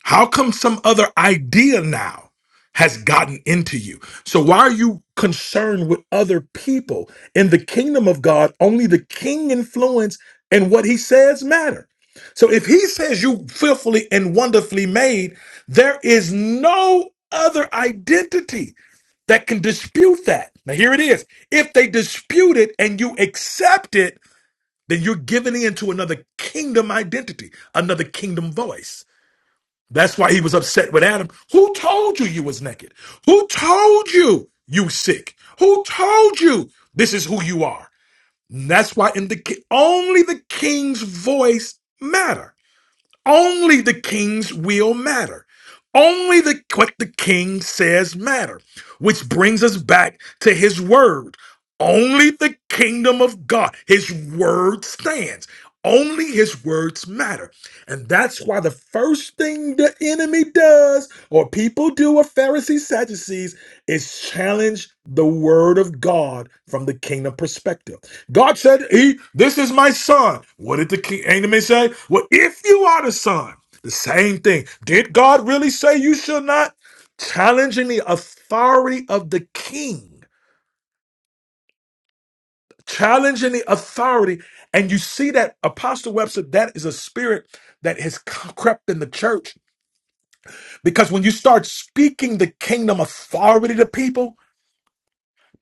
[SPEAKER 1] How come some other idea now has gotten into you? So why are you concerned with other people? In the kingdom of God, only the king influence and what he says matter. So if he says you fearfully and wonderfully made, there is no other identity that can dispute that. Now here it is. If they dispute it and you accept it, then you're giving in to another kingdom identity, another kingdom voice. That's why he was upset with Adam. Who told you you was naked? Who told you you sick? Who told you this is who you are? And that's why in the ki- only the king's voice matter. Only the king's will matter. Only the what the king says matter, which brings us back to his word. Only the kingdom of God, his word stands. Only his words matter. And that's why the first thing the enemy does, or people do, or Pharisees, Sadducees, is challenge the word of God from the kingdom perspective. God said, "He, this is my son." What did the king, enemy, say? Well, if you are the son, the same thing. Did God really say you shall not? Challenging the authority of the king, challenging the authority, and you see that Apostle Webster, that is a spirit that has c- crept in the church because when you start speaking the kingdom authority to people.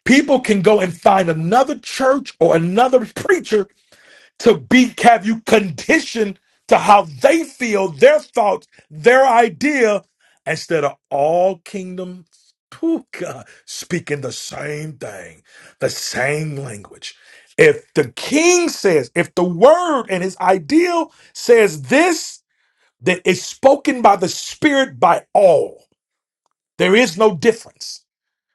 [SPEAKER 1] People can go and find another church or another preacher to be have you conditioned to how they feel, their thoughts, their idea, instead of all kingdom phew, God, speaking the same thing, the same language. If the king says, if the word and his ideal says this, that is spoken by the spirit by all. There is no difference.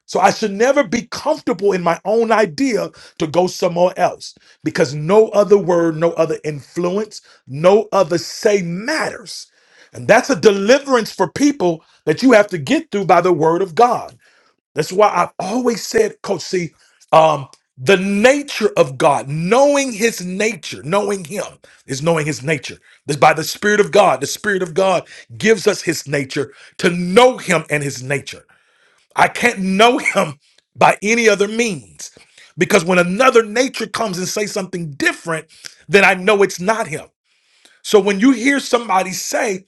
[SPEAKER 1] So I should never be comfortable in my own idea to go somewhere else because no other word, no other influence, no other say matters. And that's a deliverance for people that you have to get through by the word of God. That's why I've always said, Coach C, um, the nature of God, knowing his nature, knowing him is knowing his nature. This by the Spirit of God. The Spirit of God gives us his nature to know him and his nature. I can't know him by any other means. Because when another nature comes and say something different, then I know it's not him. So when you hear somebody say,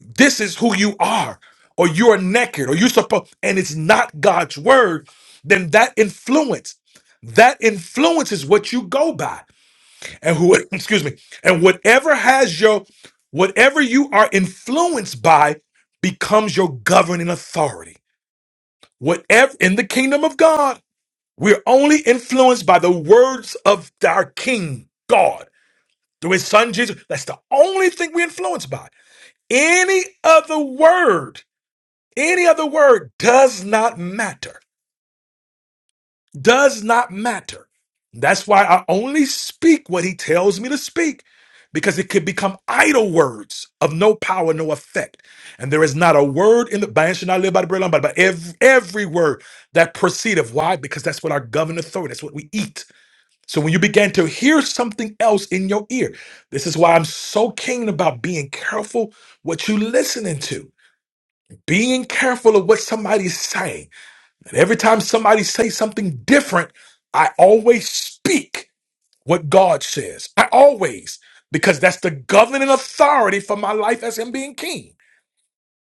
[SPEAKER 1] this is who you are, or you're naked, or you're supposed, and it's not God's word, then that influence, that influence is what you go by. And who, excuse me, and whatever has your, whatever you are influenced by becomes your governing authority. Whatever in the kingdom of God, we're only influenced by the words of our King God through his son Jesus. That's the only thing we're influenced by. Any other word, any other word does not matter, does not matter. That's why I only speak what he tells me to speak because it could become idle words of no power, no effect. And there is not a word in the man should not live by the bread alone, but by every, every word that proceedeth. Why? Because that's what our governing authority, that's what we eat. So when you begin to hear something else in your ear, this is why I'm so keen about being careful what you listening to, being careful of what somebody's saying. And every time somebody says something different, I always speak what God says. I always, because that's the governing authority for my life as him being king.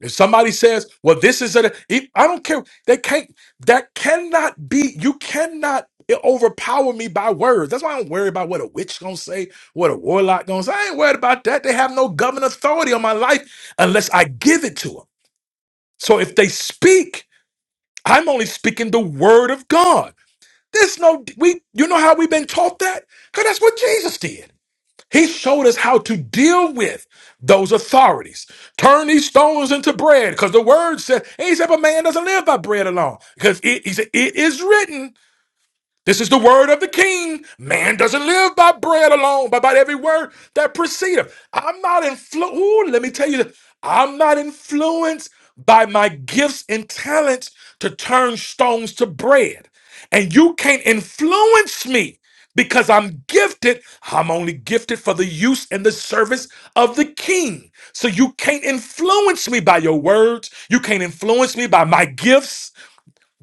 [SPEAKER 1] If somebody says, "Well, this is a," e, I don't care. They can't. That cannot be. You cannot overpower me by words. That's why I don't worry about what a witch gonna say, what a warlock gonna say. I ain't worried about that. They have no government authority on my life unless I give it to them. So if they speak, I'm only speaking the word of God. There's no we. You know how we've been taught that? Cause that's what Jesus did. He showed us how to deal with those authorities. Turn these stones into bread, because the word said, and he said, but man doesn't live by bread alone. Because it, he said, it is written. This is the word of the king. Man doesn't live by bread alone, but by every word that proceedeth. I'm not influenced. Let me tell you, this. I'm not influenced by my gifts and talents to turn stones to bread. And you can't influence me because I'm gifted. I'm only gifted for the use and the service of the king. So you can't influence me by your words. You can't influence me by my gifts.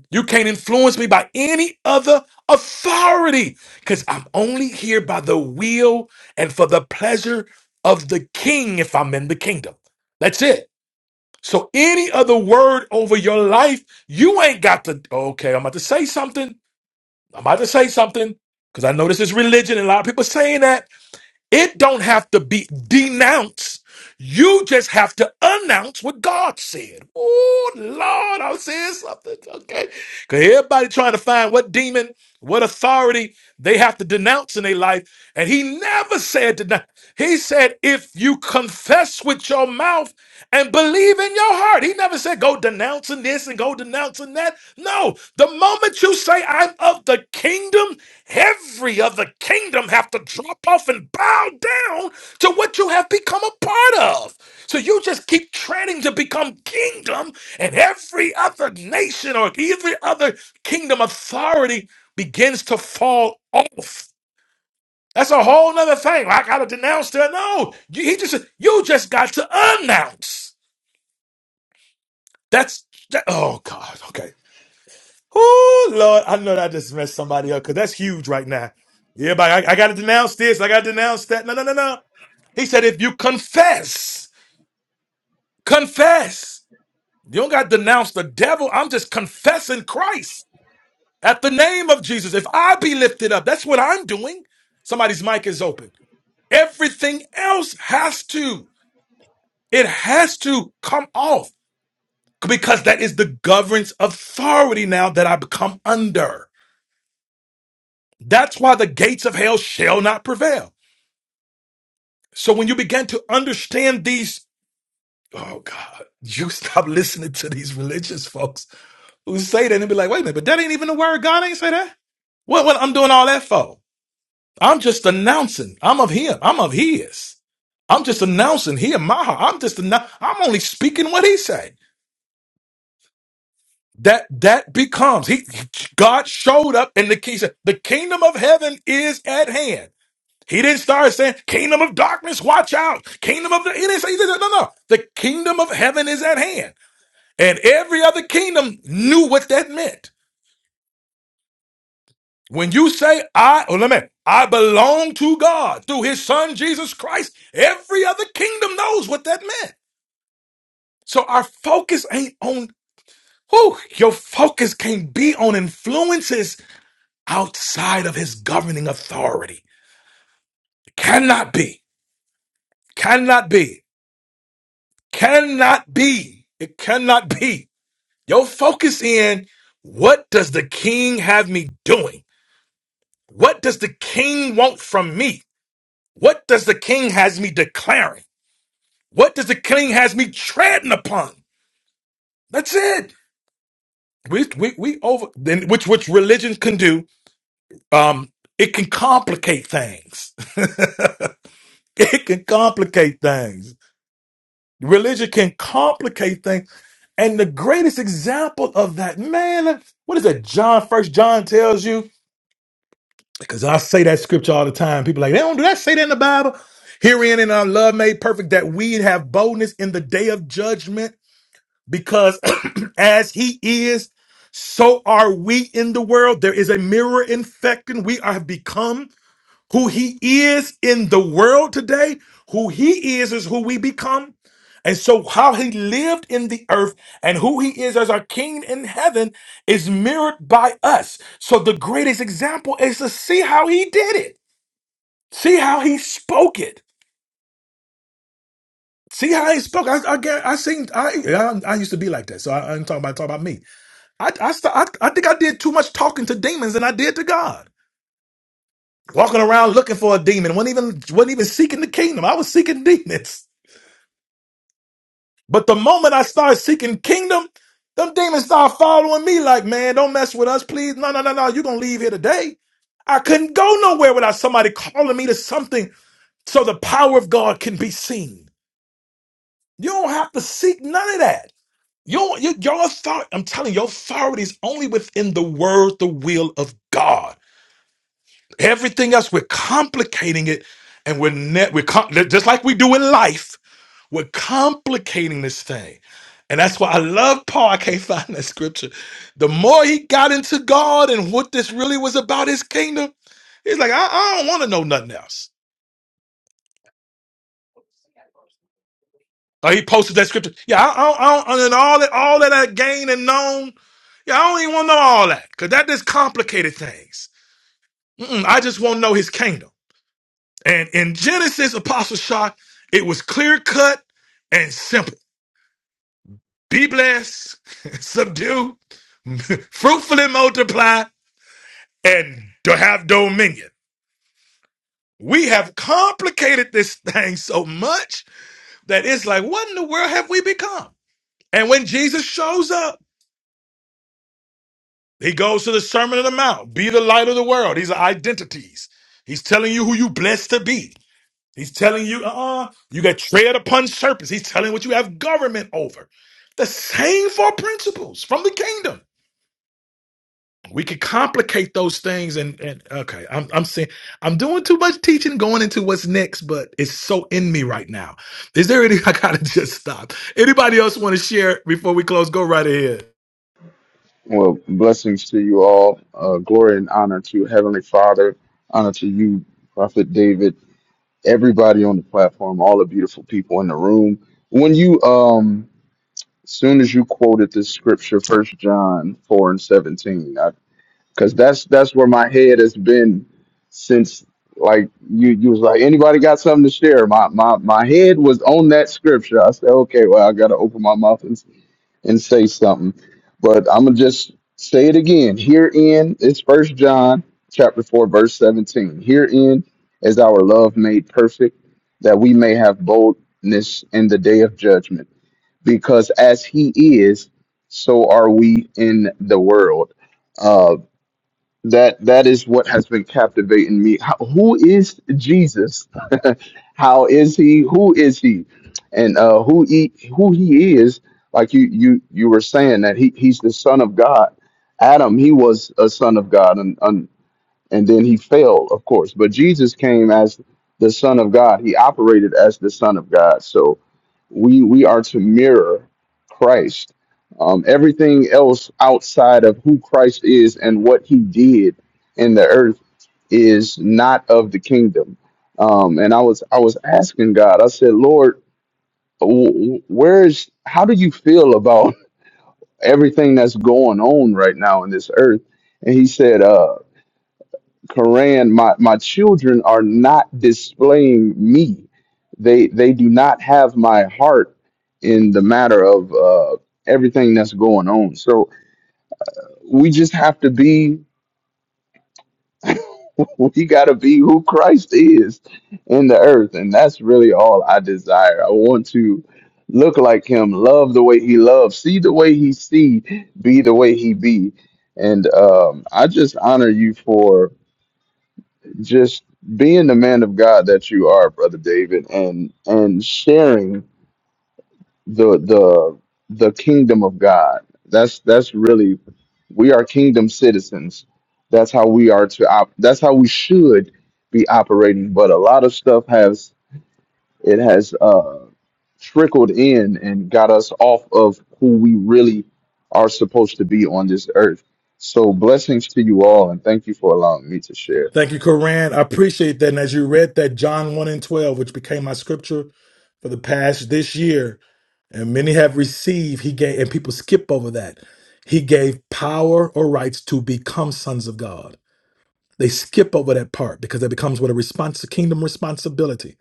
[SPEAKER 1] You can't influence me by any other authority because I'm only here by the will and for the pleasure of the king if I'm in the kingdom. That's it. So, any other word over your life, you ain't got to. Okay, I'm about to say something. I'm about to say something because I know this is religion and a lot of people saying that. It don't have to be denounced you just have to announce what God said. Oh, Lord, I'm saying something. Okay. Because everybody trying to find what demon, what authority they have to denounce in their life. And he never said denounce. He said, if you confess with your mouth and believe in your heart. He never said, go denouncing this and go denouncing that. No. The moment you say, I'm of the kingdom, every other kingdom have to drop off and bow down to what you have become a part of. So you just keep training to become kingdom, and every other nation or every other kingdom authority begins to fall off. That's a whole nother thing. I gotta denounce that. No, you, he just you just got to announce. That's that, oh God. Okay. Oh Lord, I know that just messed somebody up because that's huge right now. Yeah, but I, I gotta denounce this. I gotta denounce that. No, no, no, no. He said if you confess, confess. You don't got to denounce the devil. I'm just confessing Christ at the name of Jesus. If I be lifted up, that's what I'm doing. Somebody's mic is open. Everything else has to, it has to come off because that is the governance authority now that I become under. That's why the gates of hell shall not prevail. So when you begin to understand these, oh God, you stop listening to these religious folks who say that and be like, wait a minute, but that ain't even the word. God ain't say that. What, what I'm doing all that for? I'm just announcing. I'm of him. I'm of his. I'm just announcing he in my heart. I'm just annou- I'm only speaking what he said. That that becomes he God showed up and the king said, The kingdom of heaven is at hand. He didn't start saying, Kingdom of darkness, watch out. Kingdom of the he didn't say he did no no. The kingdom of heaven is at hand. And every other kingdom knew what that meant. When you say I, oh, let me, I belong to God through his son Jesus Christ, every other kingdom knows what that meant. So our focus ain't on who your focus can't be on influences outside of his governing authority. It cannot be. Cannot be. Cannot be. It cannot be. Your focus in what does the king have me doing? What does the king want from me? What does the king has me declaring? What does the king has me treading upon? That's it. We we we over then which which religion can do. Um, it can complicate things. it can complicate things. Religion can complicate things. And the greatest example of that, man, what is that? John, first John tells you, because I say that scripture all the time. People are like, they don't do that, say that in the Bible. Herein in our love made perfect that we have boldness in the day of judgment. because as he is, so are we in the world. There is a mirror infecting. We have become who he is in the world today. Who he is is who we become. And so, how he lived in the earth and who he is as our king in heaven is mirrored by us. So, the greatest example is to see how he did it, see how he spoke it. See how he spoke. I, I, get- I seen. I, I I used to be like that. So I, I'm talking about talking about me. I, I, st- I, I think I did too much talking to demons than I did to God. Walking around looking for a demon, wasn't even wasn't even seeking the kingdom. I was seeking demons. But the moment I started seeking kingdom, them demons started following me like, man, don't mess with us, please. No, no, no, no. You're gonna leave here today. I couldn't go nowhere without somebody calling me to something so the power of God can be seen. You don't have to seek none of that. Your, your, your authority, I'm telling you, your authority is only within the word, the will of God. Everything else, we're complicating it, and we're ne- we're com- just like we do in life. We're complicating this thing, and that's why I love Paul. I can't find that scripture. The more he got into God and what this really was about, his kingdom, he's like, I, I don't want to know nothing else. Or he posted that scripture. Yeah, I, I, I and all that, all that I gained and known. Yeah, I don't even want to know all that because that just complicated things. Mm-mm, I just want to know his kingdom. And in Genesis, Apostle Shock, it was clear cut and simple. Be blessed, subdue, fruitfully multiply, and to have dominion. We have complicated this thing so much that it's like, what in the world have we become? And when Jesus shows up, he goes to the Sermon on the Mount, be the light of the world. These are identities. He's telling you who you blessed to be. He's telling you, uh-uh, you got tread upon serpents. He's telling what you have government over. The same four principles from the kingdom. We could complicate those things and and okay, I'm I'm saying I'm doing too much teaching going into what's next, but it's so in me right now. Is there any I gotta just stop? Anybody else want to share before we close? Go right ahead.
[SPEAKER 7] Well, blessings to you all. Uh, glory and honor to Heavenly Father. Honor to you, Prophet David. Everybody on the platform, all the beautiful people in the room. When you, um, soon as you quoted this scripture, First John four and seventeen, because that's that's where my head has been since. Like you, you was like, anybody got something to share? My my my head was on that scripture. I said, okay, well, I got to open my mouth and say something. But I'm gonna just say it again. Herein is First John chapter four, verse seventeen. Herein is our love made perfect, that we may have boldness in the day of judgment. Because as He is, so are we in the world. Uh, that that is what has been captivating me How, who is jesus how is he who is he and uh who he who he is like you you you were saying that he he's the son of god adam he was a son of god and and then he failed, of course. But Jesus came as the Son of God. He operated as the Son of God. So we we are to mirror Christ. Um, everything else outside of who Christ is and what He did in the earth is not of the kingdom. Um, and I was I was asking God. I said, Lord, wh- wh- where is? How do you feel about everything that's going on right now in this earth? And He said, uh, Quran, my, my children are not displaying me. They they do not have my heart in the matter of uh, everything that's going on. So we just have to be we gotta be who Christ is in the earth. And that's really all I desire. I want to look like him, love the way he loves, see the way he see, be the way he be. And um, I just honor you for just being the man of God that you are, brother David, and and sharing the the the kingdom of God. That's that's really we are kingdom citizens. That's how we are to op- that's how we should be operating. But a lot of stuff has it has uh trickled in and got us off of who we really are supposed to be on this earth. So blessings to you all and thank you for allowing me to share.
[SPEAKER 1] Thank you, Koran. I appreciate that. And as you read that John 1 and 12, which became my scripture for the past this year, and many have received, he gave, and people skip over that. He gave power or rights to become sons of God. They skip over that part because it becomes what a response, a kingdom responsibility.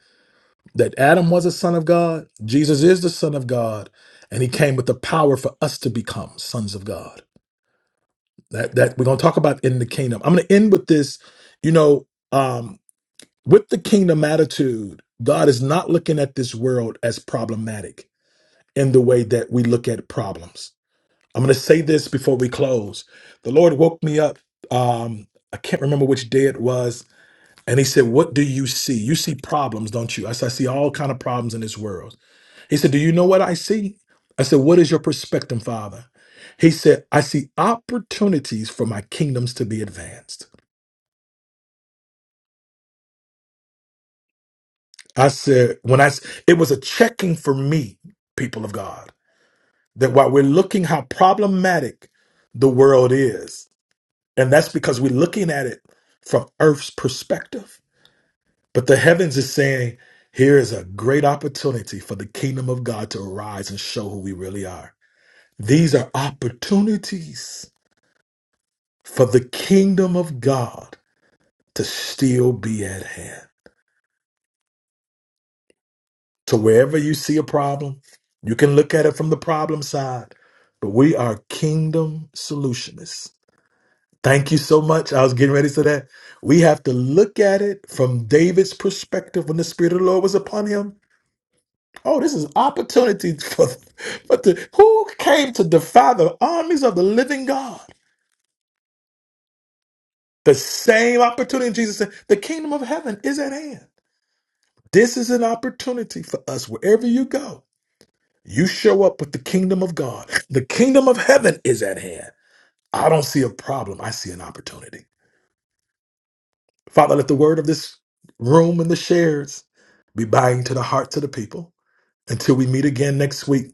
[SPEAKER 1] That Adam was a son of God, Jesus is the son of God, and he came with the power for us to become sons of God. That that we're gonna talk about in the kingdom. I'm gonna end with this. You know, um, with the kingdom attitude, God is not looking at this world as problematic in the way that we look at problems. I'm going to say this before we close. The Lord woke me up. Um, I can't remember which day it was, and He said, "What do you see? You see problems, don't you?" I said, "I see all kind of problems in this world." He said, "Do you know what I see?" I said, "What is your perspective, Father?" He said, "I see opportunities for my kingdoms to be advanced." I said, "When I s- it was a checking for me, people of God." that while we're looking how problematic the world is, and that's because we're looking at it from earth's perspective. But the heavens is saying, here is a great opportunity for the kingdom of God to arise and show who we really are. These are opportunities for the kingdom of God to still be at hand. So wherever you see a problem, you can look at it from the problem side, but we are kingdom solutionists Thank you so much. I was getting ready for that. We have to look at it from David's perspective when the Spirit of the Lord was upon him. Oh, this is opportunity for, for the, who came to defy the armies of the living God? The same opportunity Jesus said, the kingdom of heaven is at hand. This is an opportunity for us wherever you go. You show up with the kingdom of God. The kingdom of heaven is at hand. I don't see a problem. I see an opportunity. Father, let the word of this room and the shares be binding to the hearts of the people. Until we meet again next week,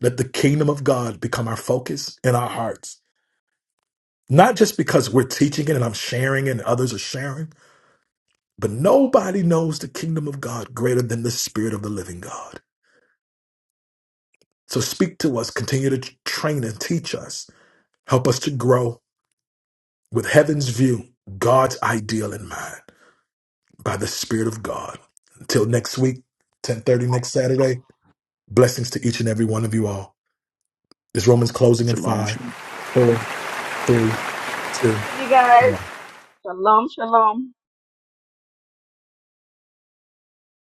[SPEAKER 1] let the kingdom of God become our focus in our hearts. Not just because we're teaching it and I'm sharing it and others are sharing, but nobody knows the kingdom of God greater than the spirit of the living God. So speak to us, continue to t- train and teach us, help us to grow with heaven's view, God's ideal in mind by the spirit of God. Until next week, 10:30 next Saturday. Blessings to each and every one of you all. This Romans closing in
[SPEAKER 4] Shalom.
[SPEAKER 1] five, four, three, two,
[SPEAKER 8] Love you
[SPEAKER 1] one.
[SPEAKER 8] guys. Shalom, shalom.